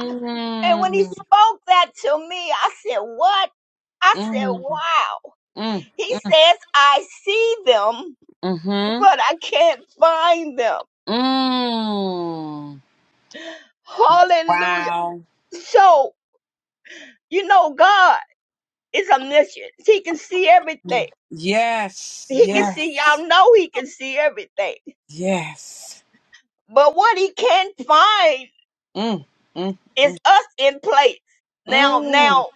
Speaker 8: And when he spoke that to me, I said, What? I said,
Speaker 3: Mm. Mm.
Speaker 8: Wow.
Speaker 3: Mm.
Speaker 8: He says, I see them,
Speaker 3: Mm.
Speaker 8: but I can't find them.
Speaker 3: Mm.
Speaker 8: Hallelujah.
Speaker 3: Wow.
Speaker 8: So, you know, God is omniscient, He can see everything.
Speaker 3: Yes.
Speaker 8: He can
Speaker 3: Yes.
Speaker 8: see, y'all know he can see everything.
Speaker 3: Yes.
Speaker 8: But what he can not find
Speaker 3: Mm. Mm.
Speaker 8: is us in place. Now,
Speaker 3: Mm.
Speaker 8: now,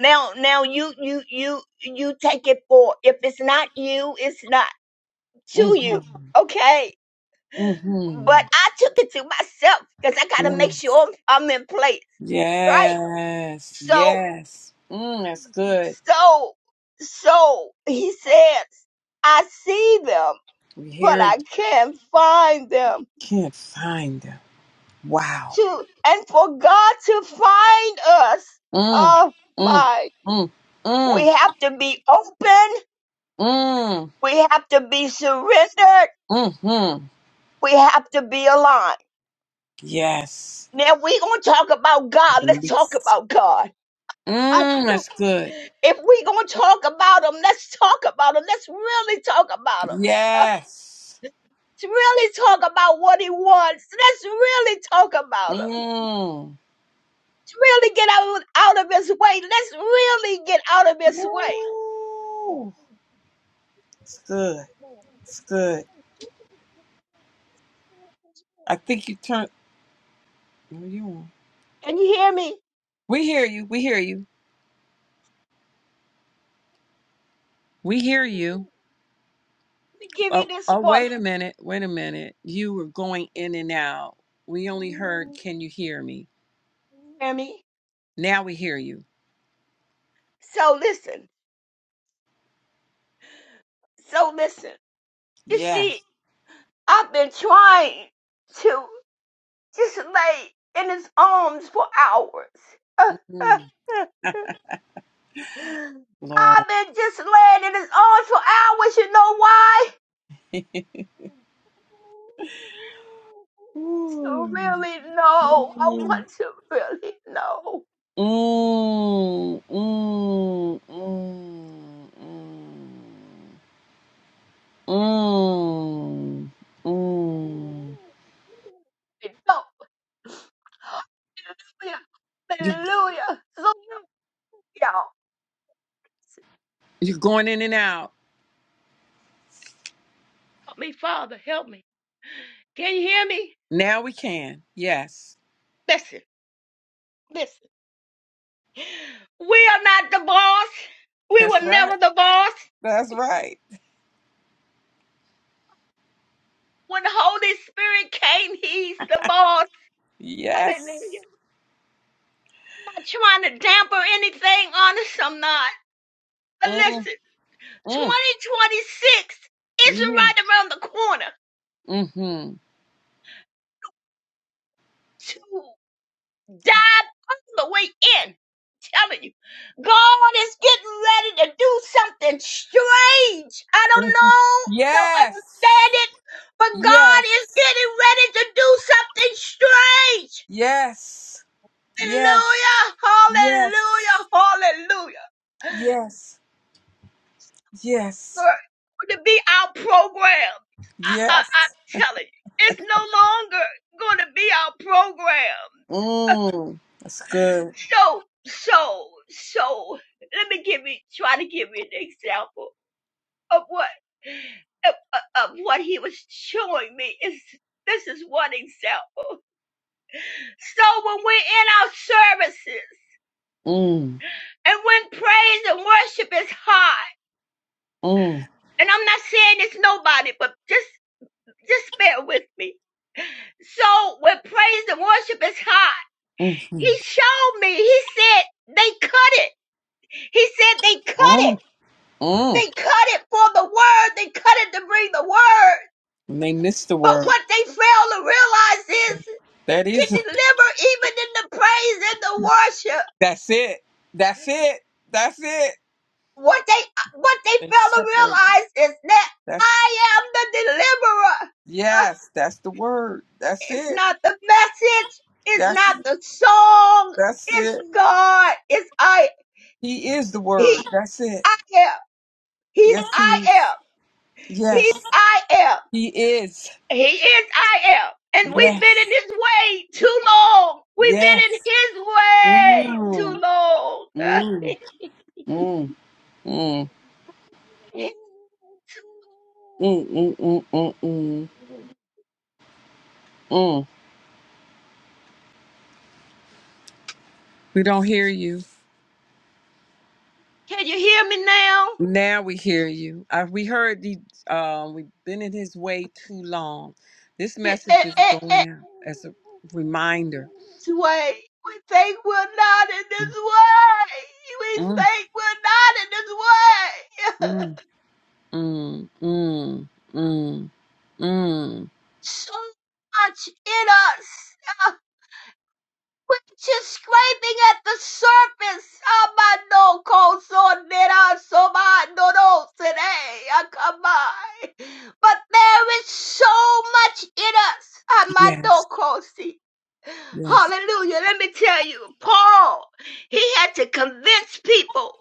Speaker 8: now, now you, you, you, you take it for, if it's not you, it's not to you. Okay. But
Speaker 3: Mm-hmm.
Speaker 8: I took it to myself because I got to make
Speaker 3: Mm-hmm.
Speaker 8: sure I'm I'm in place. Right.
Speaker 3: Yes. Yes.
Speaker 8: So,
Speaker 3: Yes. Mm, that's good.
Speaker 8: so, so he says, I see them,
Speaker 3: We
Speaker 8: but
Speaker 3: hear it.
Speaker 8: I can't find them.
Speaker 3: Can't find them. Wow.
Speaker 8: to and for God to find us.
Speaker 3: Mm.
Speaker 8: Oh
Speaker 3: Mm.
Speaker 8: my.
Speaker 3: Mm. Mm.
Speaker 8: We have to be open.
Speaker 3: Mm.
Speaker 8: We have to be surrendered.
Speaker 3: Mm-hmm.
Speaker 8: We have to be aligned.
Speaker 3: Yes.
Speaker 8: Now we gonna talk about God. Let's talk
Speaker 3: Release.
Speaker 8: about God. I,
Speaker 3: Mm, that's good.
Speaker 8: if we gonna talk about him, let's talk about him. Let's really talk about him. Uh,
Speaker 3: Yes.
Speaker 8: Let's really talk about what he wants. Let's really talk about him.
Speaker 3: Mm.
Speaker 8: Let's really get out, of, out of his way. Let's really get out of his
Speaker 3: Ooh, it's good.
Speaker 8: way.
Speaker 3: It's good. I think you turned. no, you were
Speaker 8: Can you hear me?
Speaker 3: We hear you. We hear you. We hear you.
Speaker 8: Let me give you
Speaker 3: Oh,
Speaker 8: this
Speaker 3: oh,
Speaker 8: one.
Speaker 3: wait a minute. Wait a minute. You were going in and out. We only heard, can you hear me?
Speaker 8: Hear me?
Speaker 3: Now we hear you.
Speaker 8: So listen. So listen. You see,
Speaker 3: Yes.
Speaker 8: I've been trying to just lay in his arms for hours.
Speaker 3: Mm, Lord.
Speaker 8: I've been just laying in his arms for hours. You know why? To
Speaker 3: Ooh.
Speaker 8: really know. I
Speaker 3: Mm,
Speaker 8: want to really know.
Speaker 3: mm, mm, mm, mm, mm.
Speaker 8: I know Hallelujah.
Speaker 3: You
Speaker 8: Hallelujah. Hallelujah. Y'all,
Speaker 3: You're going in and out.
Speaker 8: help me, Father, help me. Can you hear me?
Speaker 3: Now we can. Yes.
Speaker 8: Listen, listen. We are not the boss. We
Speaker 3: That's
Speaker 8: were
Speaker 3: right.
Speaker 8: never the boss.
Speaker 3: That's right.
Speaker 8: When the Holy Spirit came, He's the boss. Hallelujah.
Speaker 3: Yes.
Speaker 8: I'm not trying to damper anything, honest, I'm not. But
Speaker 3: Mm,
Speaker 8: listen,
Speaker 3: mm.
Speaker 8: 2026 is
Speaker 3: We here.
Speaker 8: right around the corner.
Speaker 3: Mm-hmm.
Speaker 8: Two. dive all the way in. Telling you, God is getting ready to do something strange. I don't
Speaker 3: Mm,
Speaker 8: know, I don't
Speaker 3: Yes.
Speaker 8: understand it, but God is
Speaker 3: Yes.
Speaker 8: getting ready to do something strange.
Speaker 3: Yes. Yes.
Speaker 8: Hallelujah, hallelujah,
Speaker 3: Yes.
Speaker 8: hallelujah.
Speaker 3: Yes. Yes.
Speaker 8: Lord, To be our program, I, I,
Speaker 3: Yes.
Speaker 8: I'm telling you, it's no longer going to be our program.
Speaker 3: Mm. That's good.
Speaker 8: So, so, so, let me give you, try to give you an example of what, of, of what he was showing me. Is this is one example. So when we're in our services
Speaker 3: Mm.
Speaker 8: and when praise and worship is high,
Speaker 3: Mm.
Speaker 8: and I'm not saying it's nobody, but just, just bear with me. So when praise and worship is high, he
Speaker 3: Mm-hmm.
Speaker 8: showed me. He said they cut it. He said they cut it.
Speaker 3: Mm. Mm.
Speaker 8: They cut it for the word. They cut it to bring the word.
Speaker 3: And they missed the
Speaker 8: But
Speaker 3: word.
Speaker 8: what they fail to realize is
Speaker 3: That
Speaker 8: can
Speaker 3: is.
Speaker 8: deliver even in the praise and the worship.
Speaker 3: That's it. That's it. That's it.
Speaker 8: What they what they
Speaker 3: They
Speaker 8: fail to
Speaker 3: separate.
Speaker 8: realize is that
Speaker 3: That's
Speaker 8: I am the deliverer. Uh,
Speaker 3: yes, that's the word. That's
Speaker 8: it's
Speaker 3: it.
Speaker 8: not the message. It's not
Speaker 3: That's
Speaker 8: the song.
Speaker 3: that's
Speaker 8: It's
Speaker 3: it.
Speaker 8: God. It's I.
Speaker 3: He is the word.
Speaker 8: He.
Speaker 3: That's it.
Speaker 8: I am. He's
Speaker 3: Yes, he
Speaker 8: I
Speaker 3: is.
Speaker 8: am.
Speaker 3: Yes,
Speaker 8: He's I am.
Speaker 3: he is.
Speaker 8: He is I am. And we've
Speaker 3: Yes,
Speaker 8: been in his way too long. We've been
Speaker 3: yes.
Speaker 8: in his way too
Speaker 3: Mm.
Speaker 8: long.
Speaker 3: Mm. Mm. Mm. Mm. Mm. Mm. Mm. Mm. Mm. We don't hear you.
Speaker 8: Can you hear me now?
Speaker 3: Now we hear you. I, we heard the. Um, we've been in his way too long. This
Speaker 8: Eh,
Speaker 3: message
Speaker 8: eh,
Speaker 3: is
Speaker 8: eh, eh.
Speaker 3: going out as a reminder.
Speaker 8: This way. We think we're not in this
Speaker 3: Mm,
Speaker 8: way. We
Speaker 3: mm,
Speaker 8: think we're not in this way.
Speaker 3: mm. Mm, mm, mm, mm,
Speaker 8: It's so much in us. which is scraping at the surface. Amano koso nera soma nono sere akamai. But there is so much in us.
Speaker 3: Yes,
Speaker 8: Amano kosi.
Speaker 3: yes.
Speaker 8: Hallelujah. Let me tell you, Paul, he had to convince people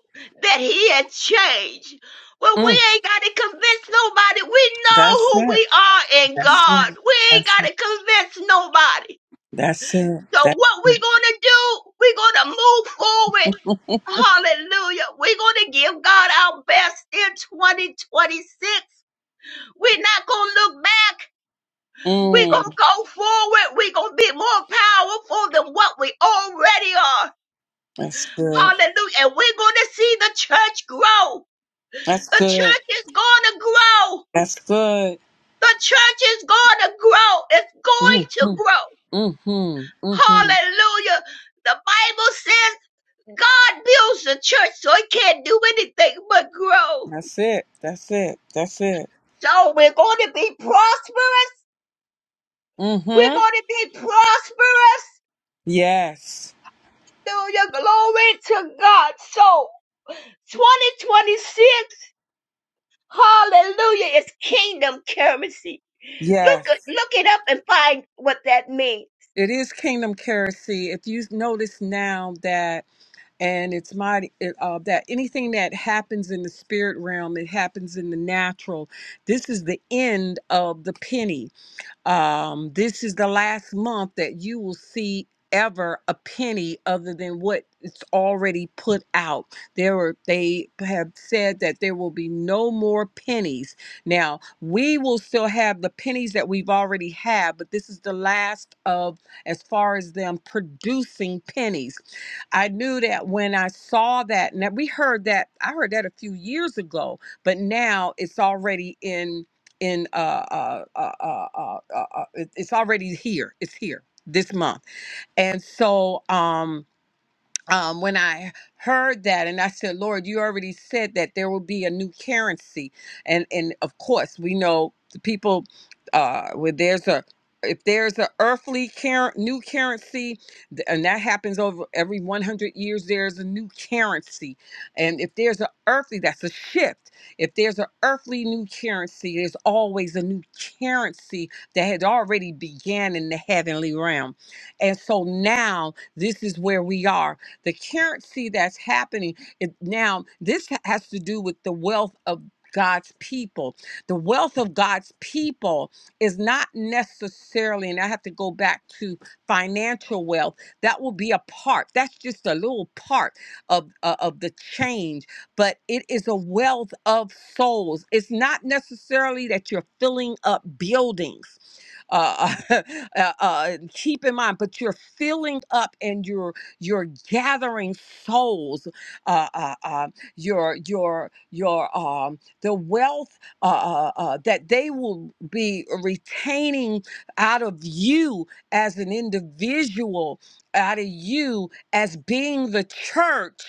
Speaker 8: that he had changed. Well, we
Speaker 3: mm,
Speaker 8: ain't got to convince nobody. We know
Speaker 3: That's
Speaker 8: who
Speaker 3: it.
Speaker 8: we are in
Speaker 3: That's
Speaker 8: God.
Speaker 3: it.
Speaker 8: We ain't
Speaker 3: That's
Speaker 8: got
Speaker 3: it.
Speaker 8: to convince nobody.
Speaker 3: That's it.
Speaker 8: So
Speaker 3: That's
Speaker 8: what we
Speaker 3: it.
Speaker 8: gonna do? we gonna move forward. Hallelujah. we gonna give God our best in 2026. We're not gonna look back. we gonna
Speaker 3: mm.
Speaker 8: go forward. we gonna be more powerful than what we already are.
Speaker 3: That's good.
Speaker 8: Hallelujah. And we're gonna see the church grow.
Speaker 3: That's
Speaker 8: The
Speaker 3: good.
Speaker 8: church is gonna grow.
Speaker 3: That's good.
Speaker 8: The church is gonna grow. It's going
Speaker 3: Mm-hmm.
Speaker 8: to grow.
Speaker 3: Mm-hmm. Mm-hmm.
Speaker 8: Hallelujah. The Bible says God builds the church so it can't do anything but grow.
Speaker 3: That's it. That's it. That's it.
Speaker 8: So we're going to be prosperous. We're
Speaker 3: Mm-hmm.
Speaker 8: going to be prosperous.
Speaker 3: Yes.
Speaker 8: Hallelujah. Glory to God. So 2026, hallelujah, is kingdom currency.
Speaker 3: Yes.
Speaker 8: Look, look it up and find what that means.
Speaker 3: It is kingdom currency. If you notice now and it's mighty it, uh, that anything that happens in the spirit realm it happens in the natural this is the end of the penny um, this is the last month that you will see ever a penny other than what it's already put out there were they have said that there will be no more pennies now we will still have the pennies that we've already had but this is the last of as far as them producing pennies I knew that when I saw that, and that we heard that, I heard that a few years ago, but now it's already in in uh uh uh uh, uh, uh uh, it- it's already here. It's here this month, and so um um, when I heard that, and I said, Lord, you already said that there will be a new currency, and and of course we know the people uh, where there's a if there's a earthly cur- new currency, th- and that happens over every 100 years, there's a new currency, and if there's a earthly, that's a shift. If there's an earthly new currency, there's always a new currency that had already began in the heavenly realm, and so now this is where we are the currency that's happening it, now this has to do with the wealth of God's people. The wealth of God's people is not necessarily, and I have to go back to financial wealth. That will be a part. That's just a little part of uh, of the change, but it is a wealth of souls. It's not necessarily that you're filling up buildings uh, uh, uh, keep in mind, but you're filling up and you're you're gathering souls. Uh, uh, uh, your your your um the wealth uh, uh, uh, that they will be retaining out of you as an individual, out of you as being the church,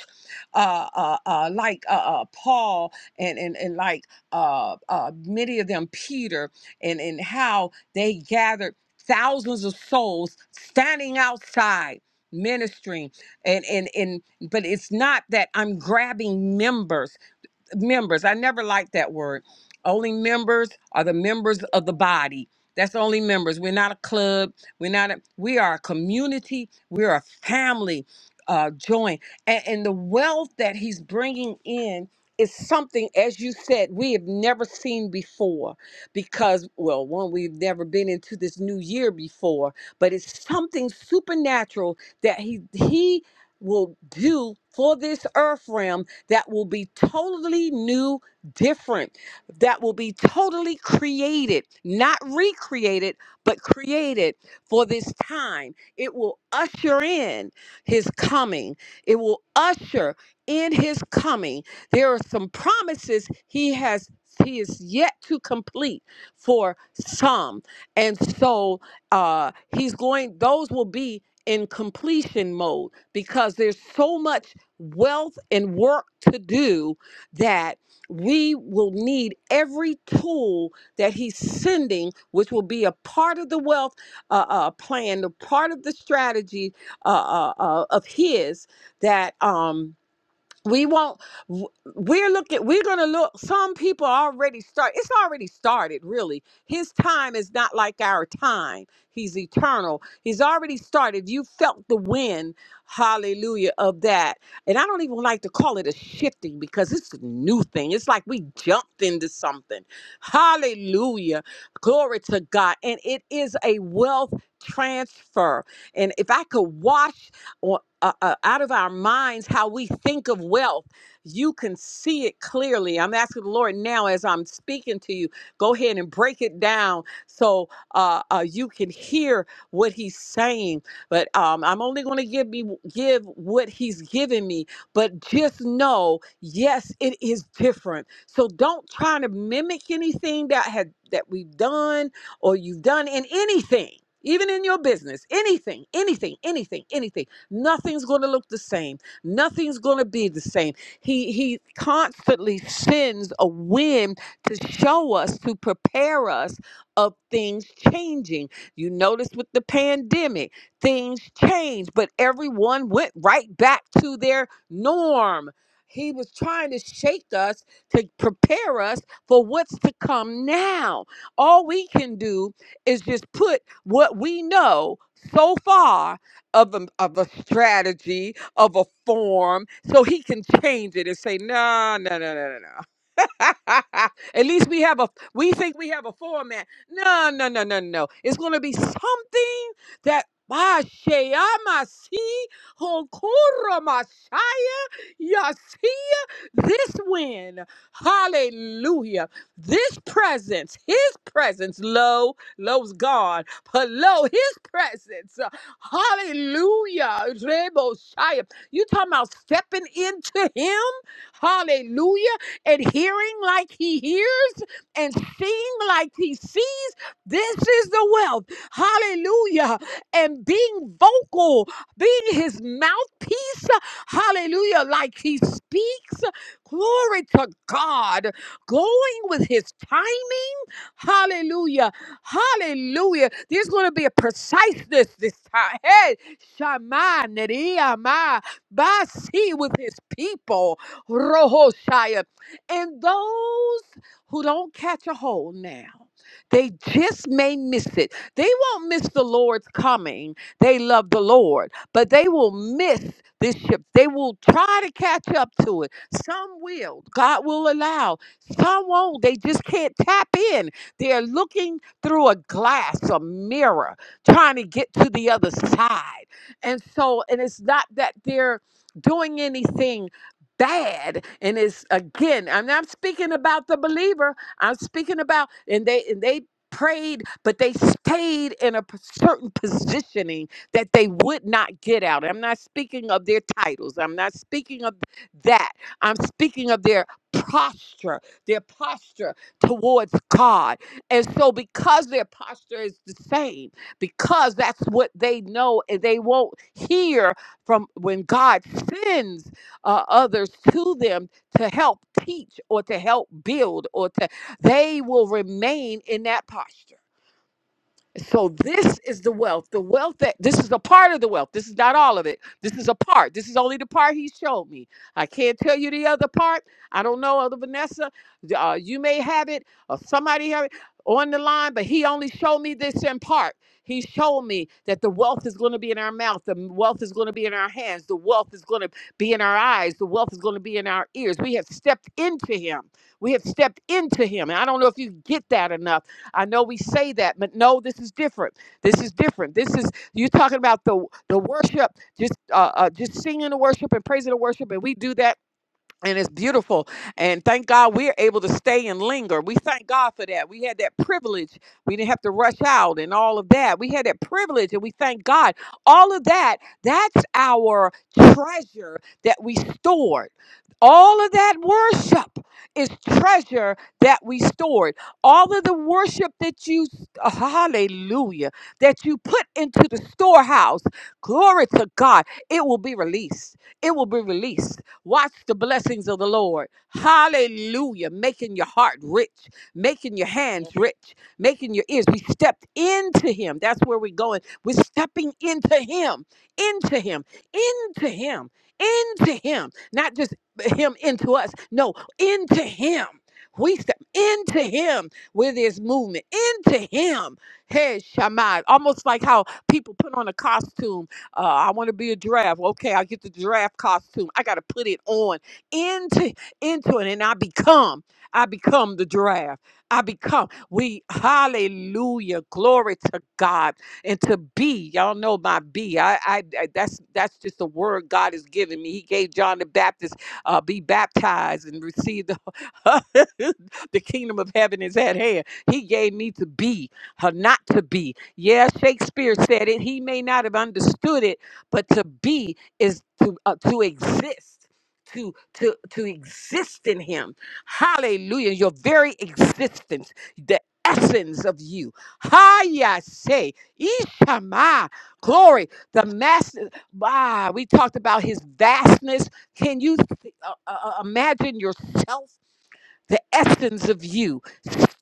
Speaker 3: uh, uh, uh, like uh, uh, Paul and and and like uh, uh, many of them Peter and and how they gathered thousands of souls standing outside ministering and and and but it's not that i'm grabbing members members. I never liked that word. Only members are the members of the body. That's the only members. We're not a club. We're not. A, we are a community. We're a family. Uh, joint and, and the wealth that he's bringing in is something, as you said, we have never seen before. Because, well, one, we've never been into this new year before, but it's something supernatural that he he will do for this earth realm that will be totally new, different, that will be totally created, not recreated, but created for this time. It will usher in his coming. It will usher in his coming. There are some promises he has he is yet to complete for some. And so uh he's going those will be in completion mode because there's so much wealth and work to do that we will need every tool that he's sending which will be a part of the wealth uh, uh, plan a part of the strategy uh, uh, uh, of his that um, we won't w- we're looking we're gonna look some people already start it's already started really his time is not like our time he's eternal he's already started you felt the wind hallelujah of that and i don't even like to call it a shifting because it's a new thing it's like we jumped into something hallelujah glory to god and it is a wealth transfer and if i could wash or, uh, uh, out of our minds how we think of wealth. You can see it clearly. I'm asking the Lord now as I'm speaking to you, go ahead and break it down so uh, uh, you can hear what He's saying. But um, I'm only going to give me give what He's given me. But just know, yes, it is different. So don't try to mimic anything that had that we've done or you've done in anything. Even in your business, anything, anything, anything, anything Nothing's going to look the same. Nothing's going to be the same. He he constantly sends a wind to show us to prepare us of things changing. You notice with the pandemic, things changed, but everyone went right back to their norm. He was trying to shake us to prepare us for what's to come now. All we can do is just put what we know so far of a, of a strategy, of a form, so he can change it and say, no, no, no, no, no, no. At least we have a we think we have a format. No, no, no, no, no. It's gonna be something that Bashayamasi Hokuramashaya Yasia this win. Hallelujah. This presence, his presence, low, low's God, but low, his presence. uh, Hallelujah. Reboshaya. You talking about stepping into him? Hallelujah and hearing like he hears and seeing like he sees. This is the wealth. Hallelujah. And being vocal, being his mouthpiece. Hallelujah. Like he speaks. Glory to God. Going with his timing. Hallelujah. Hallelujah. There's going to be a preciseness this time. Hey, Shammai, Neriah, Basi with his people, Rohoshaya. And those who don't catch a hold now, they just may miss it. They won't miss the Lord's coming. They love the Lord, but they will miss this ship. They will try to catch up to it. Some will. God will allow. Some won't. They just can't tap in they're looking through a glass, a mirror, trying to get to the other side. And so, and it's not that they're doing anything bad and it's again i'm not speaking about the believer i'm speaking about and they and they prayed but they stayed in a p- certain positioning that they would not get out i'm not speaking of their titles i'm not speaking of that i'm speaking of their posture their posture towards god and so, because their posture is the same, because that's what they know, and they won't hear from when God sends uh, others to them to help teach or to help build, or to they will remain in that posture. So this is the wealth. The wealth that this is a part of the wealth. This is not all of it. This is a part. This is only the part he showed me. I can't tell you the other part. I don't know other Vanessa. Uh, you may have it or somebody have it on the line, but he only showed me this in part. He showed me that the wealth is going to be in our mouth. The wealth is going to be in our hands. The wealth is going to be in our eyes. The wealth is going to be in our ears. We have stepped into him. We have stepped into him. And I don't know if you get that enough I know we say that, but no, this is different. This is different. This is you are talking about the the worship, just uh, uh just singing the worship and praising the worship, and we do that and it's beautiful and thank god we're able to stay and linger we thank god for that we had that privilege we didn't have to rush out and all of that we had that privilege and we thank god all of that that's our treasure that we stored all of that worship is treasure that we stored all of the worship that you hallelujah that you put into the storehouse glory to god it will be released it will be released Watch the blessings of the Lord. Hallelujah. Making your heart rich, making your hands rich, making your ears. We stepped into Him. That's where we're going. We're stepping into Him, into Him, into Him, into Him. Not just Him into us. No, into Him. We step into Him with His movement, into Him. Hey, Shammai. Almost like how people put on a costume uh, I want to be a giraffe. Okay, I get the giraffe costume. I got to put it on into into it, and I become. I become the giraffe. I become. We hallelujah, glory to God, and to be. Y'all know my be. I, I, I that's that's just the word God has given me. He gave John the Baptist, uh, be baptized and receive the the kingdom of heaven is at hand. He gave me to be, uh, not to be. Yeah, Shakespeare said it. He may not have understood it, but to be is to uh, to exist. To, to to exist in him hallelujah your very existence the essence of you hi say ishama glory the master ah, we talked about his vastness can you uh, uh, uh, imagine yourself the essence of you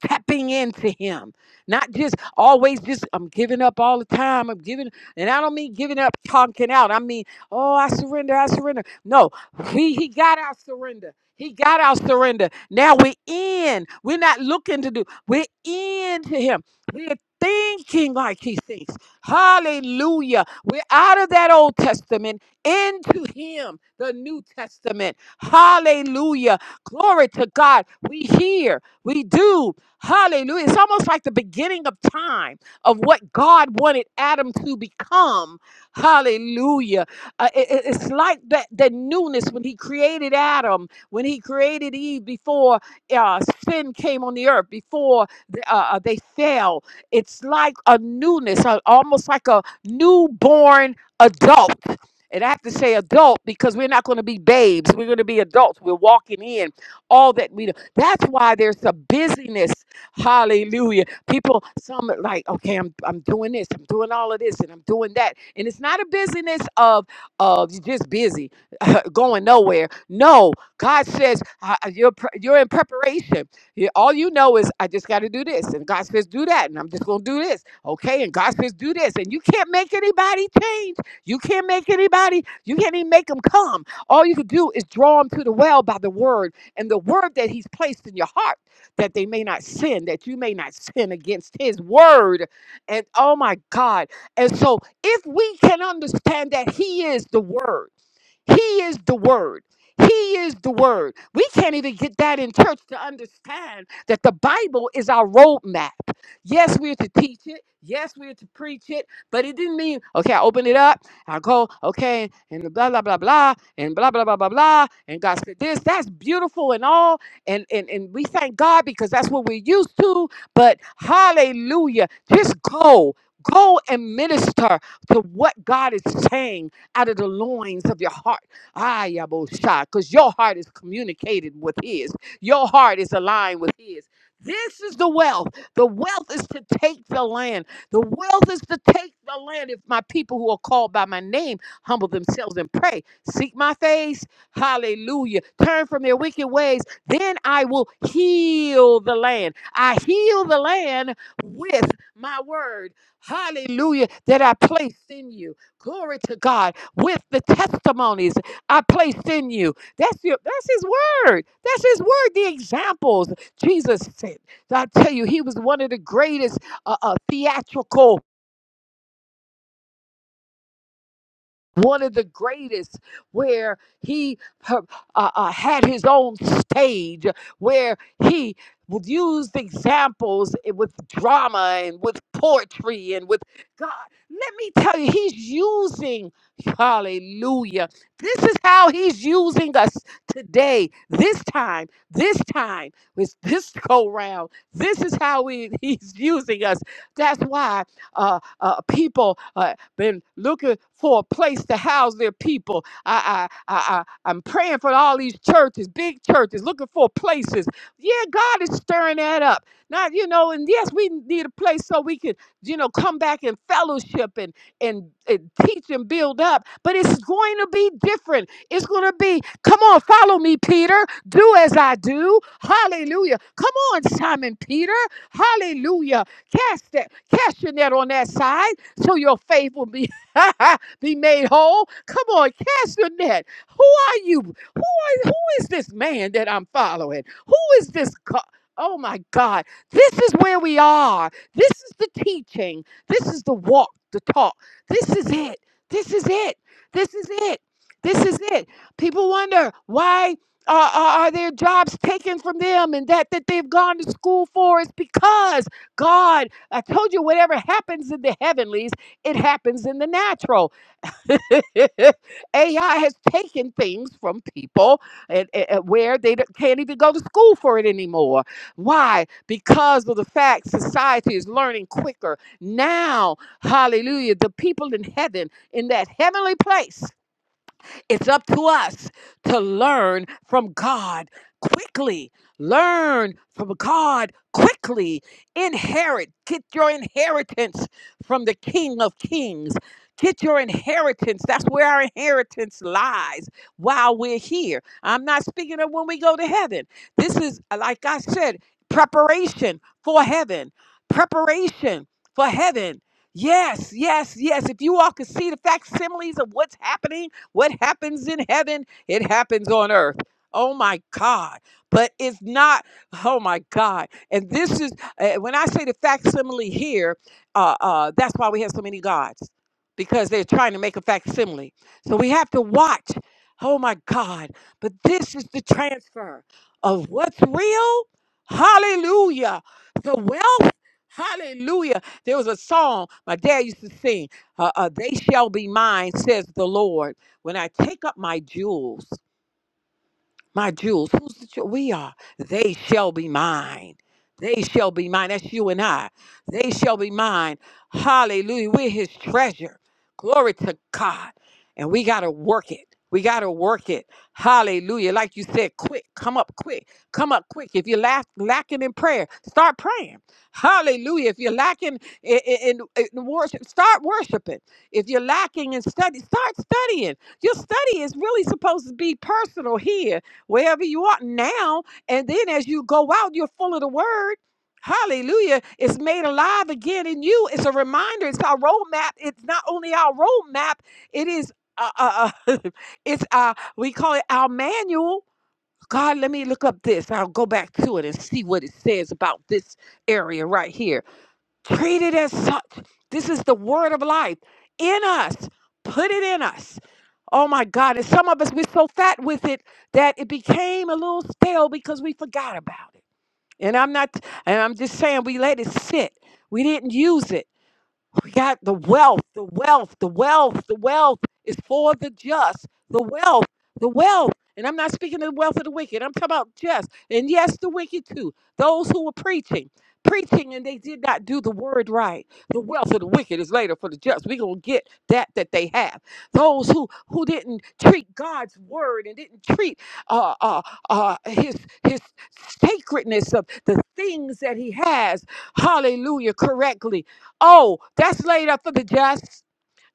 Speaker 3: stepping into him not just always just i'm giving up all the time i'm giving and i don't mean giving up talking out i mean oh i surrender i surrender no he he got our surrender he got our surrender now we're in we're not looking to do we're in to him we're thinking like he thinks hallelujah we're out of that old testament into him the new testament hallelujah Glory to God. We hear, we do. Hallelujah. It's almost like the beginning of time of what God wanted Adam to become. Hallelujah. Uh, it- it- it's like that, that newness when he created Adam, when he created Eve before uh, sin came on the earth, before th- uh, uh, they fell. It's like a newness, uh, almost like a newborn adult. And I have to say adult because we're not going to be babes. We're going to be adults. We're walking in all that we do. That's why there's a busyness. Hallelujah. People, some are like, okay, I'm I'm doing this, I'm doing all of this, and I'm doing that. And it's not a busyness of of you just busy, going nowhere. No, God says uh, uh, you're pre- you're in preparation. You- All you know is I just got to do this, and God says do that, and I'm just gonna do this, okay? And God says do this, and you can't make anybody change. You can't make anybody. You can't even make them come. All you can do is draw them to the well by the word and the word that he's placed in your heart that they may not sin, that you may not sin against his word. And oh my God. And so if we can understand that he is the word, he is the word. He is the word. We can't even get that in church to understand that the Bible is our roadmap. Yes, we're to teach it. Yes, we're to preach it. But it didn't mean, okay, I open it up, I go, okay, and blah, blah, blah, blah, and blah, blah, blah, blah, blah. And God said this. That's beautiful and all. And, and, and we thank God because that's what we're used to. But hallelujah, just go. Go and minister to what God is saying out of the loins of your heart. Ah, Yabosha, because your heart is communicated with his. Your heart is aligned with his. This is the wealth. The wealth is to take the land. The wealth is to take the land. If my people who are called by my name humble themselves and pray, seek my face, hallelujah, turn from their wicked ways, then I will heal the land. I heal the land with my word, hallelujah, that I placed in you. Glory to God with the testimonies I placed in you. That's your that's his word. That's his word. The examples Jesus said, I tell you, he was one of the greatest uh, uh, theatrical one of the greatest, where he uh, uh, had his own stage, where he would use examples eh, with drama and with poetry and with God. Let me tell you, he's using, hallelujah. This is how he's using us today, this time, this time, with this go round. This is how we, he's using us. That's why uh, uh, people. uh, been looking for a place to house their people. I, I, I, I, I'm praying for all these churches, big churches, looking for places. Yeah, God is stirring that up. Now, you know, and yes, we need a place so we can, you know, come back and fellowship and, and, and teach and build up. But it's going to be different. It's going to be, come on, follow me, Peter. Do as I do. Hallelujah. Come on, Simon Peter. Hallelujah. Cast that, cast your net on that side till your faith will be be made whole. Come on, cast your net. Who are you? Who are, who is this man that I'm following? Who is this? Co- oh my God! This is where we are. This is the teaching. This is the walk, the talk. This is it. This is it. This is it. This is it. People wonder why. Are, are, are their jobs taken from them and that that they've gone to school for is because God I told you, whatever happens in the heavenlies, it happens in the natural. AI has taken things from people and, and- and where they don't- can't even go to school for it anymore. Why? Because of the fact society is learning quicker. Now, hallelujah, the people in heaven, in that heavenly place. It's up to us to learn from God quickly. Learn from God quickly. Inherit. Get your inheritance from the King of Kings. Get your inheritance. That's where our inheritance lies while we're here. I'm not speaking of when we go to heaven. This is, like I said, preparation for heaven. Preparation for heaven. Yes, yes, yes. If you all could see the facsimiles of what's happening what happens in heaven, it happens on earth. Oh my God. But it's not, oh my God. And this is, uh, when I say the facsimile here, uh, uh, that's why we have so many gods, because they're trying to make a facsimile. So we have to watch. Oh my God. But this is the transfer of what's real. Hallelujah. The wealth. Hallelujah. There was a song my dad used to sing uh, uh, They Shall Be Mine, says the Lord. When I take up my jewels, my jewels. Who's the jewel? We are. They shall be mine. They shall be mine. That's you and I. They shall be mine. Hallelujah. We're his treasure. Glory to God. And we got to work it. We got to work it. Hallelujah. Like you said, quick. Come up quick. Come up quick. If you're lack, lacking in prayer, start praying. Hallelujah. If you're lacking in, in, in worship, start worshiping. If you're lacking in study, start studying. Your study is really supposed to be personal here wherever you are now. And then as you go out, you're full of the word. Hallelujah. It's made alive again in you. It's a reminder. It's our roadmap. It's not only our roadmap, it is uh, uh, uh, it's uh we call it our manual. God, let me look up this. I'll go back to it and see what it says about this area right here Treat it as such. This is the word of life in us. Put it in us. Oh my God. And some of us, we're so fat with it that it became a little stale because we forgot about it. And I'm not, and I'm just saying we let it sit. We didn't use it. We got the wealth, the wealth, the wealth, the wealth is for the just. The wealth, the wealth. And I'm not speaking of the wealth of the wicked. I'm talking about just. And yes, the wicked too. Those who were preaching, preaching, and they did not do the word right. The wealth of the wicked is later for the just. We're gonna get that that they have. Those who who didn't treat God's word and didn't treat uh, uh, uh, his his sacredness of the things that he has. Hallelujah, correctly Oh, that's laid up for the just.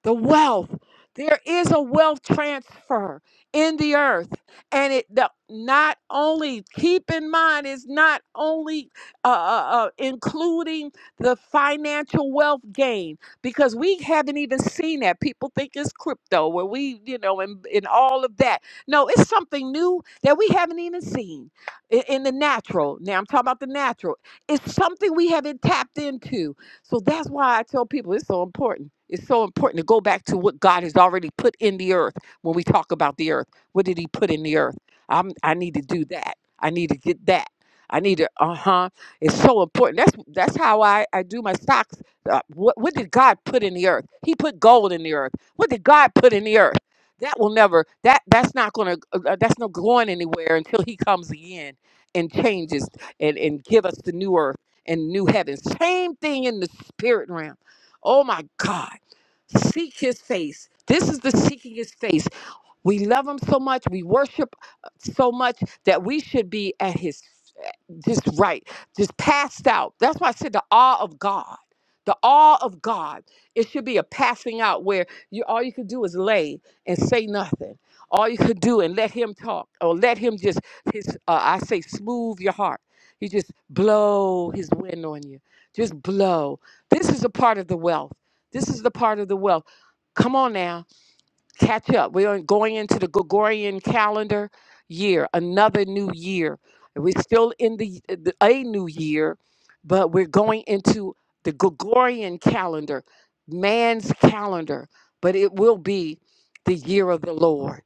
Speaker 3: The wealth. There is a wealth transfer in the earth. And it the, not only, keep in mind, it's not only uh, uh, uh, including the financial wealth gain, because we haven't even seen that. People think it's crypto, where we, you know, and, and all of that. No, it's something new that we haven't even seen in, in the natural. Now I'm talking about the natural. It's something we haven't tapped into so that's why I tell people it's so important. It's so important to go back to what God has already put in the earth when we talk about the earth. What did He put in the earth? I'm, I need to do that. I need to get that. I need to, uh huh. It's so important. That's that's how I, I do my stocks. Uh, what, what did God put in the earth? He put gold in the earth. What did God put in the earth? That will never, that that's not going to, uh, that's not going anywhere until He comes again and changes and, and give us the new earth and new heaven. Same thing in the spirit realm. Oh my God. Seek his face. This is the seeking his face. We love him so much. We worship uh, so much that we should be at his just right, just passed out. That's why I said the awe of God. The awe of God. It should be a passing out where you all you could do is lay and say nothing. All you could do and let him talk, or let him just his. Uh, I say, smooth your heart. He just blow his wind on you. Just blow. This is a part of the wealth. This is the part of the wealth. Come on now catch up. We are going into the Gregorian calendar year, another new year. We're still in the, uh, the a new year, but we're going into the Gregorian calendar, man's calendar, but it will be the year of the Lord,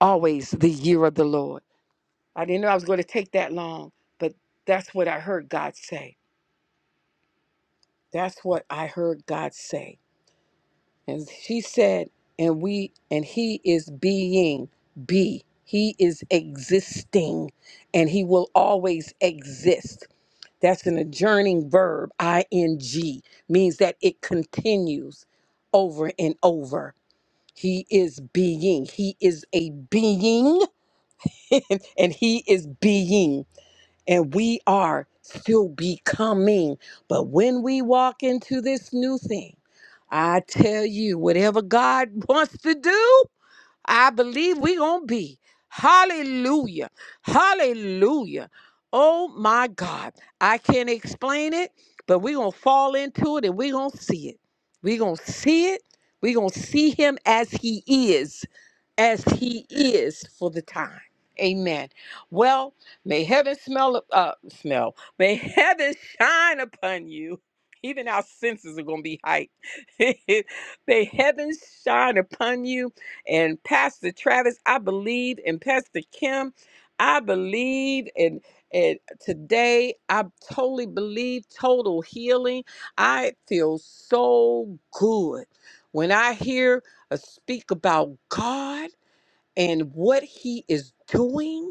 Speaker 3: always the year of the Lord. I didn't know I was going to take that long, but that's what I heard God say. That's what I heard God say And she said, and we, and he is being, be. He is existing, and he will always exist. That's an adjourning verb, ing, means that it continues over and over. He is being. He is a being, and he is being. And we are still becoming. But when we walk into this new thing, I tell you, whatever God wants to do, I believe we're going to be. Hallelujah. Hallelujah. Oh my God. I can't explain it, but we're going to fall into it and we're going to see it. We're going to see it. We're going to see him as he is, as he is for the time. Amen. Well, may heaven smell, uh, smell, may heaven shine upon you. Even our senses are going to be hyped. may heaven shine upon you and Pastor Travis. I believe in Pastor Kim. I believe in and today I totally believe total healing. I feel so good when I hear a speak about God and what he is doing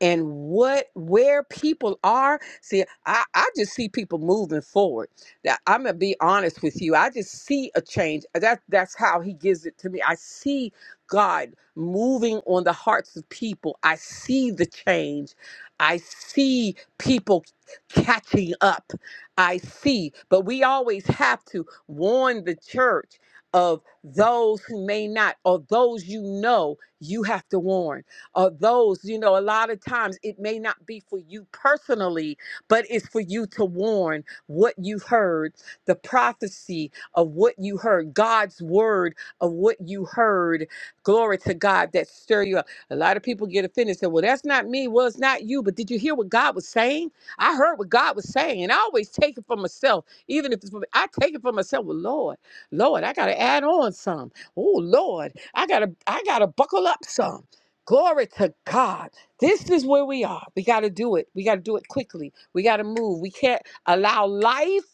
Speaker 3: and what where people are see i i just see people moving forward now, i'm gonna be honest with you i just see a change uh, that that's how he gives it to me i see god moving on the hearts of people i see the change i see people catching up i see but we always have to warn the church of those who may not or those you know you have to warn or those, you know, a lot of times it may not be for you personally, but it's for you to warn what you heard, the prophecy of what you heard, God's word of what you heard. Glory to God that stir you up. A lot of people get offended and say, Well, that's not me. Well, it's not you. But did you hear what God was saying? I heard what God was saying, and I always take it for myself, even if it's for me. I take it for myself. Well, Lord, Lord, I gotta add on some. Oh Lord, I gotta I gotta buckle up some. Glory to God. This is where we are. We got to do it. We got to do it quickly. We got to move. We can't allow life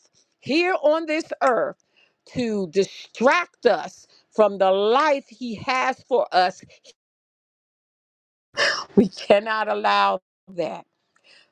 Speaker 3: here on this earth to distract us from the life He has for us. We cannot allow that.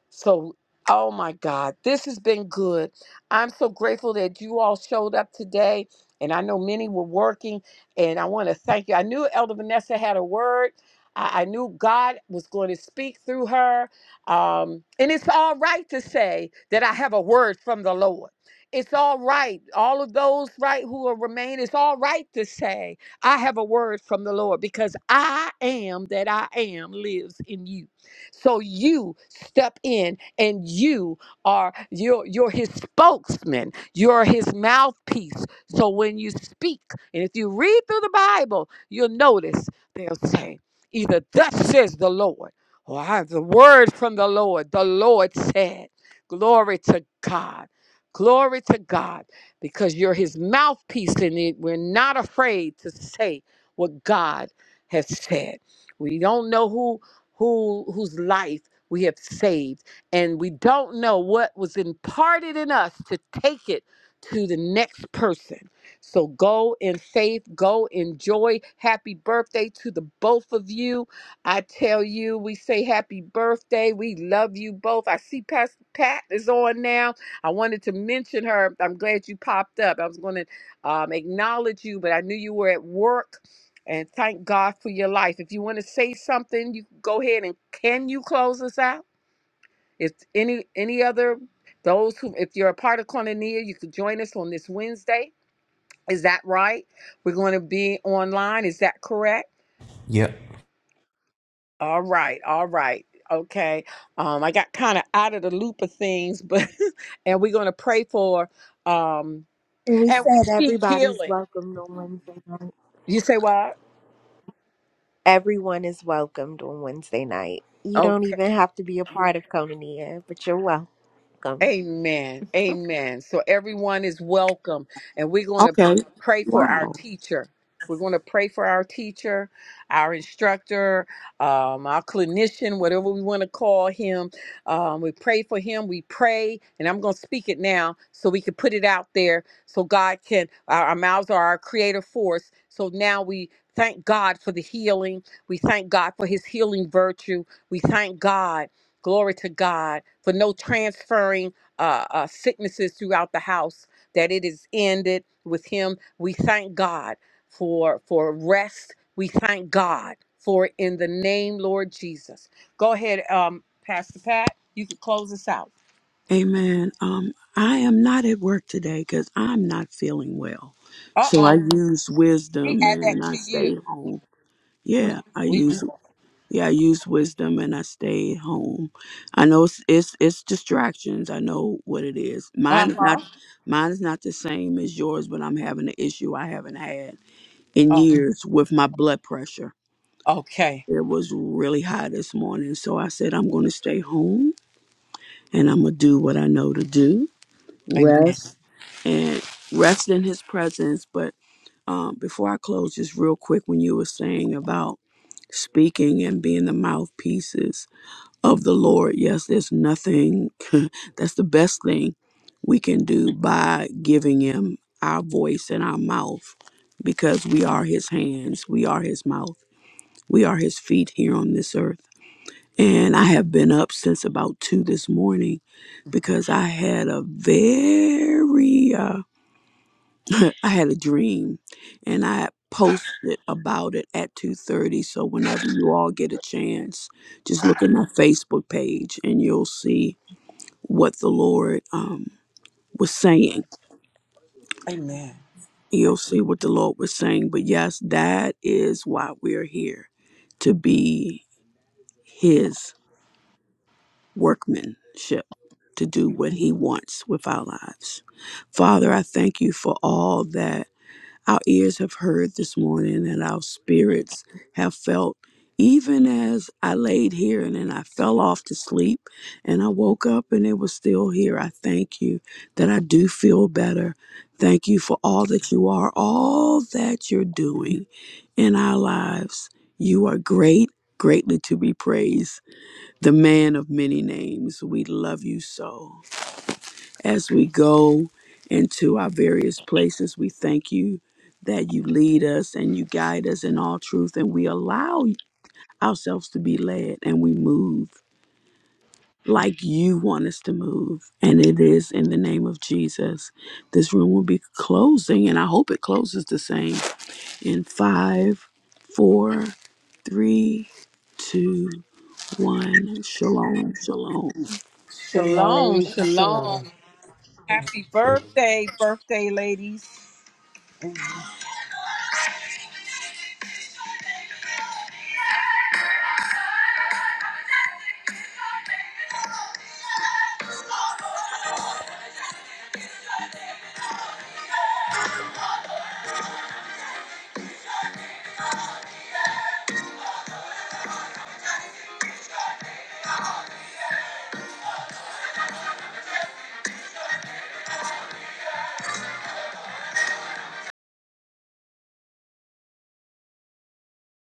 Speaker 3: So, oh my God, this has been good. I'm so grateful that you all showed up today. And I know many were working. And I want to thank you. I knew Elder Vanessa had a word. I, I knew God was going to speak through her. Um, and it's all right to say that I have a word from the Lord. It's all right. All of those right who will remain, it's all right to say, I have a word from the Lord because I am that I am lives in you. So you step in and you are you're you're his spokesman, you're his mouthpiece. So when you speak, and if you read through the Bible, you'll notice they'll say, either thus says the Lord, or I have the word from the Lord. The Lord said, Glory to God. Glory to God, because you're his mouthpiece, and it, we're not afraid to say what God has said. We don't know who who whose life we have saved and we don't know what was imparted in us to take it to the next person so go in faith go enjoy happy birthday to the both of you i tell you we say happy birthday we love you both i see pastor pat is on now i wanted to mention her i'm glad you popped up i was going to um, acknowledge you but i knew you were at work and thank God for your life. If you want to say something, you can go ahead and can you close us out? If any any other those who if you're a part of Cornelia, you could join us on this Wednesday. Is that right? We're going to be online. Is that correct?
Speaker 2: Yep.
Speaker 3: All right. All right. Okay. Um, I got kind of out of the loop of things, but and we're going to pray for um
Speaker 5: we
Speaker 3: and we
Speaker 5: said
Speaker 3: speak
Speaker 5: everybody's
Speaker 3: healing.
Speaker 5: welcome on Wednesday night.
Speaker 3: You say what?
Speaker 5: Everyone is welcomed on Wednesday night. You
Speaker 3: Okay.
Speaker 5: don't even have to be a part of Konania, but you're welcome.
Speaker 3: Amen. Amen. So everyone is welcome. And we're going to
Speaker 11: Okay.
Speaker 3: pray for our
Speaker 11: Wow.
Speaker 3: teacher. We're going to pray for our teacher, our instructor, um, our clinician, whatever we want to call him. Um, we pray for him. We pray, and I'm going to speak it now so we can put it out there so God can, our, our mouths are our creative force. So now we thank God for the healing. We thank God for his healing virtue. We thank God. Glory to God for no transferring uh, uh, sicknesses throughout the house, that it is ended with him. We thank God for for rest. We thank God for it in the name Lord Jesus. Go ahead, um, Pastor Pat. You could close us out.
Speaker 11: Amen. Um, I am not at work today because I'm not feeling well.
Speaker 3: Uh
Speaker 11: So I
Speaker 3: oh,
Speaker 11: use
Speaker 3: we
Speaker 11: wisdom
Speaker 3: add that
Speaker 11: and I
Speaker 3: to you.
Speaker 11: stay home.
Speaker 3: We
Speaker 11: Yeah, I
Speaker 3: we
Speaker 11: use yeah, I use wisdom and I stay home. I know it's it's, it's distractions. I know what it is.
Speaker 3: uh
Speaker 11: Mine is
Speaker 3: huh.
Speaker 11: not mine is not the same as yours, but I'm having an issue I haven't had in
Speaker 3: Oh,
Speaker 11: years with my blood pressure.
Speaker 3: okay.
Speaker 11: It was really high this morning, so I said I'm going to stay home and I'm gonna do what I know to do.
Speaker 3: Amen.
Speaker 11: Rest and rest in His presence. But um, before I close, just real quick, when you were saying about speaking and being the mouthpieces of the Lord, yes, there's nothing. that's the best thing we can do by giving Him our voice and our mouth, because we are His hands, we are His mouth, we are His feet here on this earth. And I have been up since about two this morning because I had a very uh, I had a dream and I posted about it at two thirty. So whenever you all get a chance, just look at my Facebook page and you'll see what the Lord um, was saying.
Speaker 3: Amen.
Speaker 11: You'll see what the Lord was saying. But yes, that is why we're here to be his workmanship to do what He wants with our lives. Father, I thank you for all that our ears have heard this morning and our spirits have felt. Even as I laid here and then I fell off to sleep and I woke up and it was still here, I thank you that I do feel better. Thank you for all that you are, all that you're doing in our lives. You are great, greatly to be praised the man of many names, we love you so. As we go into our various places, we thank you that you lead us and you guide us in all truth, and we allow ourselves to be led and we move like you want us to move. And it is in the name of Jesus. This room will be closing, and I hope it closes the same in five, four, three, two, one. Shalom, shalom.
Speaker 3: Shalom.
Speaker 4: Shalom,
Speaker 3: Shalom.
Speaker 4: shalom.
Speaker 3: Happy
Speaker 2: So
Speaker 3: birthday, birthday ladies.